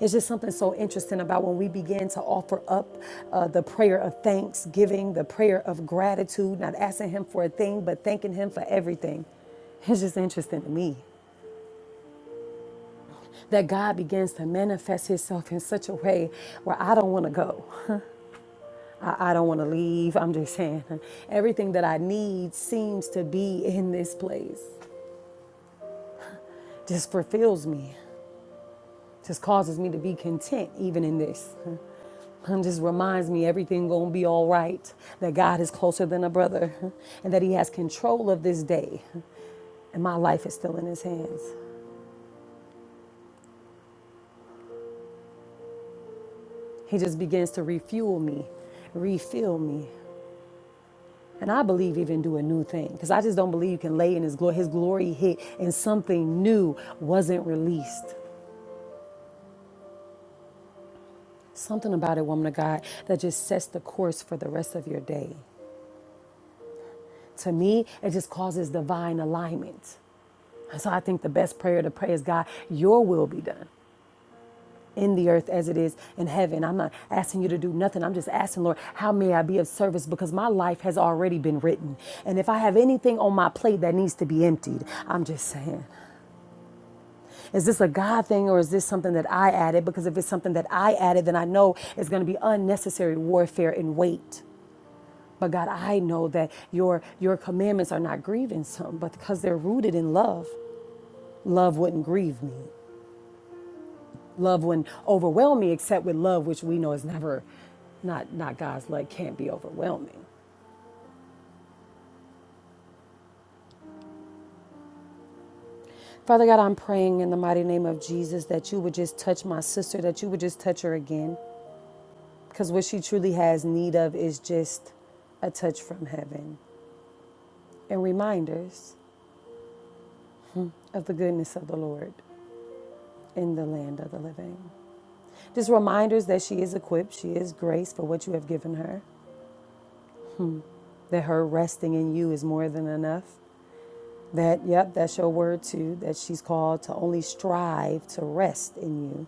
It's just something so interesting about when we begin to offer up uh, the prayer of thanksgiving, the prayer of gratitude, not asking Him for a thing, but thanking Him for everything. It's just interesting to me that God begins to manifest Himself in such a way where I don't want to go. I, I don't want to leave. I'm just saying, everything that I need seems to be in this place. Just fulfills me. Just causes me to be content even in this. And just reminds me everything gonna be all right. That God is closer than a brother, and that He has control of this day, and my life is still in His hands. He just begins to refuel me, refill me. And I believe even do a new thing because I just don't believe you can lay in his glory. His glory hit and something new wasn't released. Something about it, woman of God, that just sets the course for the rest of your day. To me, it just causes divine alignment. And so I think the best prayer to pray is God, your will be done in the earth as it is in heaven. I'm not asking you to do nothing. I'm just asking, Lord, how may I be of service? Because my life has already been written. And if I have anything on my plate that needs to be emptied, I'm just saying, is this a God thing or is this something that I added? Because if it's something that I added, then I know it's going to be unnecessary warfare and weight. But God, I know that your your commandments are not grievance, but because they're rooted in love, love wouldn't grieve me. Love wouldn't overwhelm me, except with love, which we know is never, not not God's love can't be overwhelming. Father God, I'm praying in the mighty name of Jesus that you would just touch my sister, that you would just touch her again, because what she truly has need of is just a touch from heaven and reminders of the goodness of the Lord in the land of the living. Just reminders that she is equipped, she is graced for what you have given her, that her resting in you is more than enough. That, yep, that's your word too, that she's called to only strive to rest in you.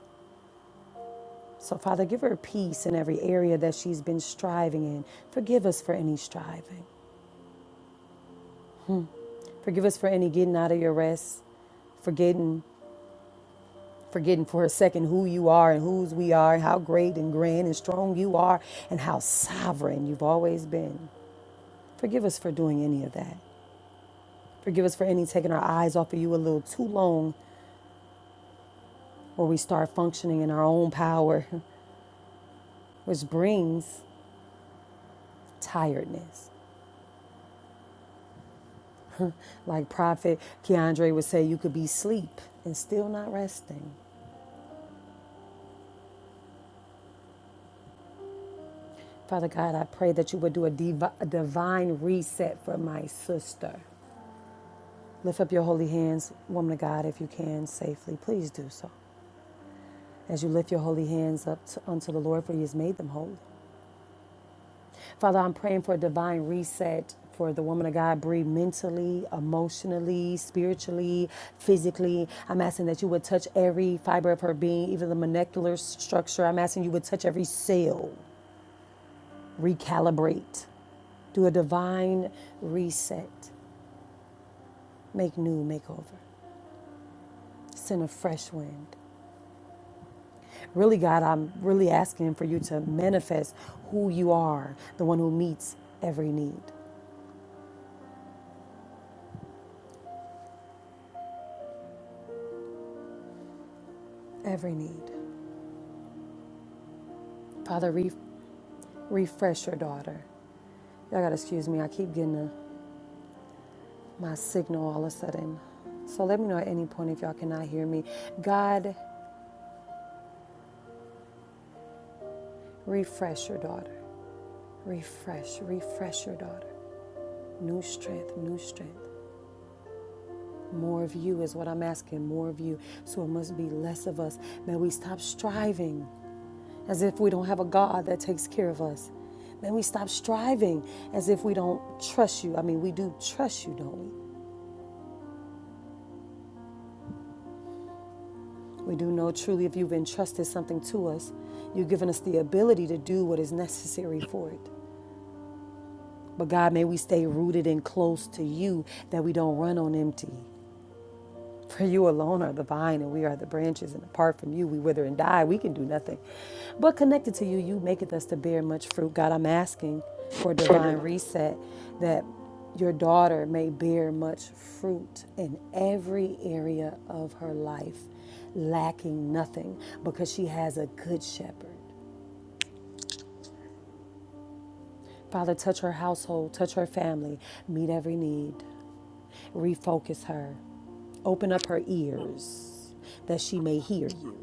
So, Father, give her peace in every area that she's been striving in. Forgive us for any striving. Forgive us for any getting out of your rest, forgetting, forgetting for a second who you are and whose we are, and how great and grand and strong you are, and how sovereign you've always been. Forgive us for doing any of that. Forgive us for any taking our eyes off of you a little too long where we start functioning in our own power, [laughs] which brings tiredness. Like Prophet Keandre would say, you could be asleep and still not resting. Father God, I pray that you would do a, divi- a divine reset for my sister. Lift up your holy hands, woman of God, if you can safely. Please do so. As you lift your holy hands up to, unto the Lord, for he has made them holy. Father, I'm praying for a divine reset for the woman of God, Bree, mentally, emotionally, spiritually, physically. I'm asking that you would touch every fiber of her being, even the molecular structure. I'm asking you would touch every cell, recalibrate, do a divine reset, make new, make over, send a fresh wind. Really, God, I'm really asking for you to manifest who you are, the one who meets every need, every need. Father, re- refresh your daughter. Y'all gotta excuse me, I keep getting a, my signal all of a sudden. So let me know at any point if y'all cannot hear me. God, refresh your daughter. Refresh, refresh your daughter. New strength, new strength. More of you is what I'm asking, more of you. So it must be less of us. May we stop striving as if we don't have a God that takes care of us. May we stop striving as if we don't trust you. I mean, we do trust you, don't we? We do know truly if you've entrusted something to us, you've given us the ability to do what is necessary for it. But God, may we stay rooted and close to you that we don't run on empty. For you alone are the vine, and we are the branches, and apart from you, we wither and die. We can do nothing. But connected to you, you maketh us to bear much fruit. God, I'm asking for a divine reset that your daughter may bear much fruit in every area of her life, lacking nothing, because she has a good shepherd. Father, touch her household, touch her family, meet every need, refocus her, open up her ears that she may hear you.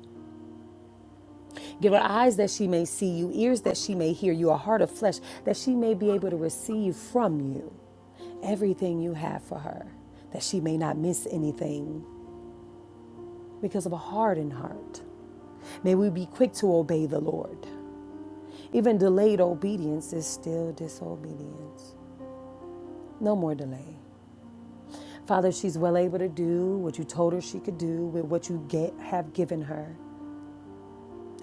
Give her eyes that she may see you, ears that she may hear you, a heart of flesh that she may be able to receive from you everything you have for her, that she may not miss anything because of a hardened heart. May we be quick to obey the Lord. Even delayed obedience is still disobedience. No more delay. Father, she's well able to do what you told her she could do with what you get, have given her.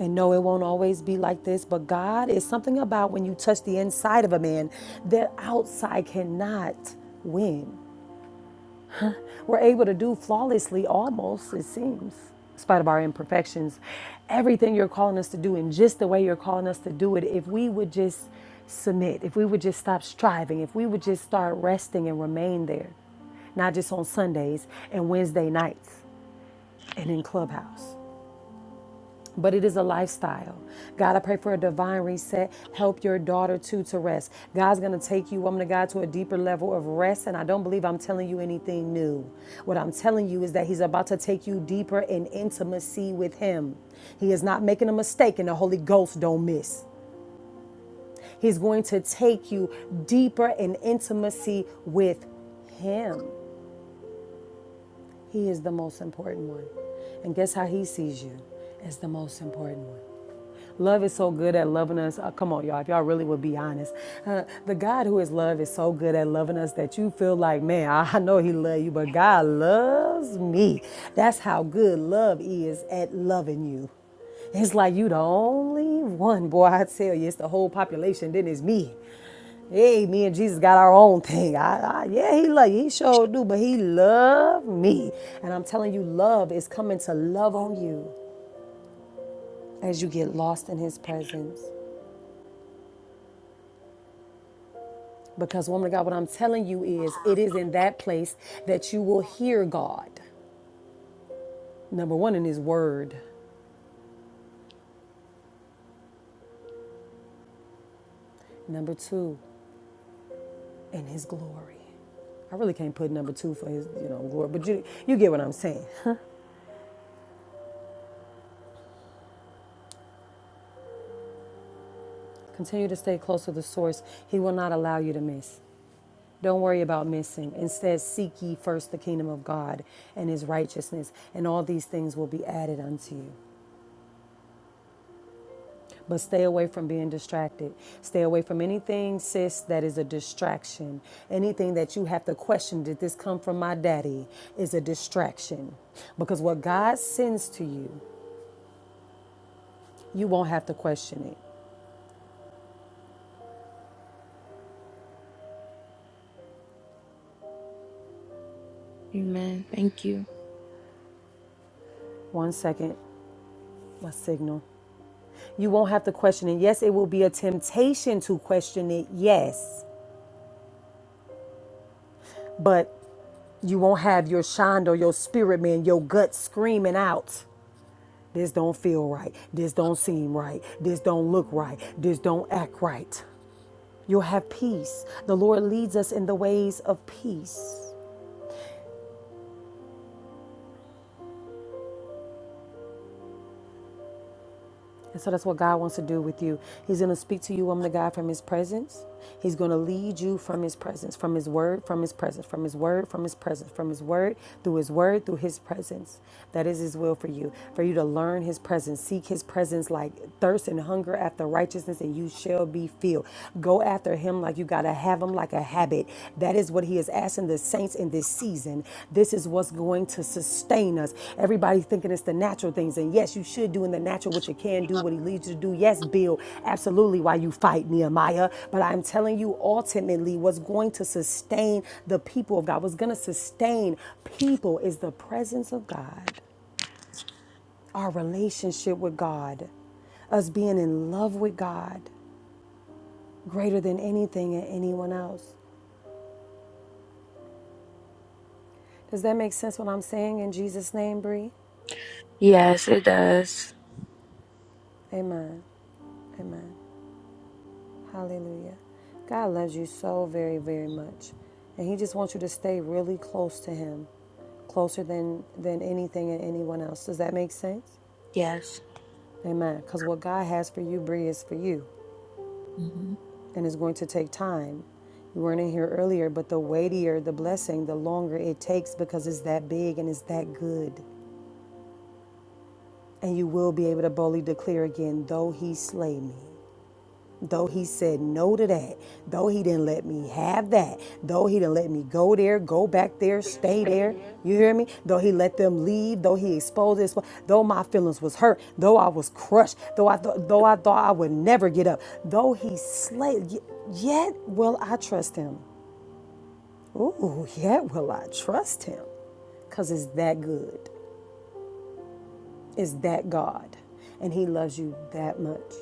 And no, it won't always be like this, but God is something about when you touch the inside of a man that outside cannot win. We're able to do flawlessly almost, it seems, in spite of our imperfections. Everything you're calling us to do, and just the way you're calling us to do it, if we would just submit, if we would just stop striving, if we would just start resting and remain there, not just on Sundays and Wednesday nights and in Clubhouse. but it is a lifestyle. God, I pray for a divine reset. Help your daughter too to rest. God's going to take you, woman of God, to a deeper level of rest. And I don't believe I'm telling you anything new. What I'm telling you is that He's about to take you deeper in intimacy with Him. He is not making a mistake, and the Holy Ghost don't miss. He's going to take you deeper in intimacy with Him. He is the most important one. And guess how He sees you? As the most important one. Love is so good at loving us. Uh, come on, y'all, if y'all really would be honest. Uh, the God who is love is so good at loving us that you feel like, man, I know He loves you, but God loves me. That's how good love is at loving you. It's like you the only one, boy. I tell you, it's the whole population. Then it's me. Hey, me and Jesus got our own thing. I, I yeah, he love you. He sure do, but he loved me. And I'm telling you, love is coming to love on you as you get lost in his presence. Because, woman of God, what I'm telling you is it is in that place that you will hear God. Number one, in His Word. Number two, in His glory. I really can't put number two for His, you know, glory, but you, you get what I'm saying. Continue to stay close to the source. He will not allow you to miss. Don't worry about missing. Instead, seek ye first the kingdom of God and His righteousness, and all these things will be added unto you. But stay away from being distracted. Stay away from anything, sis, that is a distraction. Anything that you have to question, did this come from my daddy, is a distraction. Because what God sends to you, you won't have to question it.
Amen. Thank you.
One second, my signal. You won't have to question it. Yes, it will be a temptation to question it, yes, but you won't have your shonda, your spirit man, your gut screaming out. This don't feel right. This don't seem right. This don't look right. This don't act right. You'll have peace. The Lord leads us in the ways of peace. And so that's what God wants to do with you. He's going to speak to you, woman of God, from His presence. He's going to lead you from His presence, from His word, from His presence, from His word, from His presence, from His word, through His word, through His presence. That is His will for you, for you to learn His presence, seek His presence like thirst and hunger after righteousness, and you shall be filled. Go after Him like you got to have Him, like a habit. That is what he is asking the saints in this season. This is what's going to sustain us. Everybody's thinking it's the natural things. And yes, you should do in the natural what you can do, what he leads you to do. Yes, Bill, absolutely why you fight Nehemiah. But I'm telling you, ultimately, what's going to sustain the people of God, what's going to sustain people is the presence of God, our relationship with God, us being in love with God greater than anything and anyone else. Does that make sense what I'm saying in Jesus' name, Bree?
Yes, it does.
Amen. Amen. Hallelujah. God loves you so very, very much. And He just wants you to stay really close to Him, closer than, than anything and anyone else. Does that make sense?
Yes.
Amen. Because what God has for you, Bree, is for you.
hmm
And it's going to take time. You weren't in here earlier, but the weightier the blessing, the longer it takes because it's that big and it's that good. And you will be able to boldly declare again, though He slay me. Though he said no to that, though he didn't let me have that, though he didn't let me go there, go back there, stay there. You hear me? Though he let them leave, though he exposed this, though my feelings was hurt, though I was crushed, though I th- though I thought I would never get up, though he slayed, y- yet will I trust him. Ooh, yet will I trust him, cause it's that good, it's that God, and he loves you that much.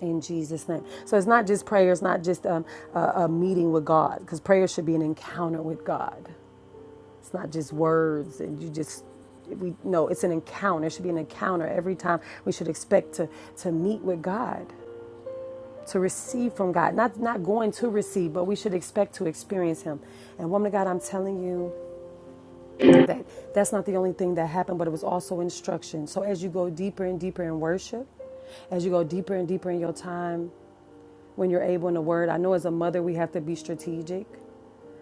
In Jesus' name. So it's not just prayer, it's not just um, a, a meeting with God, because prayer should be an encounter with God. It's not just words and you just, we no, it's an encounter. It should be an encounter every time. We should expect to, to meet with God, to receive from God. Not, not going to receive, but we should expect to experience Him. And woman of God, I'm telling you that that's not the only thing that happened, but it was also instruction. So as you go deeper and deeper in worship, as you go deeper and deeper in your time when you're able in the word. I know as a mother, we have to be strategic.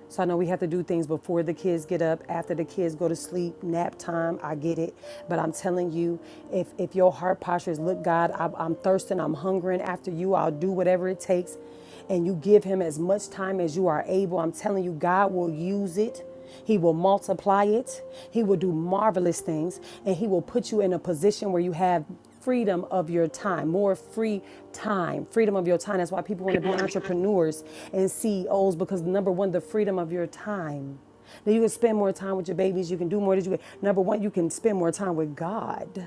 So I know we have to do things before the kids get up, after the kids go to sleep, nap time. I get it. But I'm telling you, if, if your heart posture is, look, God, I, I'm thirsting, I'm hungering after you, I'll do whatever it takes. And you give him as much time as you are able. I'm telling you, God will use it. He will multiply it. He will do marvelous things. And He will put you in a position where you have freedom of your time, more free time, freedom of your time. That's why people want to be entrepreneurs and CEOs because number one, the freedom of your time. Now you can spend more time with your babies, you can do more. That you number one, you can spend more time with God.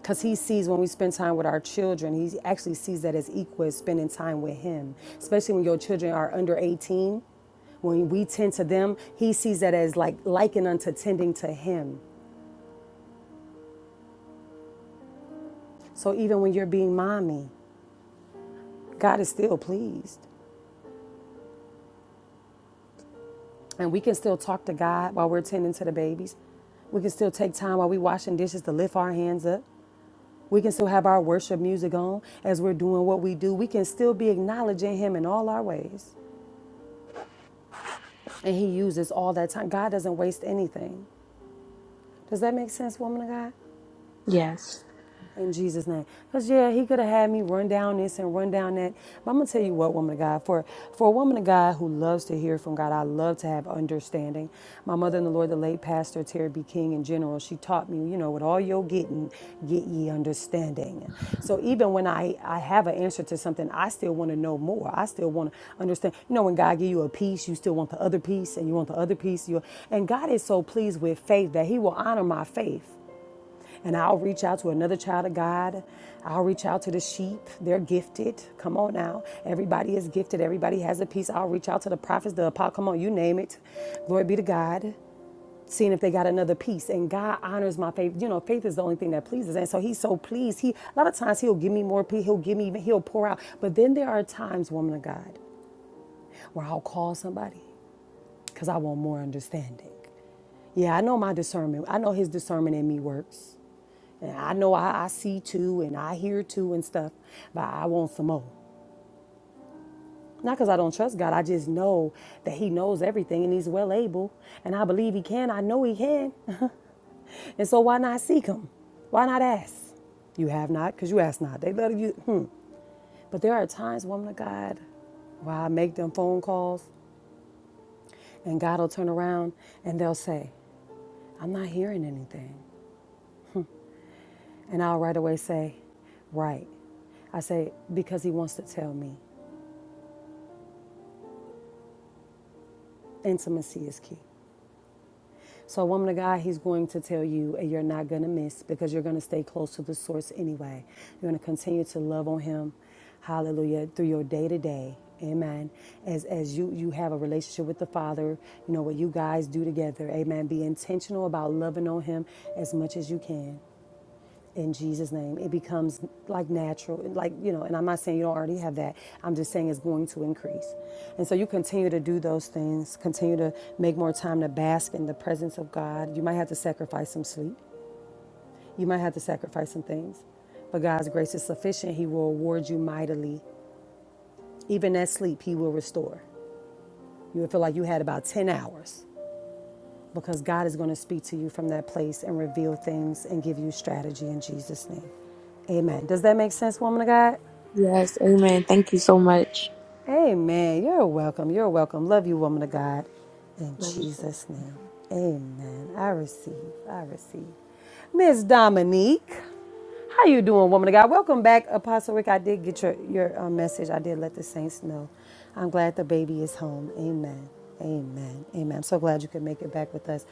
Because he sees when we spend time with our children, he actually sees that as equal as spending time with him, especially when your children are under 18 when we tend to them, he sees that as like likened unto tending to him. So even when you're being mommy, God is still pleased. and we can still talk to God while we're tending to the babies. We can still take time while we are washing dishes to lift our hands up. We can still have our worship music on as we're doing what we do. We can still be acknowledging Him in all our ways. And He uses all that time. God doesn't waste anything. Does that make sense, woman of God?
Yes.
In Jesus' name. Because, yeah, he could have had me run down this and run down that. But I'm going to tell you what, woman of God, for, for a woman of God who loves to hear from God, I love to have understanding. My mother in the Lord, the late pastor, Terry B. King in general, she taught me, you know, with all your getting, get ye understanding. So even when I, I have an answer to something, I still want to know more. I still want to understand. You know, when God give you a piece, you still want the other piece and you want the other piece. You, and God is so pleased with faith that he will honor my faith. And I'll reach out to another child of God. I'll reach out to the sheep. They're gifted. Come on now. Everybody is gifted. Everybody has a piece. I'll reach out to the prophets, the apostles. Come on, you name it. Glory be to God. Seeing if they got another piece. And God honors my faith. You know, faith is the only thing that pleases. And so he's so pleased. He a lot of times he'll give me more peace. He'll give me even he'll pour out. But then there are times, woman of God, where I'll call somebody because I want more understanding. Yeah, I know my discernment. I know his discernment in me works. And I know I, I see too and I hear too and stuff, but I want some more. Not because I don't trust God, I just know that He knows everything and He's well able. And I believe He can, I know He can. [laughs] And so why not seek Him? Why not ask? You have not because you ask not. They let you, hmm. But there are times, woman of God, where I make them phone calls and God will turn around and they'll say, I'm not hearing anything. And I'll right away say, Right. I say, Because He wants to tell me. Intimacy is key. So, a woman of God, he's going to tell you, and you're not going to miss because you're going to stay close to the source anyway. You're going to continue to love on him. Hallelujah. Through your day to day. Amen. As as you you have a relationship with the Father, you know what you guys do together. Amen. Be intentional about loving on him as much as you can in Jesus' name. It becomes like natural, like, you know, and I'm not saying you don't already have that. I'm just saying it's going to increase. And so you continue to do those things, continue to make more time to bask in the presence of God. You might have to sacrifice some sleep, you might have to sacrifice some things, but God's grace is sufficient. He will award you mightily. Even that sleep, He will restore. You will feel like you had about 10 hours because God is going to speak to you from that place and reveal things and give you strategy in Jesus' name. Amen. Does that make sense, woman of God?
Yes, amen. Thank you so much.
Amen. You're welcome. You're welcome. Love you, woman of God. In
Love you too.
Jesus'
Thank
name.
you.
Amen. I receive. I receive. Miss Dominique, how you doing, woman of God? Welcome back, Apostle Rick. I did get your, your uh, message. I did let the saints know. I'm glad the baby is home. Amen. Amen. Amen. I'm so glad you could make it back with us.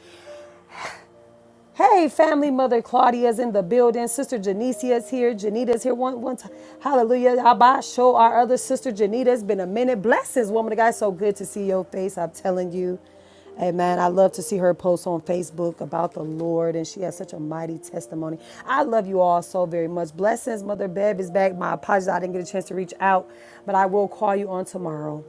Hey, family, mother Claudia's in the building. Sister Janicia's here. Janita's here. One, one time. Hallelujah. Abba, show our other sister Janita. It's been a minute. Blessings, woman of God. So good to see your face. I'm telling you. Amen. I love to see her post on Facebook about the Lord, and she has such a mighty testimony. I love you all so very much. Blessings, Mother Bev is back. My apologies, I didn't get a chance to reach out, but I will call you on tomorrow.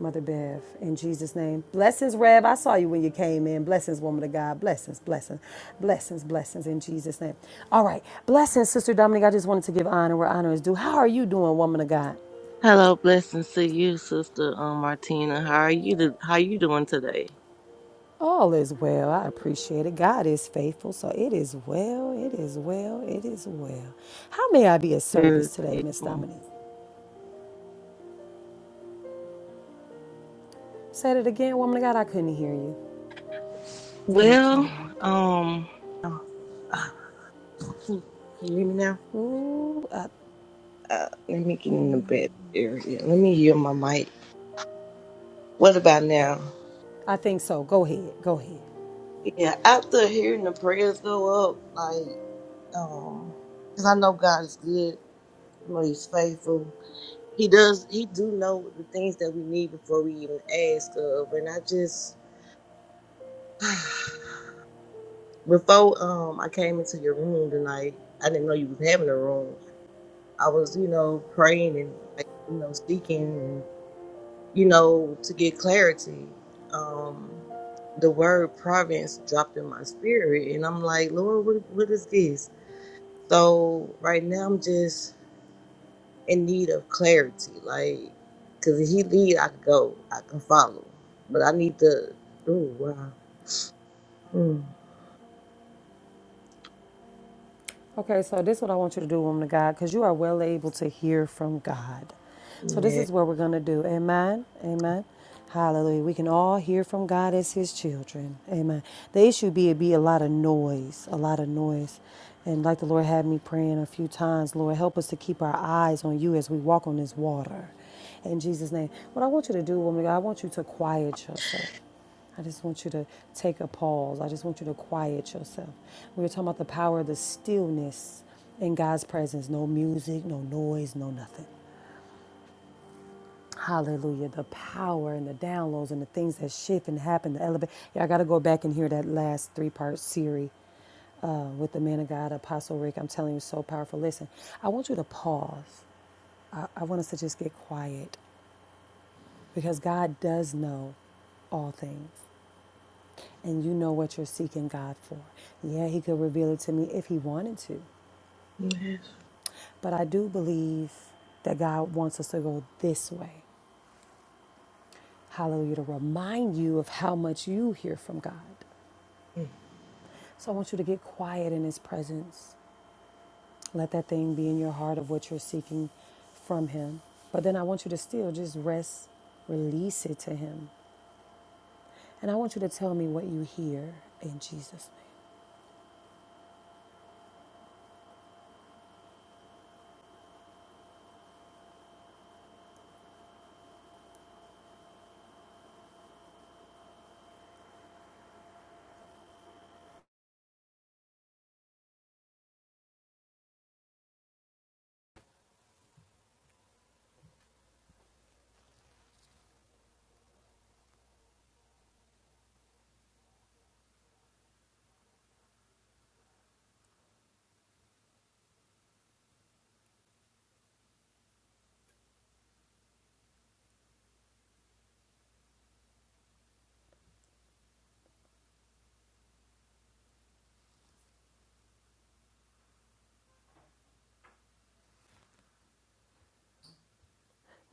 Mother Bev, in Jesus' name. Blessings, Rev. I saw you when you came in. Blessings, woman of God. Blessings, blessings, blessings, blessings in Jesus' name. All right. Blessings, Sister Dominique. I just wanted to give honor where honor is due. How are you doing, woman of God?
Hello, blessings to you, Sister um, Martina. How are you? do- How you doing today?
All is well. I appreciate it. God is faithful. So it is well. It is well. It is well. How may I be of
Very
service today, Miss
grateful.
Dominique? Said it again, woman of God. I couldn't hear you. Thank you,
Well,
Lord.
um, Ah, Can can you hear me now?
Ooh, I,
Uh, let me get in the bed area. Let me hear my mic. What about now?
I think so. Go ahead. Go ahead.
Yeah, after hearing the prayers go up, like, um, because I know God is good. I know He's faithful. He does. He do know the things that we need before we even ask of, and I just. [sighs] before um I came into your room tonight, I didn't know you was having a room. I was, you know, praying and like, you know, seeking and you know, to get clarity. Um the word province dropped in my spirit and I'm like, Lord, what what is this? So right now I'm just in need of clarity, like, cause if he lead, I can go, I can follow, but I need to. Oh wow, mm.
Okay, so this is what I want you to do, woman of God, because you are well able to hear from God. So this
yeah,
is what we're going to do. Amen. Amen. Hallelujah. We can all hear from God as his children. Amen. The issue be it be a lot of noise, a lot of noise. And like the Lord had me praying a few times, Lord, help us to keep our eyes on you as we walk on this water. In Jesus' name. What I want you to do, woman of God, I want you to quiet yourself. I just want you to take a pause. I just want you to quiet yourself. We were talking about the power of the stillness in God's presence no music, no noise, no nothing. Hallelujah. The power and the downloads and the things that shift and happen, the elevate. Yeah, I got to go back and hear that last three part series uh, with the man of God, Apostle Rick. I'm telling you, so powerful. Listen, I want you to pause. I, I want us to just get quiet because God does know all things. and you know what you're seeking God for. Yeah, He could reveal it to me if He wanted to.
Yes.
But I do believe that God wants us to go this way. Hallelujah, to remind you of how much you hear from God. So I want you to get quiet in His presence. Let that thing be in your heart of what you're seeking from Him. But then I want you to still just rest, release it to Him. And I want you to tell me what you hear in Jesus' name.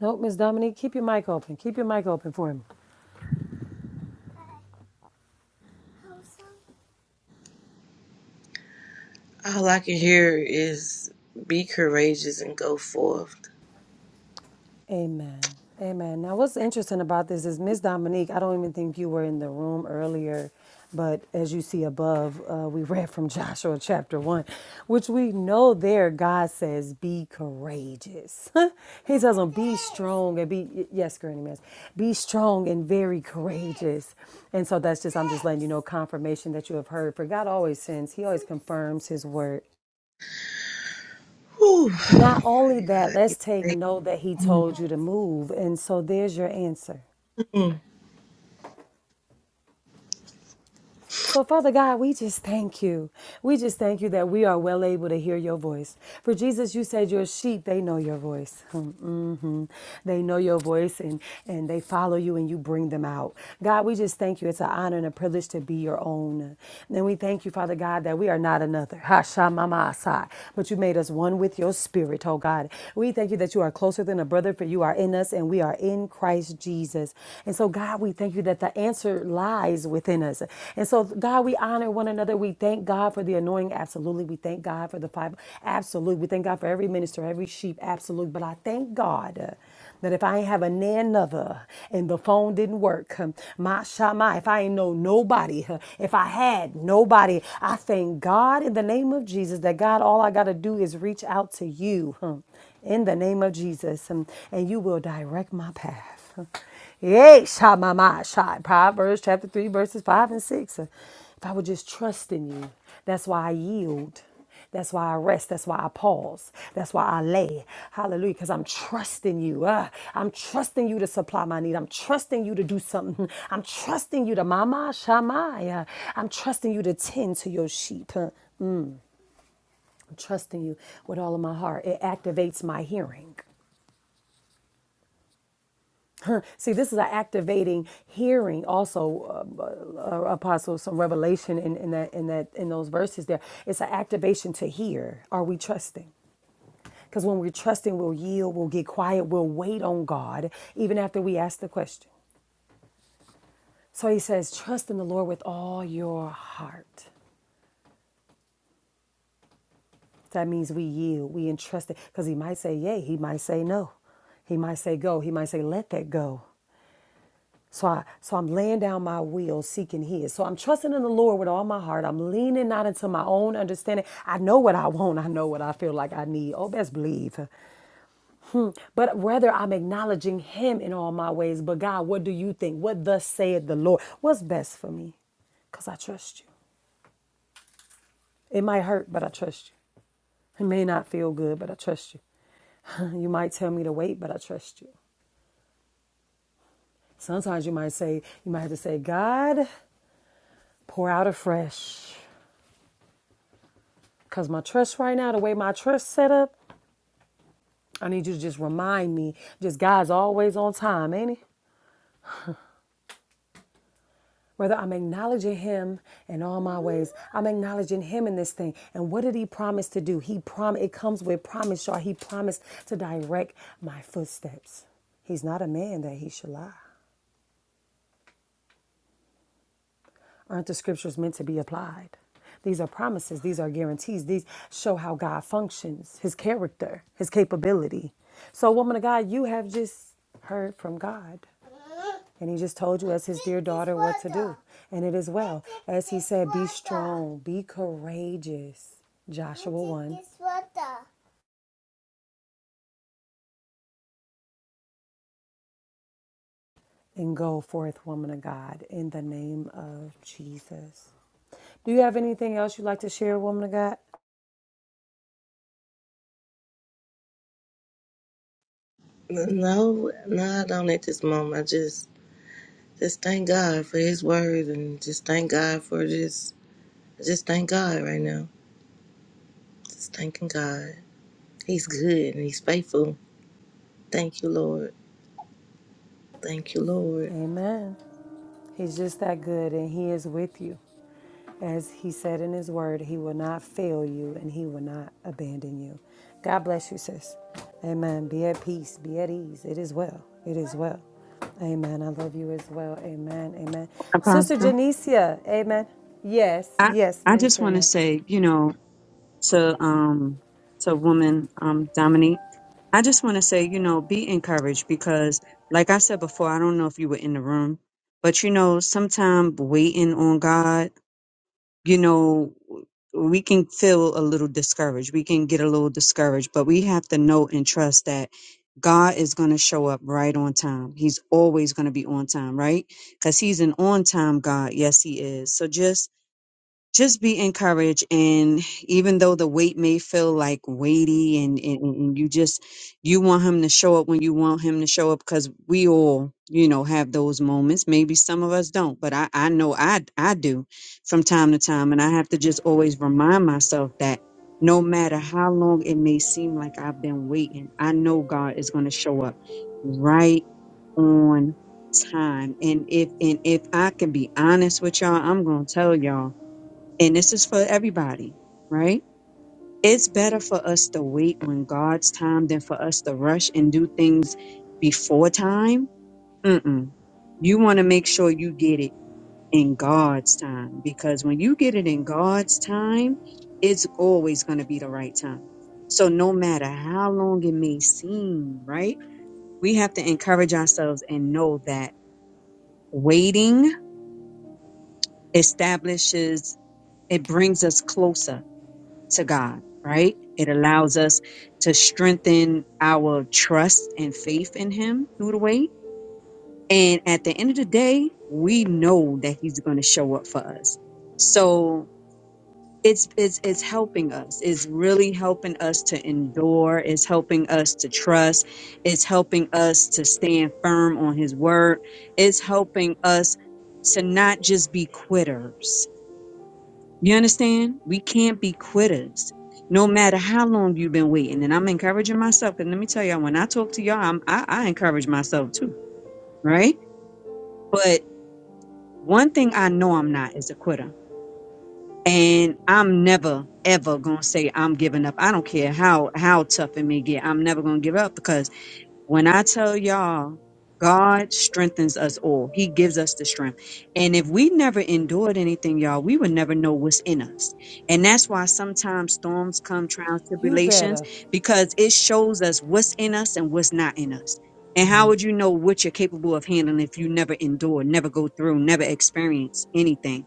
Nope, Miss Dominique, keep your mic open. Keep your mic open for Him.
All I can hear is be courageous and go forth.
Amen. Amen. Now, what's interesting about this is Miss Dominique, I don't even think you were in the room earlier, but as you see above, uh, we [laughs] read from Joshua chapter 1, which we know there God says, be courageous. [laughs] he tells them, be strong and be, yes, Granny Miss, be strong and very courageous. And so that's just, I'm just letting you know confirmation that you have heard. For God always sends, He always confirms His word.
Whew.
Not only
Mighty
that,
God. He's
let's take
great.
note that he told
Mm.
you to move. And so there's your answer.
No,
So, Father God, we just thank you. We just thank you that we are well able to hear your voice. For Jesus, you said your sheep, they know your voice. [laughs] hmm They know your voice and, and they follow you and you bring them out. God, we just thank you. It's an honor and a privilege to be your own. And we thank you, Father God, that we are not another. [laughs] Ha sha sa. But you made us one with your spirit, oh God. We thank you that you are closer than a brother, for you are in us and we are in Christ Jesus. Jesus. And so, God, we thank you that the answer lies within us. And so, God, we honor one another. We thank God for the anointing. Absolutely. We thank God for the five. Absolutely. We thank God for every minister, every sheep. Absolutely. But I thank God uh, that if I ain't have a nan another and the phone didn't work, um, my shama, if I ain't know nobody, huh, if I had nobody, I thank God in the name of Jesus that God, all I got to do is reach out to you. huh in the name of Jesus, um, and you will direct my path. Yay, shot my mind, shot. Proverbs chapter 3, verses 5 and 6. Uh, If I would just trust in you, that's why I yield. That's why I rest. That's why I pause. That's why I lay. Hallelujah. Because I'm trusting you. Ah, I'm trusting you to supply my need. I'm trusting you to do something. I'm trusting you to mama shamaya. I'm trusting you to tend to your sheep. Huh. I'm trusting you with all of my heart. It activates my hearing. [laughs] See, this is an activating hearing. Also, um, uh, uh, apostle, some revelation in, in that in that in those verses. There, it's an activation to hear. Are we trusting? Because when we're trusting, we'll yield, we'll get quiet, we'll wait on God, even after we ask the question. So he says, trust in the Lord with all your heart. That means we yield, we entrust it, because he might say yay, he might say no. He might say go. He might say let that go. So I so I'm laying down my will, seeking his. So I'm trusting in the Lord with all my heart. I'm leaning not into my own understanding. I know what I want. I know what I feel like I need. Oh, best believe. But rather I'm acknowledging him in all my ways. But God, what do you think? What thus saith the Lord? What's best for me? Because I trust you. It might hurt, but I trust you. It may not feel good, but I trust you. [laughs] You might tell me to wait, but I trust you. Sometimes you might say, you might have to say, God, pour out afresh. Cause my trust right now, the way my trust set up, I need you to just remind me. Just God's always on time, ain't he? Whether I'm acknowledging him in all my ways, I'm acknowledging him in this thing. And what did he promise to do? He prom it comes with promise, y'all. He promised to direct my footsteps. He's not a man that he should lie. Aren't the scriptures meant to be applied? These are promises, these are guarantees, these show how God functions, his character, his capability. So, woman of God, you have just heard from God. And he just told you as his dear daughter what to do. And it is well. As he said, be strong, be courageous. Joshua 1. And go forth, woman of God, in the name of Jesus. Do you have anything else you'd like to share, woman of God?
no, I don't at this moment. I just, just thank God for His word and just thank God for this. Just thank God right now. Just thanking God. He's good and He's faithful. Thank you, Lord. Thank you, Lord.
Amen. He's just that good, and He is with you. As He said in His word, He will not fail you and He will not abandon you. God bless you, sis. Amen. Be at peace, be at ease. It is well. It is well. Amen. I love you as well. Amen. Amen. Sister
Apostle.
Janicia, amen. Yes,
I
yes,
I just
Minister
want to
Annette.
say, you know, to um to woman um Dominique. I just want to say, you know, be encouraged because like I said before, I don't know if you were in the room, but you know, sometimes waiting on God, you know, we can feel a little discouraged. We can get a little discouraged, but we have to know and trust that God is going to show up right on time. He's always going to be on time, right? Cuz he's an on-time God. Yes, he is. So just just be encouraged and even though the weight may feel like weighty and, and and you just you want him to show up when you want him to show up because we all you know have those moments maybe some of us don't but i i know i i do from time to time and i have to just always remind myself that no matter how long it may seem like i've been waiting i know god is going to show up right on time and if and if i can be honest with y'all i'm going to tell y'all and this is for everybody, right? It's better for us to wait when God's time than for us to rush and do things before time. Mm-mm. You want to make sure you get it in God's time because when you get it in God's time, it's always going to be the right time. So no matter how long it may seem, right? We have to encourage ourselves and know that waiting establishes, it brings us closer to God, right? It allows us to strengthen our trust and faith in Him through the wait. And at the end of the day, we know that He's going to show up for us. So it's, it's, it's helping us. It's really helping us to endure. It's helping us to trust. It's helping us to stand firm on His word. It's helping us to not just be quitters you understand? We can't be quitters. No matter how long you've been waiting, and I'm encouraging myself. And let me tell y'all, when I talk to y'all, I'm, I, I encourage myself too, right? But one thing I know I'm not is a quitter, and I'm never ever gonna say I'm giving up. I don't care how how tough it may get. I'm never gonna give up because. When I tell y'all, God strengthens us all. He gives us the strength. And if we never endured anything, y'all, we would never know what's in us. And that's why sometimes storms come, trials,
You
tribulations,
better.
because it shows us what's in us and what's not in us. And how
Mm.
would you know what you're capable of handling if you never endure, never go through, never experience anything?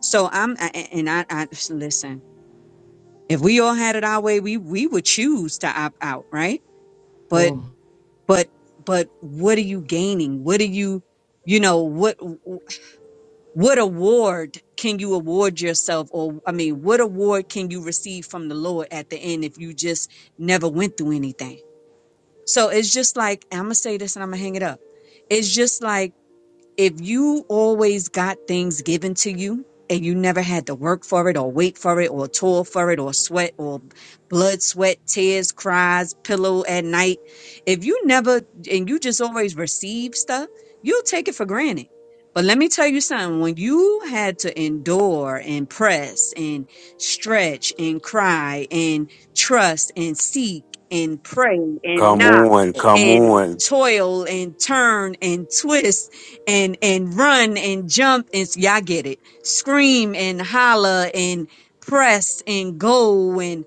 So I'm, I- I- and I, I listen. If we all had it our way, we we would choose to opt out, right? But but but what are you gaining what are you you know what what award can you award yourself or i mean what award can you receive from the lord at the end if you just never went through anything so it's just like i'm gonna say this and i'm gonna hang it up it's just like if you always got things given to you and you never had to work for it or wait for it or toil for it or sweat or blood, sweat, tears, cries, pillow at night, if you never and you just always receive stuff, you'll take it for granted. But let me tell you something, when you had to endure and press and stretch and cry and trust and seek and pray and
Come
Yes.
knock
on, come
and
on.
toil and turn and twist and and run and jump and s- y'all get it scream and holler and press and go and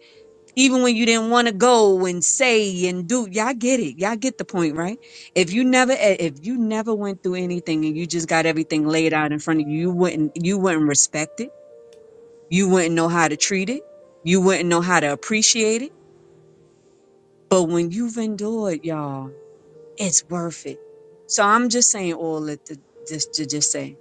even when you didn't want to go and say and do y'all get it y'all get the point right if you never eh, if you never went through anything and you just got everything laid out in front of you you wouldn't you wouldn't respect it you wouldn't know how to treat it you wouldn't know how to appreciate it but when you've endured y'all it's worth it. So I'm just saying all that to just to just say,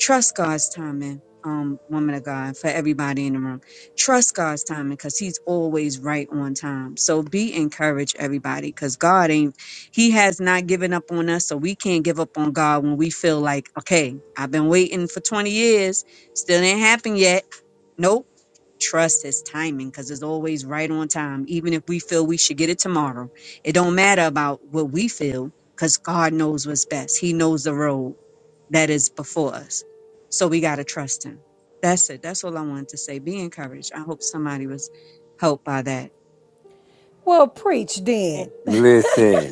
trust God's timing, um, woman of God, for everybody in the room. Trust God's timing because He's always right on time. So be encouraged, everybody, because God ain't He has not given up on us, so we can't give up on God when we feel like, okay, I've been waiting for 20 years, still ain't happened yet Nope. Trust his timing because it's always right on time. Even if we feel we should get it tomorrow, it don't matter about what we feel because God knows what's best. He knows the road that is before us. So we got to trust him. That's it. That's all I wanted to say. Be encouraged. I hope somebody was helped by that.
Well, preach then.
Listen.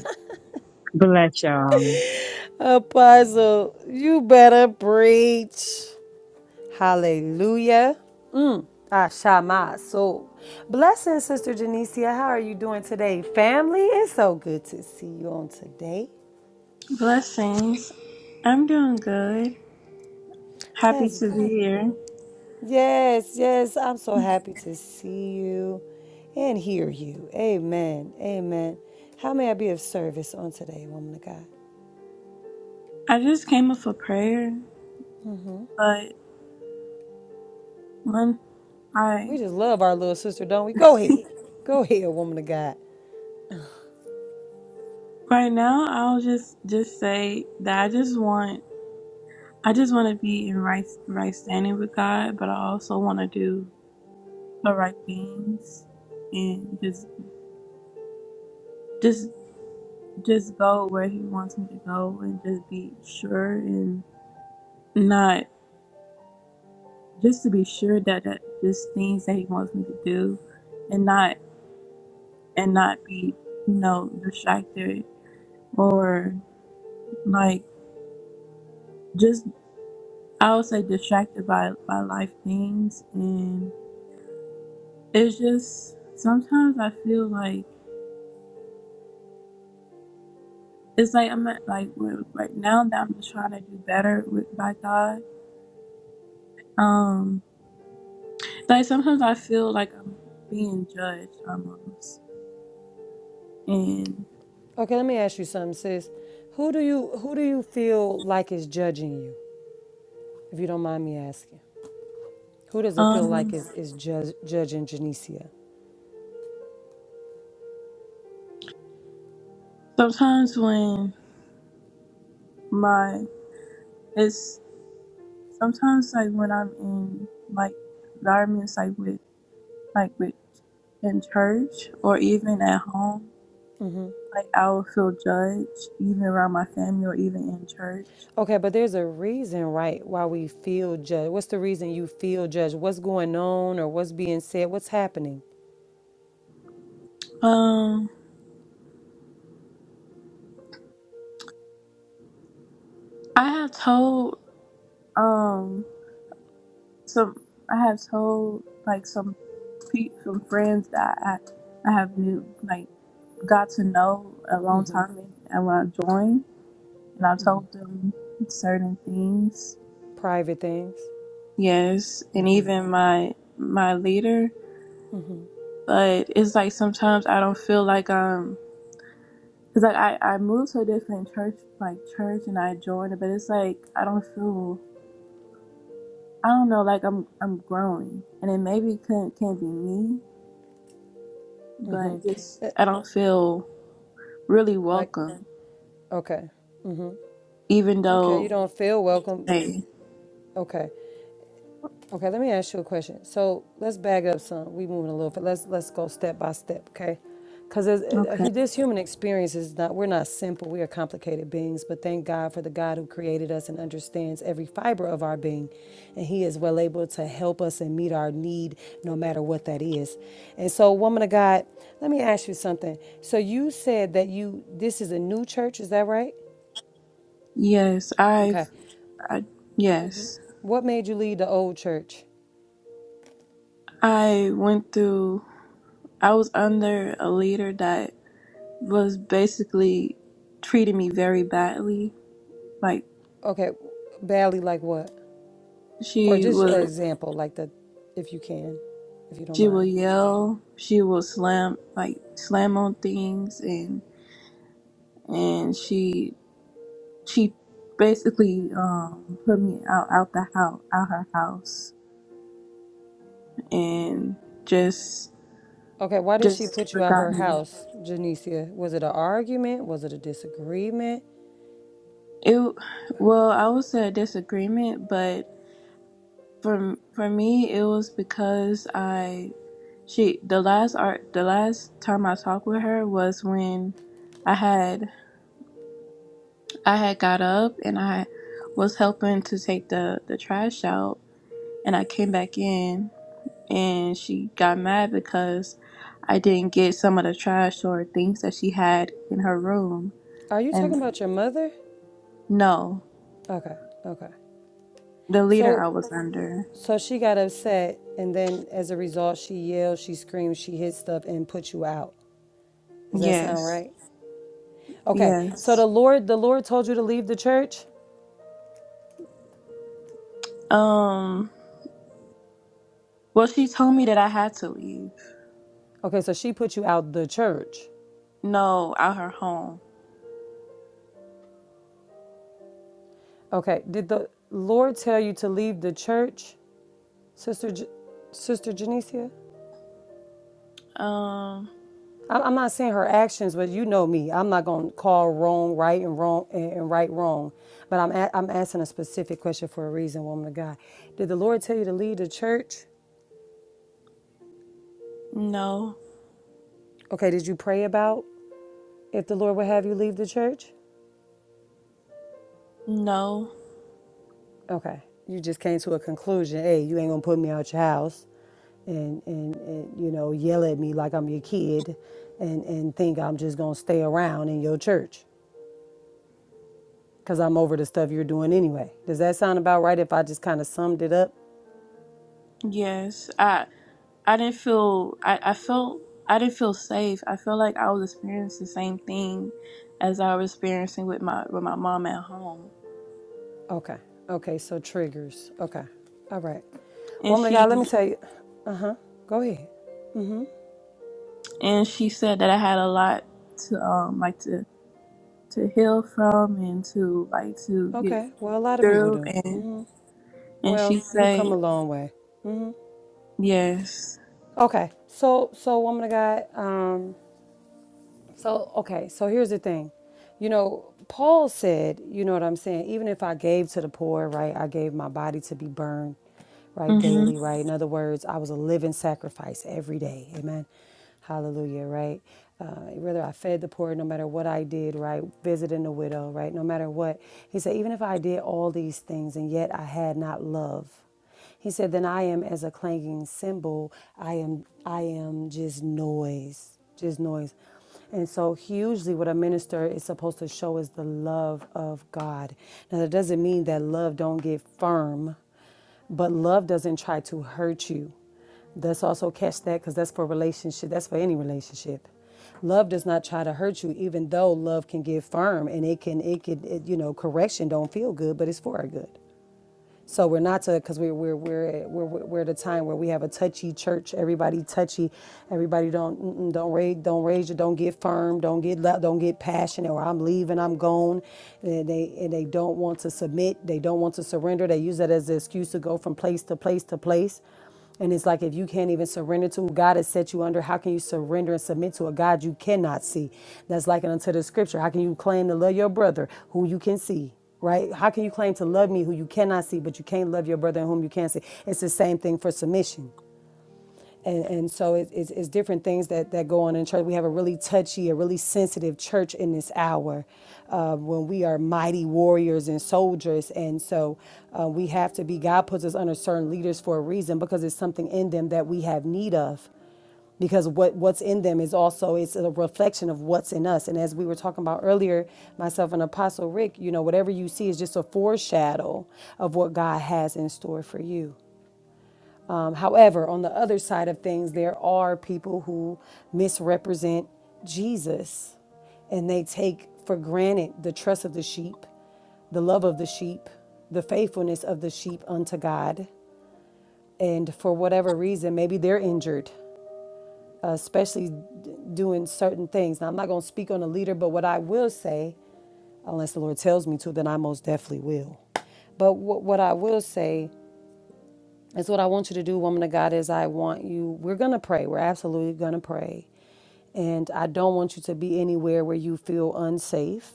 Bless y'all.
[laughs] Apostle, you better preach. Hallelujah. Mm. Ashamaso. Blessings, Sister Janicia. How are you doing today, family? It's so good to see you on today.
Blessings. I'm doing good. Happy
That's
to be
good.
here.
Yes, yes. I'm so happy to see you and hear you. Amen. Amen. How may I be of service on today, woman of God?
I just came up for prayer, but when I
We just love our little sister, don't we? Go ahead. Go ahead, woman of God.
[laughs] right now I'll just just say that I just want I just want to be in right right standing with God, but I also want to do the right things and just just just go where He wants me to go and just be sure and not just to be sure that that just things that He wants me to do and not and not be, you know, distracted or like just I would say distracted by by life things and it's just sometimes I feel like it's like I'm at, like we right now that I'm just trying to do better with by God. Um like sometimes I feel like I'm being judged almost. And
Okay, let me ask you something, sis. Who do you who do you feel like is judging you? if you don't mind me asking? Who does it feel like
um
is, is judge, judging Janicia?
sometimes when my it's sometimes like when I'm in like environments like with like with in church or even at home. Like I would feel judged even around my family or even in church.
Okay, but there's a reason, right, why we feel judged. What's the reason you feel judged? What's going on or what's being said? What's happening?
Um, I have told um some I have told like some pe- some friends that I I have knew like got to know a long time and, and when I joined and I told them certain things.
Private things?
Yes, and even my my leader. But it's like sometimes I don't feel like I'm Cause like I, I moved to a different church like church and I joined it, but it's like I don't feel I don't know like I'm I'm growing and it maybe can can be me, but just
Eh,
I don't feel really
Like,
welcome
okay.
even
Okay, you
though
don't feel welcome.
hey
Okay. Okay, let me ask you a question. So let's back up some. We moving a little bit. Let's let's go step by step, okay? Because
okay
this human experience is not. We're not simple. We are complicated beings. But thank God for the God who created us and understands every fiber of our being, and He is well able to help us and meet our need, no matter what that is. And so, woman of God, let me ask you something. So you said that you this is a new church. Is that right?
yes
Okay.
I've I yes
What made you leave the old church?
I went through I was under a leader that was basically treating me very badly like
Okay, badly like what? For
she
just an
was.
example, like the, if you can, if you don't
She will
mind.
yell. She will slam like slam on things, and and she she basically um put me out out the house out her house and just
Okay, why did she
just
put you at
forgot
her
me.
house, Janicia? Was it an argument? Was it a disagreement?
It well, I would say a disagreement, but for for me, it was because I she the last art the last time I talked with her was when I had I had got up and I was helping to take the, the trash out and I came back in and she got mad because I didn't get some of the trash or things that she had in her room.
Are you talking
And
about your mother?
no,
Okay, okay.
the leader I
So,
was under.
so she got upset, and then as a result, she yelled, she screamed, she hit stuff, and put you out. Does that sound
Yes.
right? Okay. So the
Yes.
Lord, the Lord told you to leave the church.
Um well she told me that I had to leave.
Okay. So she put you out the church.
No, out her home.
Okay. Did the Lord tell you to leave the church? Sister, J- Sister Janicia,
Um
I- am not saying her actions, but you know me. I'm not gonna call wrong right and wrong and and right wrong. But I'm a- I'm asking a specific question for a reason, woman of God. Did the Lord tell you to leave the church?
no.
Okay. Did you pray about if the Lord would have you leave the church?
No.
Okay. You just came to a conclusion. Hey, you ain't gonna put me out your house and, and, and you know yell at me like I'm your kid and, and think I'm just gonna stay around in your church. because I'm over the stuff you're doing anyway. Does that sound about right if I just kind of summed it up?
Yes. I. I didn't feel I, I felt I didn't feel safe. I feel like I was experiencing the same thing as I was experiencing with my with my mom at home.
Okay. Okay. So triggers. Okay. All right.
And
Woman of
she
God, let me tell you. Uh huh. Go ahead.
and she said that I had a lot to um like to to heal from and to like to get
Okay. Well, a lot of people
through
do.
and and she
Well, you've
said
come a long way.
yes.
Okay. So, so woman of God, um, So, okay, so here's the thing. You know, Paul said, you know what I'm saying? Even if I gave to the poor, right, I gave my body to be burned, right,
Mhm.
daily, right? In other words, I was a living sacrifice every day. Amen. Hallelujah, right? Uh, whether I fed the poor, no matter what I did, right? Visiting the widow, right? No matter what. He said, even if I did all these things and yet I had not love, he said, Then I am as a clanging cymbal. I am I am just noise. Just noise. And so hugely what a minister is supposed to show is the love of God. Now that doesn't mean that love don't get firm, but love doesn't try to hurt you. Let's also catch that because that's for relationship. That's for any relationship. Love does not try to hurt you, even though love can get firm and it can, it can, it, you know, correction don't feel good, but it's for our good. So we're not to because we're we're we're we're we're at a time where we have a touchy church. Everybody touchy. Everybody don't mm-mm, don't rage, don't rage, your don't get firm. Don't get lo- don't get passionate. Or I'm leaving. I'm gone. And they and they don't want to submit. They don't want to surrender. They use that as an excuse to go from place to place to place. And it's like if you can't even surrender to who God has set you under, how can you surrender and submit to a God you cannot see? That's like unto the scripture. How can you claim to love your brother who you can see? Right? How can you claim to love me who you cannot see, but you can't love your brother in whom you can't see? It's the same thing for submission and and so it's, it's, it's different things that that go on in church. We have a really touchy, a really sensitive church in this hour, uh, when we are mighty warriors and soldiers, and so uh, we have to be. God puts us under certain leaders for a reason because it's something in them that we have need of because what what's in them is also it's a reflection of what's in us and as we were talking about earlier myself and apostle rick you know whatever you see is just a foreshadow of what god has in store for you um, however, on the other side of things, there are people who misrepresent Jesus and they take for granted the trust of the sheep, the love of the sheep, the faithfulness of the sheep unto God. And for whatever reason, maybe they're injured, uh, especially doing certain things. Now, I'm not going to speak on a leader, but what I will say, unless the Lord tells me to, then I most definitely will. But what, what I will say it's what I want you to do, woman of God, is I want you, we're going to pray. We're absolutely going to pray. And I don't want you to be anywhere where you feel unsafe,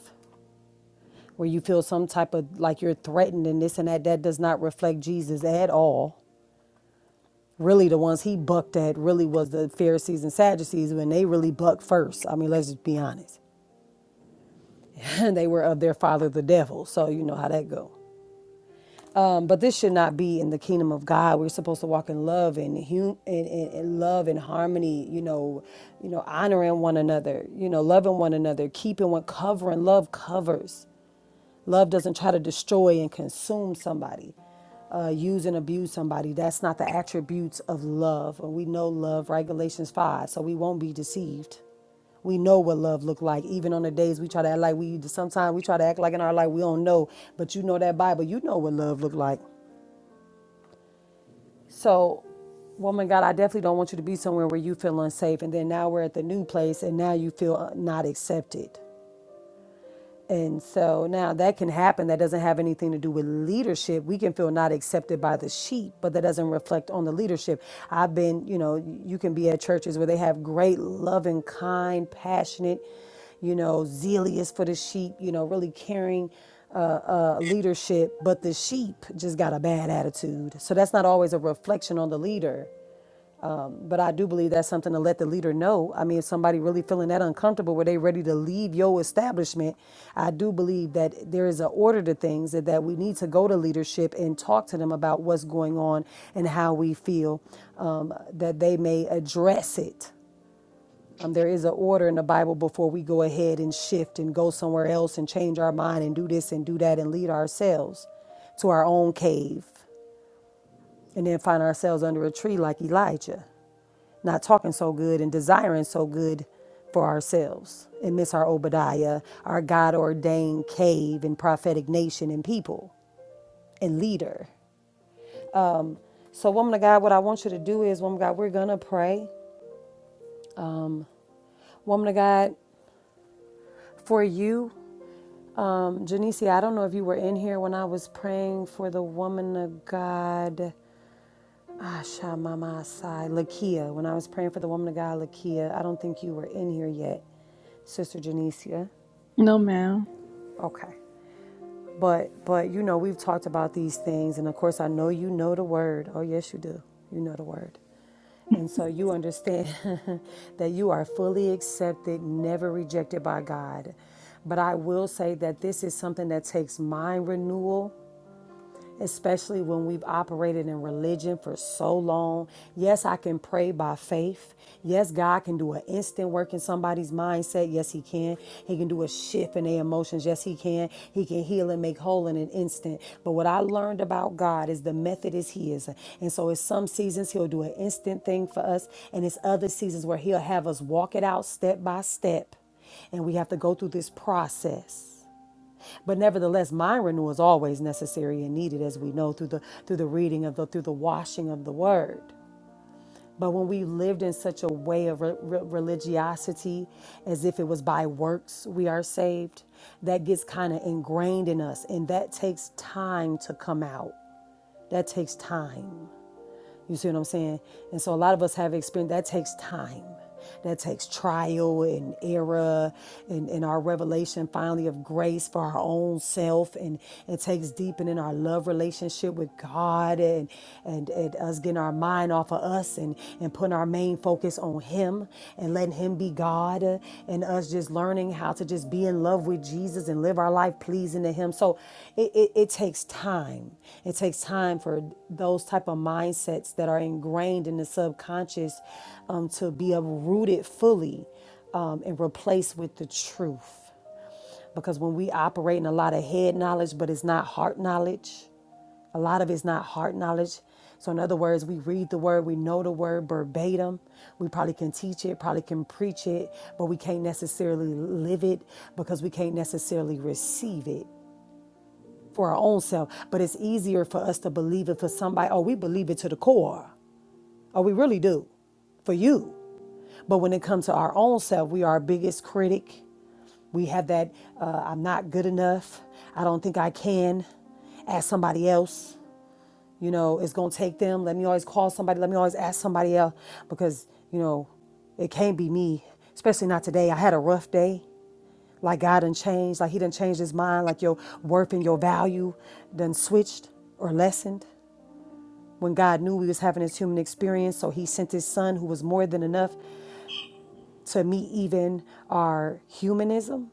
where you feel some type of like you're threatened and this and that. That does not reflect Jesus at all. Really, the ones he bucked at really was the Pharisees and Sadducees when they really bucked first. I mean, let's just be honest. [laughs] they were of their father, the devil. So you know how that goes. Um, but this should not be in the kingdom of God. We're supposed to walk in love and, hum- and, and, and love and harmony. You know, you know, honoring one another. You know, loving one another, keeping one, covering. Love covers. Love doesn't try to destroy and consume somebody, uh, use and abuse somebody. That's not the attributes of love. And we know love, right? Galatians five. So we won't be deceived. We know what love look like, even on the days we try to act like we. Sometimes we try to act like in our life we don't know, but you know that Bible. You know what love look like. So, woman, God, I definitely don't want you to be somewhere where you feel unsafe. And then now we're at the new place and now you feel uh, not accepted. And so now that can happen. That doesn't have anything to do with leadership. We can feel not accepted by the sheep, but that doesn't reflect on the leadership. I've been, you know, you can be at churches where they have great, loving, kind, passionate, you know, zealous for the sheep, you know, really caring uh, uh, leadership, but the sheep just got a bad attitude. So that's not always a reflection on the leader. But I do believe that's something to let the leader know. I mean, if somebody really feeling that uncomfortable where they ready to leave your establishment, I do believe that there is an order to things that, that we need to go to leadership and talk to them about what's going on and how we feel um, that they may address it. Um, there is an order in the Bible before we go ahead and shift and go somewhere else and change our mind and do this and do that and lead ourselves to our own cave and then find ourselves under a tree like Elijah not talking so good and desiring so good for ourselves and miss our Obadiah, our God ordained cave and prophetic nation and people and leader. So, woman of God, what I want you to do is, woman of God, we're gonna pray. Woman of God, for you, um, Janice, I don't know if you were in here when I was praying for the woman of God. Asha Mama Asai, Lakia. When I was praying for the woman of God, Lakia, I don't think you were in here yet. Sister Janicia.
No ma'am.
Okay. But but you know, we've talked about these things and of course I know you know the word. Oh yes you do. You know the word. And so you understand [laughs] that you are fully accepted, never rejected by God. But I will say that this is something that takes mind renewal especially when we've operated in religion for so long. Yes, I can pray by faith. Yes, God can do an instant work in somebody's mindset. Yes, He can. He can do a shift in their emotions. Yes, He can. He can heal and make whole in an instant. But what I learned about God is the method is His, And so, in some seasons, He'll do an instant thing for us, and it's other seasons where He'll have us walk it out step by step and we have to go through this process. But nevertheless, mind renewal is always necessary and needed, as we know through the through the reading of the through the washing of the word. But when we lived in such a way of re- re- religiosity, as if it was by works we are saved, that gets kind of ingrained in us, and that takes time to come out. That takes time. You see what I'm saying? And so a lot of us have experienced that takes time. That takes trial and error and, and our revelation finally of grace for our own self and it takes deepening our love relationship with God and and, and us getting our mind off of us and, and putting our main focus on him and letting him be God uh, and us just as just learning how to just be in love with Jesus and live our life pleasing to Him. So it, it, it takes time. It takes time for those type of mindsets that are ingrained in the subconscious um, to be uprooted fully um, and replaced with the truth. Because when we operate in a lot of head knowledge, but it's not heart knowledge, a lot of it's not heart knowledge. So, in other words, we read the word, we know the word verbatim. We probably can teach it, probably can preach it, but we can't necessarily live it because we can't necessarily receive it for our own self. But it's easier for us to believe it for somebody. Oh, we believe it to the core. Oh, we really do for you. But when it comes to our own self, we are our biggest critic. We have that uh, I'm not good enough. I don't think I can. Ask somebody else. You know, it's gonna take them. Let me always call somebody. Let me always ask somebody else because you know, it can't be me. Especially not today. I had a rough day. Like God done changed. Like He done changed His mind. Like your worth and your value done switched or lessened. When God knew we was having this human experience, so He sent His Son, who was more than enough to meet even our humanism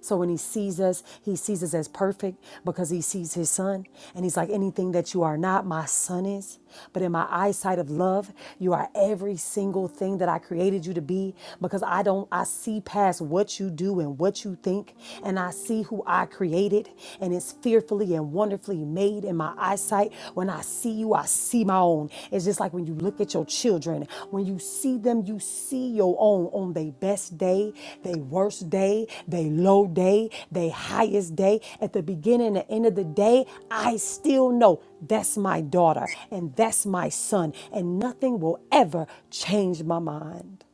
So when he sees us, he sees us as perfect because he sees his son. And he's like, anything that you are not, my son is. But in my eyesight of love, you are every single thing that I created you to be because I don't, I see past what you do and what you think. And I see who I created and it's fearfully and wonderfully made in my eyesight when I see you, I see my own. It's just like when you look at your children, when you see them, you see your own on their best day, their worst day, their low day, their highest day. At the beginning and the end of the day, I still know that's my daughter and that's my son, and nothing will ever change my mind.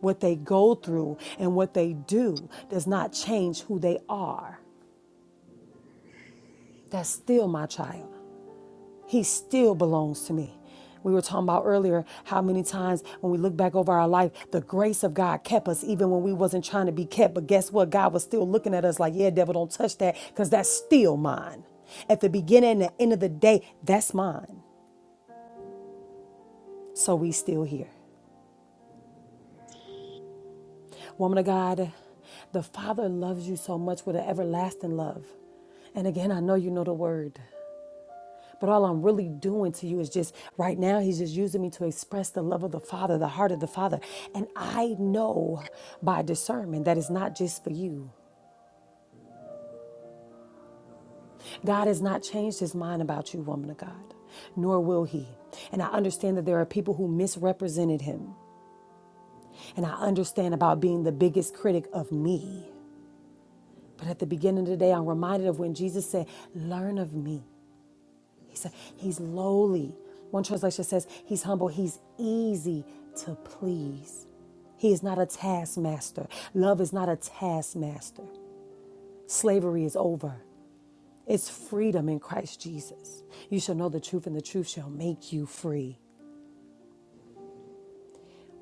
What they go through and what they do does not change who they are. That's still my child. He still belongs to me. We were talking about earlier how many times when we look back over our life, the grace of God kept us even when we wasn't trying to be kept. But guess what? God was still looking at us like, yeah, devil, don't touch that because that's still mine. At the beginning and the end of the day, that's mine. So we still here. Woman of God, the Father loves you so much with an everlasting love. And again, I know you know the word. But all I'm really doing to you is just right now, he's just using me to express the love of the Father, the heart of the Father. And I know by discernment that it's not just for you. God has not changed his mind about you, woman of God, nor will he. And I understand that there are people who misrepresented him. And I understand about being the biggest critic of me. But at the beginning of the day, I'm reminded of when Jesus said, Learn of me. He's, a, he's lowly. One translation says he's humble. He's easy to please. He is not a taskmaster. Love is not a taskmaster. Slavery is over. It's freedom in Christ Jesus. You shall know the truth, and the truth shall make you free.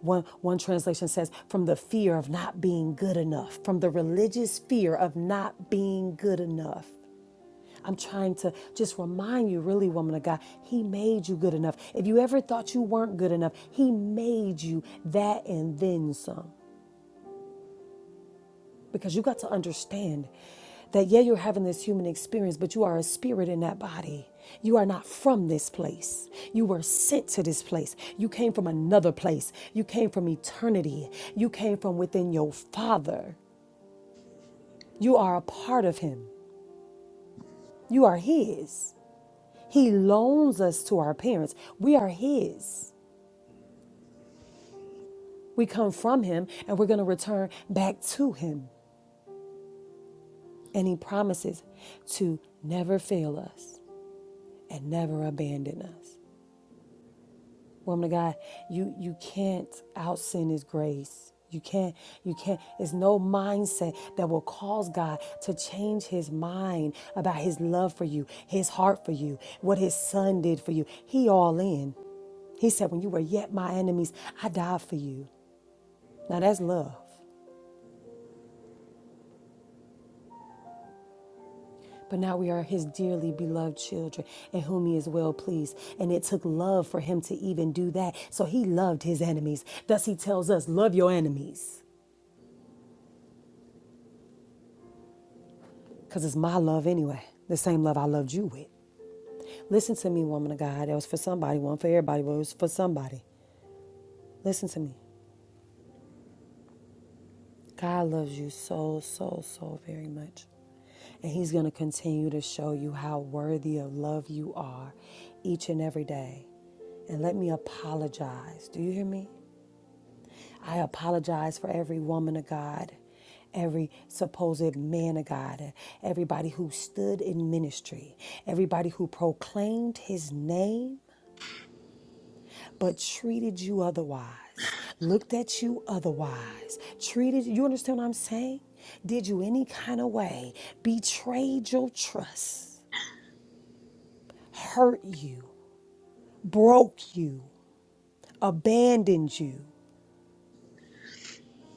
One, one translation says, from the fear of not being good enough, from the religious fear of not being good enough. I'm trying to just remind you, really, woman of God, He made you good enough. If you ever thought you weren't good enough, He made you that and then some because you got to understand that yeah you're having this human experience but you are a spirit in that body you are not from this place you were sent to this place you came from another place you came from eternity you came from within your father you are a part of him you are his he loans us to our parents we are his we come from him and we're going to return back to him and he promises to never fail us and never abandon us woman of God, you you can't out sin His grace. You can't. You can't. It's no mindset that will cause God to change His mind about His love for you, His heart for you, what His Son did for you. He all in. He said, "When you were yet my enemies, I died for you." Now that's love. But now we are his dearly beloved children, in whom he is well pleased. And it took love for him to even do that. So he loved his enemies. Thus he tells us, Love your enemies. Because it's my love anyway, the same love I loved you with. Listen to me, woman of God. That was for somebody, one for everybody, but it was for somebody. Listen to me. God loves you so, so, so very much. And He's going to continue to show you how worthy of love you are each and every day. And let me apologize. Do you hear me? I apologize for every woman of God, every supposed man of God, everybody who stood in ministry, everybody who proclaimed his name but treated you otherwise, looked at you otherwise, treated you you understand what I'm saying? Did you any kind of way, betrayed your trust, hurt you, broke you, abandoned you.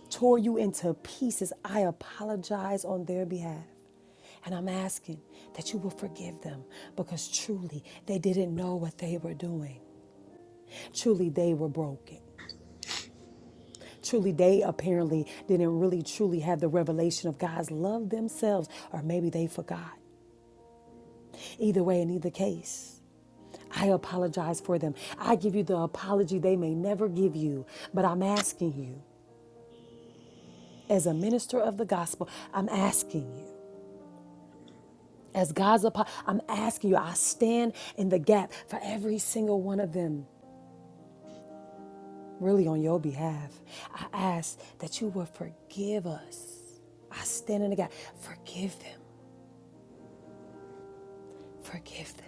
tore you into pieces, I apologize on their behalf. And I'm asking that you will forgive them because truly they didn't know what they were doing. Truly they were broken. Truly they apparently didn't really truly have the revelation of God's love themselves, or maybe they forgot. Either way, in either case, I apologize for them. I give you the apology they may never give you, but I'm asking you, as a minister of the gospel, I'm asking you As God's apostle, I'm asking you, I stand in the gap for every single one of them, really on your behalf. I ask that you will forgive us. I stand in the gap. Forgive them. Forgive them.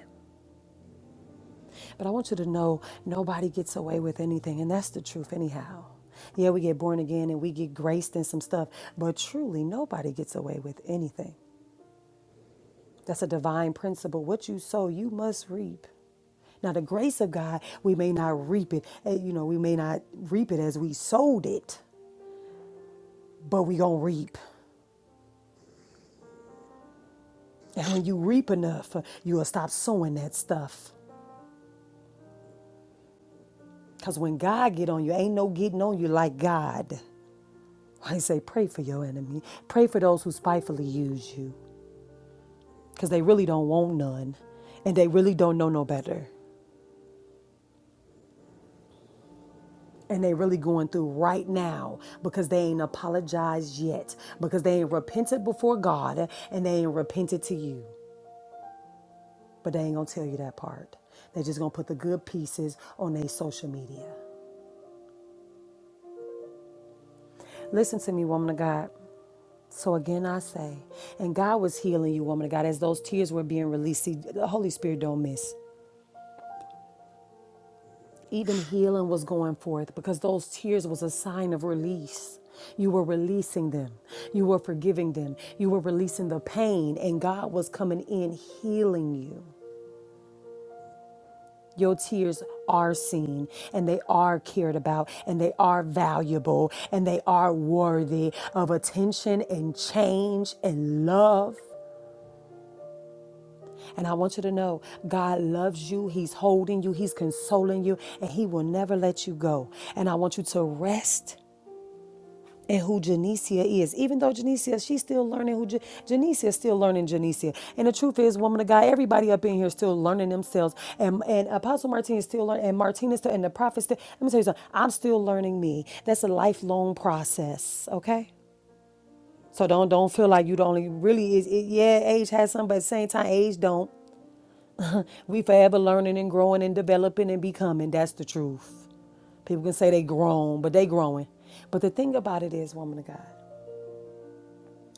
But I want you to know nobody gets away with anything, and that's the truth, anyhow. Yeah, we get born again and we get graced in some stuff, but truly nobody gets away with anything. That's a divine principle. What you sow, you must reap. Now, the grace of God, we may not reap it. eh, You know, we may not reap it as we sowed it, but we gonna reap. And when you reap enough, uh, you'll stop sowing that stuff. Cause when God get on you, ain't no getting on you like God. I say, pray for your enemy. Pray for those who spitefully use you, cause they really don't want none, and they really don't know no better. and they really going through right now because they ain't apologized yet because they ain't repented before god and they ain't repented to you but they ain't gonna tell you that part they just gonna put the good pieces on their social media listen to me woman of god so again i say and god was healing you woman of god as those tears were being released see the holy spirit don't miss even healing was going forth because those tears was a sign of release you were releasing them you were forgiving them you were releasing the pain and god was coming in healing you your tears are seen and they are cared about and they are valuable and they are worthy of attention and change and love and I want you to know God loves you. He's holding you. He's consoling you. And He will never let you go. And I want you to rest and who Janicia is. Even though Janicia, she's still learning who Ja- Janicia is still learning Janicia. And the truth is, woman of God, everybody up in here is still learning themselves. And and Apostle Martin is still learning, and Martinez still, and the prophets. Still, let me tell you something. I'm still learning me. That's a lifelong process. Okay. So don't don't feel like you the only really is it, yeah age has something but at the same time age don't we forever learning and growing and developing and becoming that's the truth people can say they grown but they growing but the thing about it is woman of God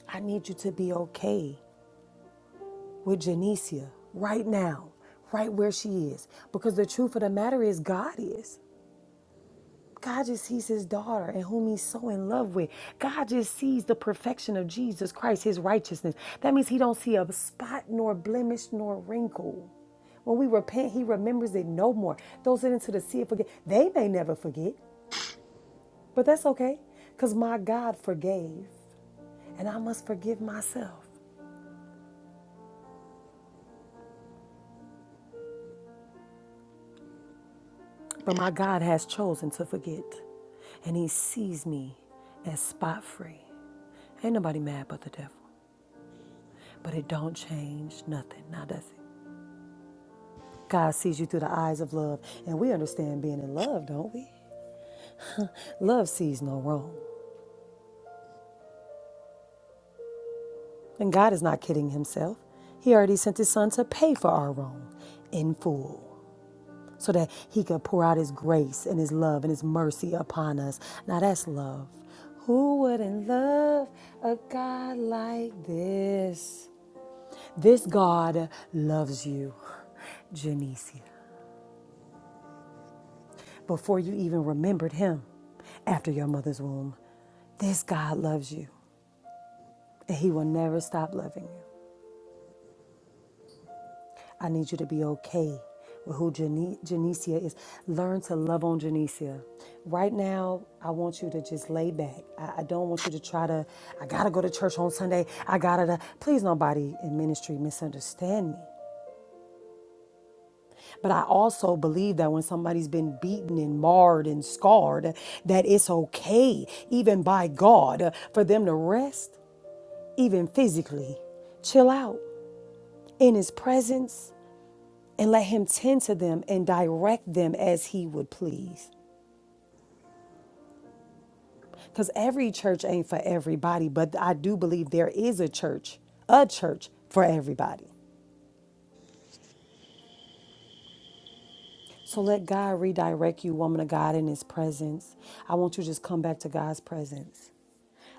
I need you to be okay with Janicia right now, right where she is. Because the truth of the matter is, God is. God just sees his daughter and whom he's so in love with. God just sees the perfection of Jesus Christ, his righteousness. That means he don't see a spot nor blemish nor wrinkle. When we repent, he remembers it no more. Those that into the sea of forget. They may never forget, but that's okay. Because my God forgave, and I must forgive myself. But my God has chosen to forget, and He sees me as spot free. Ain't nobody mad but the devil. But it don't change nothing, now does it? God sees you through the eyes of love, and we understand being in love, don't we? Love sees no wrong. And God is not kidding Himself. He already sent His Son to pay for our wrong in full. so that he could pour out his grace and his love and his mercy upon us. Now that's love. Who wouldn't love a God like this? This God loves you, Janicia, before you even remembered him after your mother's womb. This God loves you, and he will never stop loving you. I need you to be okay with who Jane- Janicia is. Learn to love on Janicia. Right now, I want you to just lay back. I, I don't want you to try to, I gotta go to church on Sunday. I gotta, da- please, nobody in ministry misunderstand me. But I also believe that when somebody's been beaten and marred and scarred, that it's okay, even by God, for them to rest, even physically. Chill out in His presence and let him tend to them and direct them as he would please. Because every church ain't for everybody, but I do believe there is a church, a church for everybody. So let God redirect you, woman of God, in his presence. I want you to just come back to God's presence.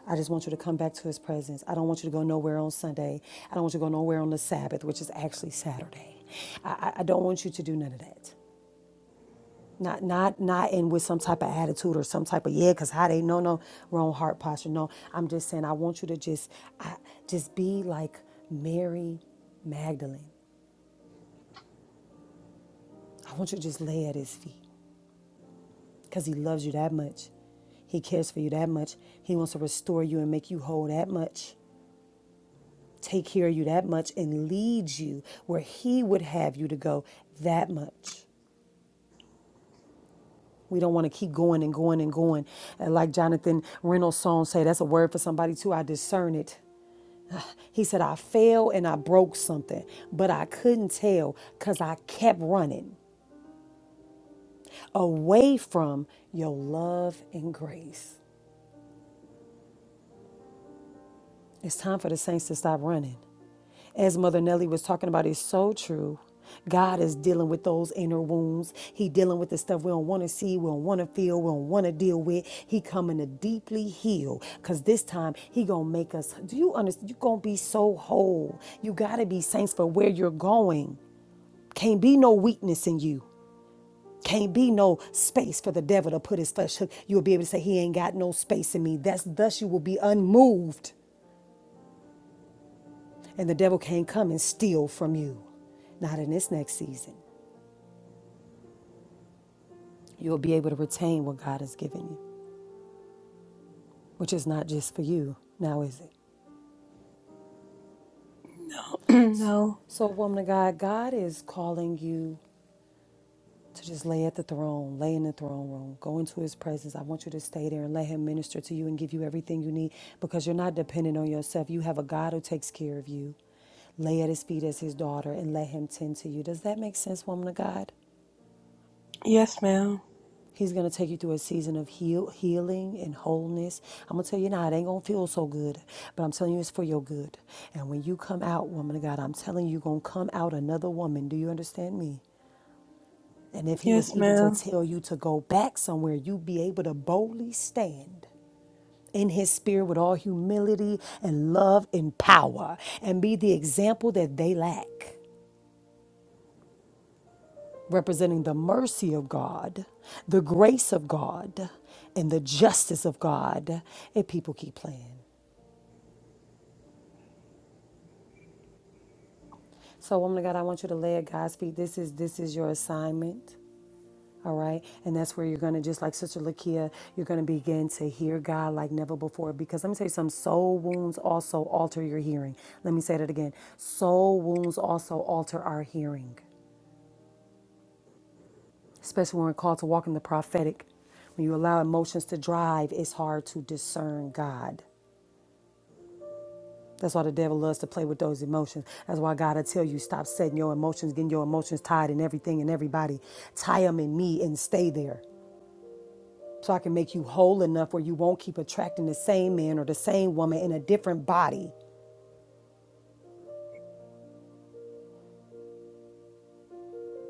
I just want you to come back to his presence. I don't want you to go nowhere on Sunday. I don't want you to go nowhere on the Sabbath, which is actually Saturday. I, I I don't want you to do none of that. Not not not in with some type of attitude or some type of yeah, cause how they no no wrong heart posture. No, I'm just saying I want you to just I, just be like Mary Magdalene. I want you to just lay at his feet. Cause he loves you that much. He cares for you that much. He wants to restore you and make you whole that much. Take care of you that much and lead you where he would have you to go that much. We don't want to keep going and going and going. And like Jonathan Reynolds' song say, that's a word for somebody too. I discern it. He said, I fell and I broke something, but I couldn't tell because I kept running away from your love and grace. It's time for the saints to stop running. As Mother Nellie was talking about, it's so true. God is dealing with those inner wounds. He dealing with the stuff we don't want to see, we don't want to feel, we don't want to deal with. He coming to deeply heal, cause this time He gonna make us. Do you understand? You gonna be so whole. You gotta be saints for where you're going. Can't be no weakness in you. Can't be no space for the devil to put his flesh. You'll be able to say, He ain't got no space in me. That's thus you will be unmoved. And the devil can't come and steal from you. Not in this next season. You'll be able to retain what God has given you, which is not just for you now, is it?
[clears throat] no.
So, woman of God, God is calling you to just lay at the throne, lay in the throne room, go into his presence. I want you to stay there and let him minister to you and give you everything you need because you're not dependent on yourself. You have a God who takes care of you. Lay at his feet as his daughter and let him tend to you. Does that make sense, woman of God?
Yes ma'am.
He's going to take you through a season of heal, healing and wholeness. I'm going to tell you now, it ain't going to feel so good, but I'm telling you, it's for your good. And when you come out, woman of God, I'm telling you, you're going to come out another woman. Do you understand me? And if he was
Yes
even to
ma'am.
tell you to go back somewhere, you'd be able to boldly stand in his spirit with all humility and love and power and be the example that they lack, representing the mercy of God, the grace of God, and the justice of God. And people keep playing. So, woman of God, I want you to lay at God's feet. This is this is your assignment. All right. And that's where you're going to, just like Sister Lakia, you're going to begin to hear God like never before. Because let me tell you something soul wounds also alter your hearing. Let me say that again soul wounds also alter our hearing, especially when we're called to walk in the prophetic. When you allow emotions to drive, it's hard to discern God. That's why the devil loves to play with those emotions. That's why God will tell you stop setting your emotions, getting your emotions tied in everything and everybody. Tie them in me and stay there. so I can make you whole enough where you won't keep attracting the same man or the same woman in a different body.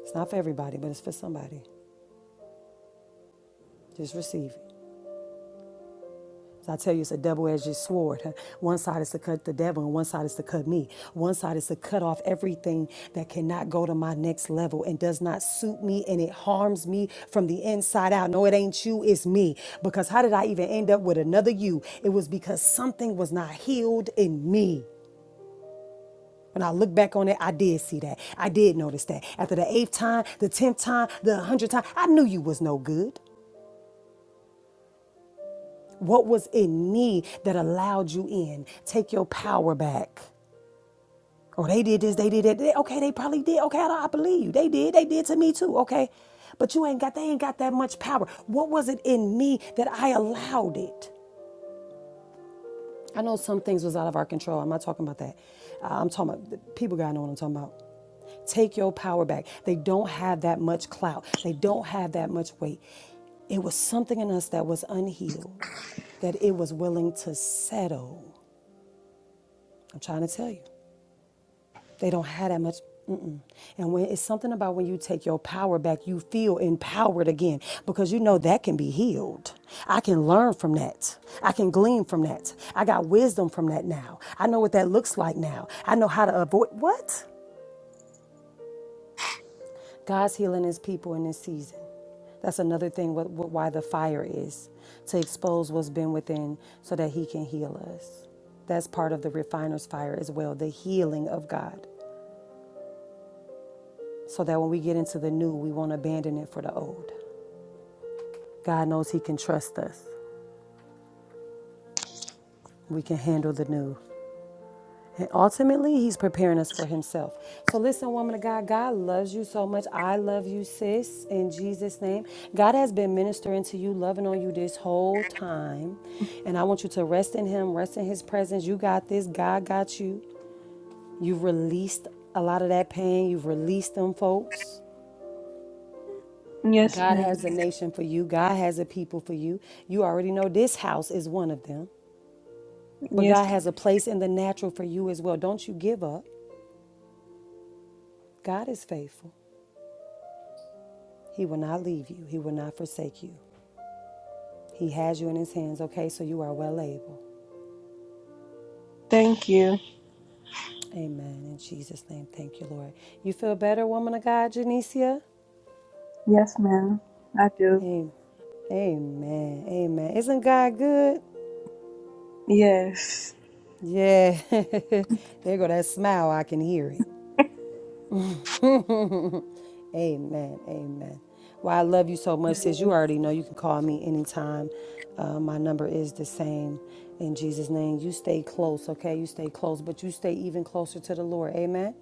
It's not for everybody, but it's for somebody. Just receive it. So I tell you, it's a double edged sword. [laughs] huh? One side is to cut the devil, and one side is to cut me. One side is to cut off everything that cannot go to my next level and does not suit me and it harms me from the inside out. No, it ain't you, it's me. Because how did I even end up with another you? It was because something was not healed in me. When I look back on it, I did see that. I did notice that. After the eighth time, the tenth time, the hundredth time, I knew you was no good. What was in me that allowed you in? Take your power back. Oh, they did this, they did that. They- okay, they probably did. Okay, I, I believe you. They did. They did to me too. Okay, but you ain't got. They ain't got that much power. What was it in me that I allowed it? I know some things was out of our control. I'm not talking about that. Uh, I'm talking about people gotta know what I'm talking about. Take your power back. They don't have that much clout. They don't have that much weight. It was something in us that was unhealed, that it was willing to settle. I'm trying to tell you. They don't have that much. Mm-mm. And when it's something about when you take your power back, you feel empowered again because you know that can be healed. I can learn from that. I can glean from that. I got wisdom from that now. I know what that looks like now. I know how to avoid what? God's healing his people in this season. That's another thing what, what, why the fire is to expose what's been within so that he can heal us. That's part of the refiner's fire as well, the healing of God. so that when we get into the new, we won't abandon it for the old. God knows He can trust us, we can handle the new. And ultimately, He's preparing us for Himself. So, listen, woman of God, God loves you so much. I love you, sis, in Jesus' name. God has been ministering to you, loving on you this whole time. And I want you to rest in Him, rest in His presence. You got this. God got you. You've released a lot of that pain. You've released them, folks.
Yes
God
ma'am.
has a nation for you. God has a people for you. You already know this house is one of them. But
Yes.
God has a place in the natural for you as well. Don't you give up. God is faithful. He will not leave you, He will not forsake you. He has you in His hands, okay? So you are well able.
Thank you.
Amen. In Jesus' name, thank you, Lord. You feel better, woman of God, Janicia?
Yes ma'am. I do.
Amen. Amen. Amen. Isn't God good?
Yes.
Yeah. [laughs] there go that smile. I can hear it. Amen. Amen. Well, I love you so much, sis. You
Mm-hmm.
already know you can call me anytime. Uh, my number is the same. In Jesus' name, you stay close, okay? You stay close, but you stay even closer to the Lord. Amen.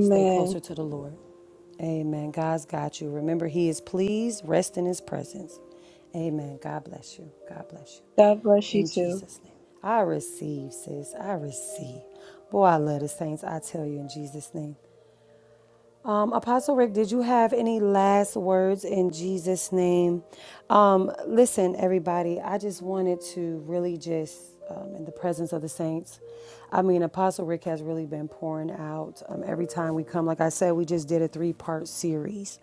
Stay closer to the Lord. Amen. God's got you. Remember, He is pleased. Rest in His presence. Amen. God bless you. God bless
God bless
you.
you
In
too.
Jesus' name. I receive, sis. I receive. Boy, I love the saints. I tell you in Jesus' name. Um, Apostle Rick, did you have any last words in Jesus' name? Um, listen, everybody, I just wanted to really just, um, in the presence of the saints, I mean, Apostle Rick has really been pouring out um, every time we come. Like I said, we just did a three part series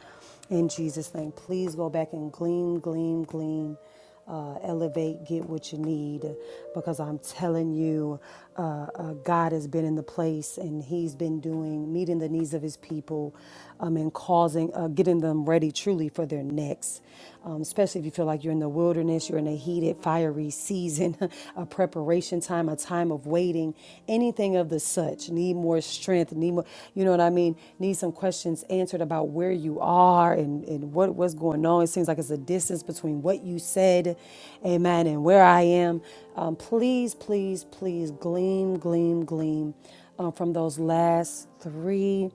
in Jesus' name. Please go back and glean, glean, glean uh, elevate, get what you need, because I'm telling you, uh, uh, God has been in the place and He's been doing, meeting the needs of His people um, and causing, uh, getting them ready truly for their next. Um, especially if you feel like you're in the wilderness, you're in a heated, fiery season, [laughs] a preparation time, a time of waiting, anything of the such. Need more strength, need more you know what I mean, need some questions answered about where you are and, and what, what's going on. It seems like it's a distance between what you said, amen, and where I am. Um, please, please, please gleam, gleam, gleam uh, from those last three.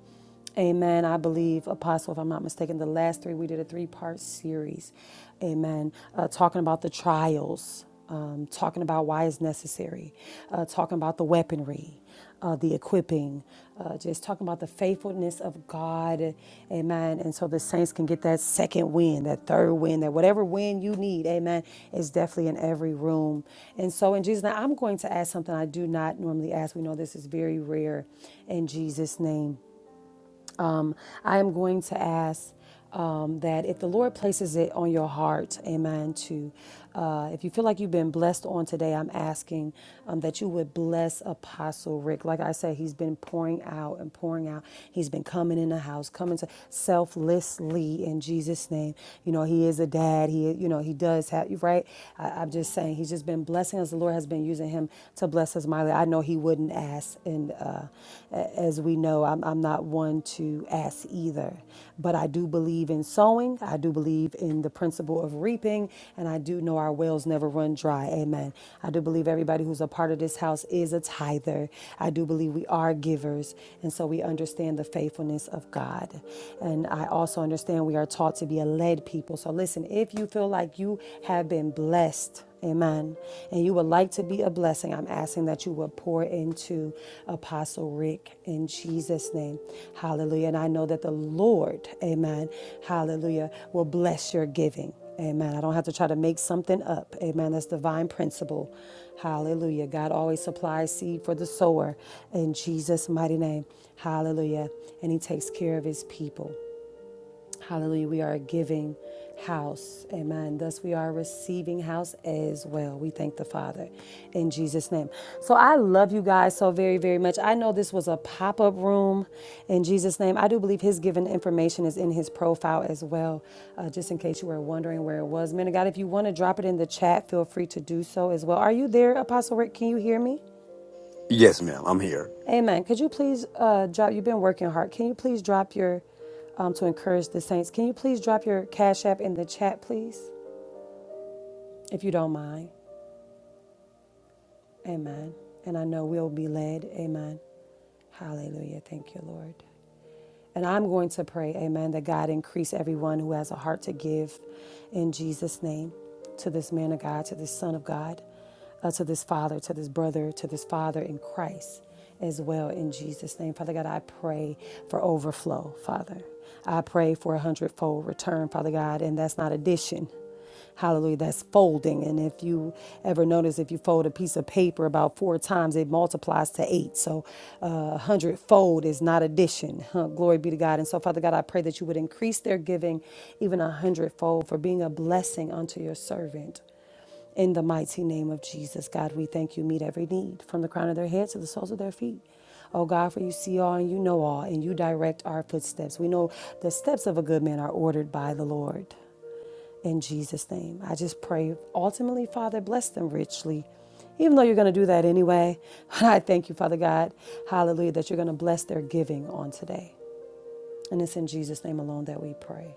Amen. I believe, Apostle, if I'm not mistaken, the last three, we did a three part series. Amen. Uh, talking about the trials, um, talking about why it's necessary, uh, talking about the weaponry uh, the equipping, uh, just talking about the faithfulness of God. Amen. And so the saints can get that second win, that third win, that whatever win you need. Amen. Is definitely in every room. And so in Jesus' name, I'm going to ask something I do not normally ask. We know this is very rare in Jesus' name um, I am going to ask um, that if the Lord places it on your heart, amen, to uh, if you feel like you've been blessed on today, I'm asking um, that you would bless Apostle Rick. Like I said, he's been pouring out and pouring out. He's been coming in the house, coming to selflessly in Jesus' name. You know, he is a dad. He, you know, he does have, right? I, I'm just saying, he's just been blessing us. The Lord has been using him to bless us mightily. I I know he wouldn't ask. And uh, as we know, I'm, I'm not one to ask either. But I do believe in sowing. I do believe in the principle of reaping. And I do know our wells never run dry. Amen. I do believe everybody who's a part of this house is a tither. I do believe we are givers. And so we understand the faithfulness of God. And I also understand we are taught to be a led people. So listen, if you feel like you have been blessed, Amen. And you would like to be a blessing. I'm asking that you would pour into Apostle Rick in Jesus' name. Hallelujah. And I know that the Lord, amen, hallelujah, will bless your giving. Amen. I don't have to try to make something up. Amen. That's divine principle. Hallelujah. God always supplies seed for the sower in Jesus' mighty name. Hallelujah. And He takes care of His people. Hallelujah. We are a giving house. Amen. Thus, we are a receiving house as well. We thank the Father in Jesus' name. So, I love you guys so very, very much. I know this was a pop up room in Jesus' name. I do believe his given information is in his profile as well, uh, just in case you were wondering where it was. Man of God, if you want to drop it in the chat, feel free to do so as well. Are you there, Apostle Rick? Can you hear me?
Yes, ma'am. I'm here.
Amen. Could you please uh, drop? You've been working hard. Can you please drop your um, to encourage the saints? Can you please drop your cash app in the chat, please, if you don't mind? Amen. And I know we'll be led. Amen. Hallelujah. Thank you, Lord. And I'm going to pray, amen, that God increase everyone who has a heart to give in Jesus' name to this man of God, to this son of God, uh, to this father, to this brother, to this father in Christ as well in Jesus' name. Father God, I pray for overflow, Father. I pray for a hundredfold return, Father God, and that's not addition. Hallelujah. That's folding. And if you ever notice, if you fold a piece of paper about four times, it multiplies to eight. So a uh, hundred fold is not addition. [laughs] Huh, Glory be to God. And so, Father God, I pray that you would increase their giving even a hundred fold, for being a blessing unto your servant. In the mighty name of Jesus, God, we thank you. Meet every need from the crown of their heads to the soles of their feet. Oh God, for you see all and you know all, and you direct our footsteps. We know the steps of a good man are ordered by the Lord in Jesus' name. I just pray, ultimately, Father, bless them richly. Even though you're going to do that anyway, [laughs] And I thank you, Father God, hallelujah, that you're going to bless their giving on today. And it's in Jesus' name alone that we pray.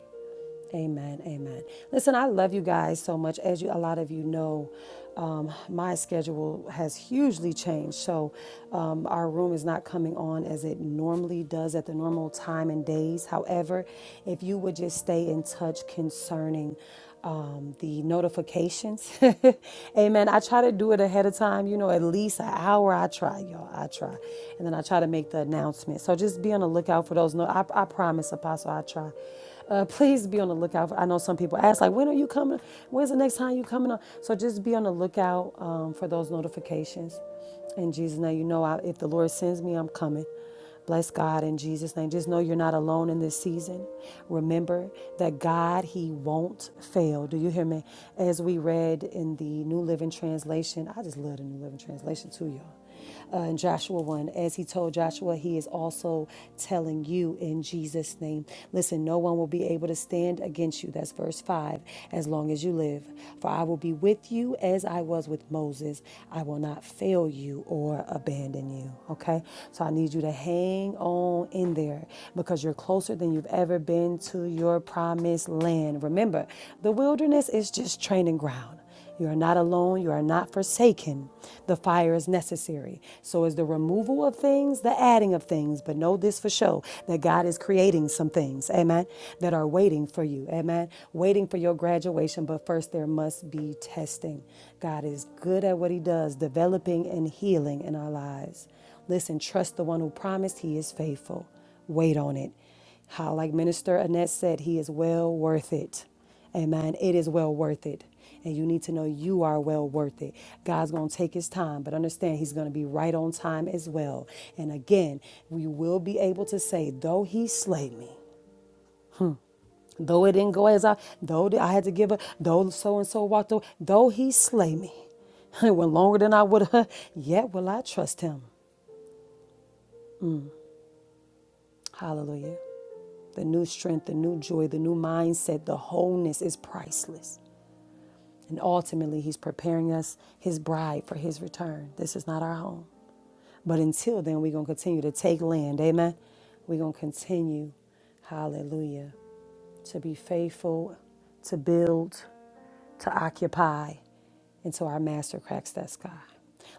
Amen. Amen. Listen, I love you guys so much. As you, a lot of you know, um, my schedule has hugely changed. So um, our room is not coming on as it normally does at the normal time and days. However, if you would just stay in touch concerning um, the notifications. [laughs] Amen. I try to do it ahead of time, you know, at least an hour. I try, y'all. I try. And then I try to make the announcement. So just be on the lookout for those. No, I, I promise, Apostle, I try. Uh, please be on the lookout. For, I know some people ask, like, when are you coming? When's the next time you coming on? So just be on the lookout um, for those notifications. In Jesus' name, you know, I, if the Lord sends me, I'm coming. Bless God in Jesus' name. Just know you're not alone in this season. Remember that God, He won't fail. Do you hear me? As we read in the New Living Translation, I just love the New Living Translation too, y'all. Uh, in Joshua 1, as he told Joshua, he is also telling you in Jesus' name. Listen, no one will be able to stand against you. That's verse 5, as long as you live. For I will be with you as I was with Moses. I will not fail you or abandon you. Okay? So I need you to hang on in there because you're closer than you've ever been to your promised land. Remember, the wilderness is just training ground. You are not alone. You are not forsaken. The fire is necessary. So is the removal of things, the adding of things. But know this for sure that God is creating some things, amen, that are waiting for you, amen, waiting for your graduation situation, but first there must be testing. God is good at what He does, developing and healing in our lives. Listen, trust the one who promised, He is faithful. Wait on it. How, like Minister Annette said, He is well worth it. Amen. It is well worth it. And you need to know you are well worth it. God's going to take his time, but understand he's going to be right on time as well. And again, we will be able to say, though he slay me, Though it didn't go as I, though I had to give up, though so and so walked away, though he slay me, [laughs] it went longer than I would have, yet will I trust him. Hallelujah. The new strength, the new joy, the new mindset, the wholeness is priceless. And ultimately, he's preparing us, his bride, for his return. This is not our home. But until then, we're going to continue to take land. Amen. We're going to continue. Hallelujah to be faithful, to build, to occupy, and so our master cracks that sky.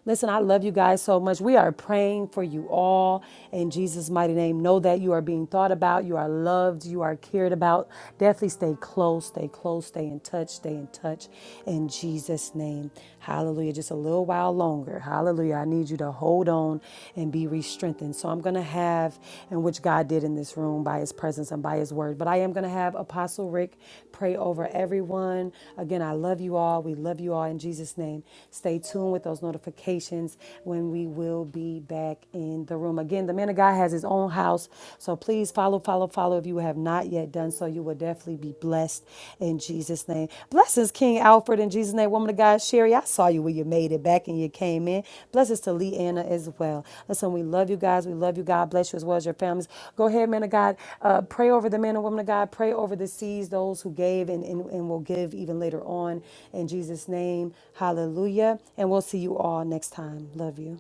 Listen, I love you guys so much. We are praying for you all in Jesus' mighty name. Know that you are being thought about, you are loved, you are cared about. Definitely stay close, stay close, stay in touch, stay in touch in Jesus' name. Hallelujah. Just a little while longer. Hallelujah. I need you to hold on and be re strengthened. So I'm going to have, and which God did in this room by His presence and by His word. But I am going to have Apostle Rick pray over everyone. Again, I love you all. We love you all in Jesus' name. Stay tuned with those notifications when we will be back in the room. Again, the man of God has his own house. So please follow, follow, follow. If you have not yet done so, you will definitely be blessed in Jesus' name. Jesus' name. Blessings, King Alfred, in Jesus' name. Woman of God, Sherry, I saw you when you made it back and you came in. Blessings to Lee Anna as well. Listen, we love you guys. We love you. God bless you as well as your families. Go ahead, man of God. Uh, pray over the men and women of God. Pray over the seeds, those who gave and, and, and will give even later on. In Jesus' name, hallelujah. And we'll see you all next time. Love you.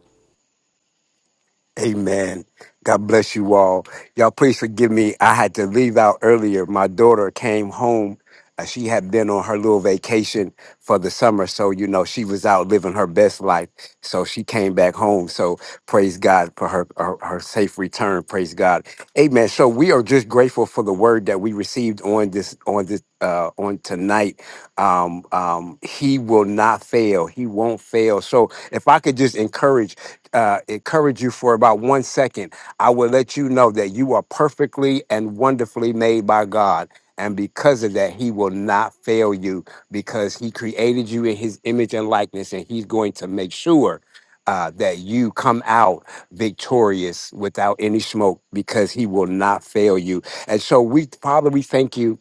Amen. God bless you all. Y'all, please forgive me. I had to leave out earlier. My daughter came home. Uh, She had been on her little vacation for the summer. So, you know, she was out living her best life. So she came back home. So praise God for her, her, her safe return. Praise God. Amen. So we are just grateful for the word that we received on this, on this, uh, on tonight. Um, um, he will not fail. He won't fail. So if I could just encourage uh, encourage you for about one second, I will let you know that you are perfectly and wonderfully made by God. And because of that, He will not fail you because He created you in His image and likeness, and He's going to make sure. Uh, that you come out victorious without any smoke because he will not fail you. And so we, Father, we thank you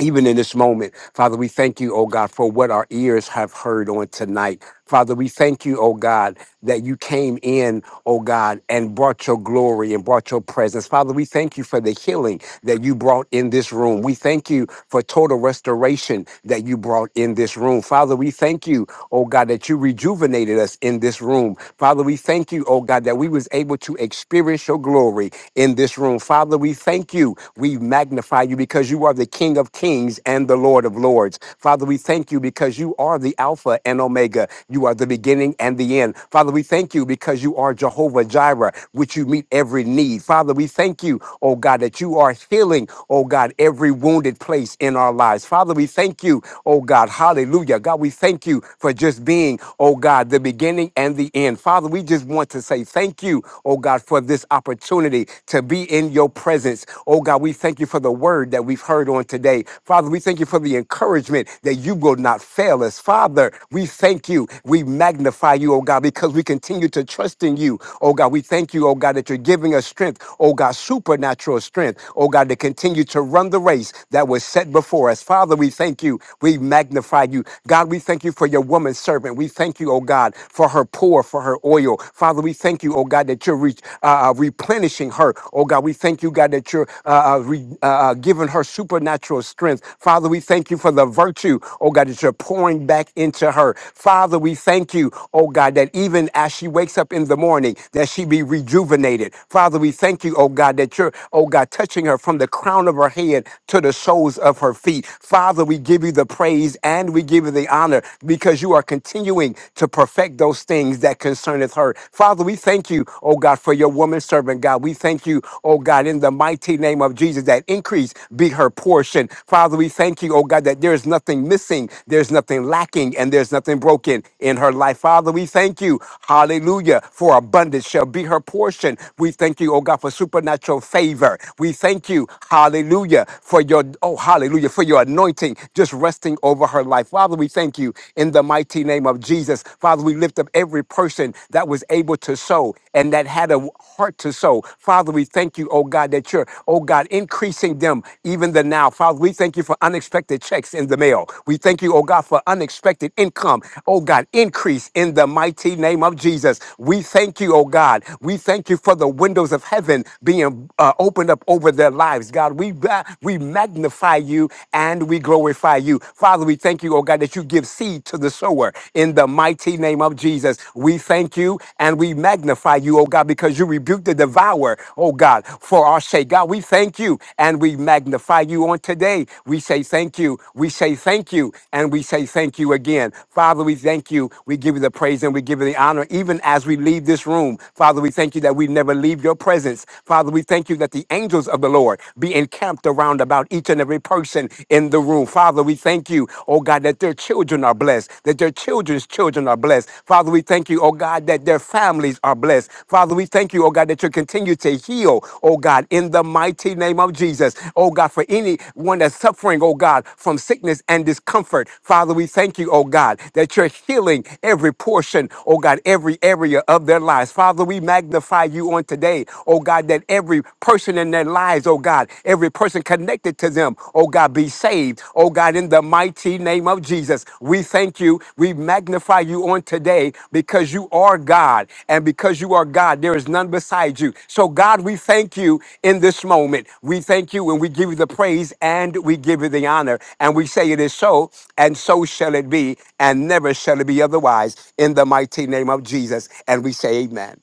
even in this moment, Father, we thank you, oh God, for what our ears have heard on tonight. Father, we thank you, oh God, that you came in, oh God, and brought your glory and brought your presence. Father, we thank you for the healing that you brought in this room. We thank you for total restoration that you brought in this room. Father, we thank you, oh God, that you rejuvenated us in this room. Father, we thank you, oh God, that we was able to experience your glory in this room. Father, we thank you. We magnify you because you are the King of kings and the Lord of lords. Father, we thank you because you are the Alpha and Omega. You are the beginning and the end. Father, we thank you because you are Jehovah Jireh, which you meet every need. Father, we thank you, oh God, that you are healing, oh God, every wounded place in our lives. Father, we thank you, oh God, hallelujah. God, we thank you for just being, oh God, the beginning and the end. Father, we just want to say thank you thank you, oh God, for this opportunity to be in your presence. Oh God, we thank you for the word that we've heard on today. Father, we thank you for the encouragement that you will not fail us. Father, we thank you. We magnify you, oh God, because we continue to trust in you. Oh God, we thank you, oh God, that you're giving us strength. Oh God, supernatural strength. Oh God, to continue to run the race that was set before us. Father, we thank you. We magnify you. God, we thank you for your woman servant. We thank you, oh God, for her pour for her oil. Father, we thank you, oh God, that you're re- uh, uh, replenishing her. Oh God, we thank you, God, that you're uh, uh, re- uh, uh, giving her supernatural strength. Father, we thank you for the virtue, oh God, that you're pouring back into her. Father, we thank you, oh God, that even as she wakes up in the morning, that she be rejuvenated. Father, we thank you, oh God, that you're, oh God, touching her from the crown of her head to the soles of her feet. Father, we give you the praise and we give you the honor because you are you are continuing to perfect those things that concerneth her. Father, we thank you, oh God, for your woman servant, God. We thank you, oh God, in the mighty name of Jesus, that increase be her portion. Father, we thank you, oh God, that there is nothing missing, there's nothing lacking, and there's nothing broken in her life. Father, we thank you, hallelujah, for abundance shall be her portion. We thank you, oh God, for supernatural favor. We thank you, hallelujah, for your, oh, hallelujah, for your anointing just resting over her life. Father, we thank you in the mighty name of Jesus. Father, we lift up every person that was able to sow and that had a heart to sow. Father, we thank you, oh God, that you're, oh God, increasing them even the now. Father, we thank you for unexpected checks in the mail. We thank you, oh God, for unexpected income. Oh God, increase in the mighty name of Jesus. We thank you, oh God. We thank you for the windows of heaven being uh, opened up over their lives, God. We, ba- we magnify magnify you and we glorify you. Father, we thank you, oh God, that you give seed to the sower. In the mighty name of Jesus, we thank you and we magnify you, oh God, because you rebuke the devourer, oh God, for our sake. God, we thank you and we magnify you on today. We say thank you. We say thank you and we say thank you again. Father, we thank you. We give you the praise and we give you the honor even as we leave this room. Father, we thank you that we never leave your presence. Father, we thank you that the angels of the Lord Lord, be encamped around about each and every person in the room. Father, we thank you, oh God, that their children are blessed, that their children's children are blessed. Father, we thank you, oh God, that their families are blessed. Father, we thank you, oh God, that you continue to heal, oh God, in the mighty name of Jesus. Oh God, for anyone that's suffering, oh God, from sickness and discomfort. Father, we thank you, oh God, that you're healing every portion, oh God, every area of their lives. Father, we magnify you on today, oh God, that every person in their lives, oh God, every person connected to them, oh God, be saved. Oh God, in the mighty name of Jesus, we thank you. We magnify you on today because you are God. And because you are God, there is none beside you. So, God, we thank you in this moment. We thank you and we give you the praise and we give you the honor. And we say it is so, and so shall it be, and never shall it be otherwise. In the mighty name of Jesus. And we say, Amen.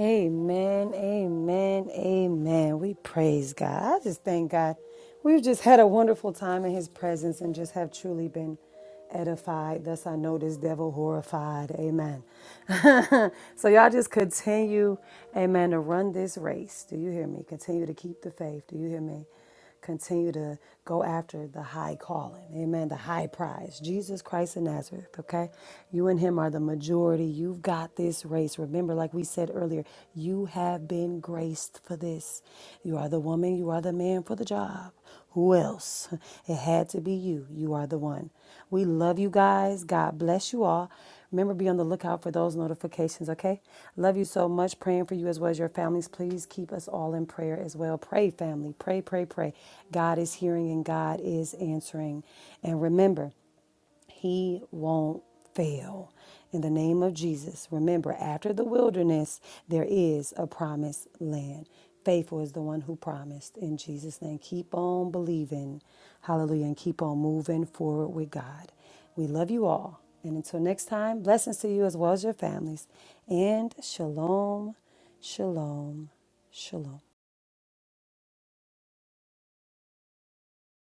Amen, amen, amen. We praise God. I just thank God. We've just had a wonderful time in His presence and just have truly been edified. Thus, I know this devil horrified. Amen. [laughs] so, y'all just continue, amen, to run this race. Do you hear me? Continue to keep the faith. Do you hear me? Continue to go after the high calling, amen, the high prize, Jesus Christ of Nazareth, okay? You and Him are the majority. You've got this race. Remember, like we said earlier, you have been graced for this. You are the woman, you are the man for the job. Who else? It had to be you. You are the one. We love you guys. God bless you all. Remember, be on the lookout for those notifications, okay? Love you so much. Praying for you as well as your families. Please keep us all in prayer as well. Pray, family. Pray, pray, pray. God is hearing and God is answering. And remember, he won't fail. In the name of Jesus, remember, after the wilderness, there is a promised land. Faithful is the one who promised. In Jesus' name, keep on believing. Hallelujah. And keep on moving forward with God. We love you all. And until next time, blessings to you as well as your families. And shalom, shalom, shalom.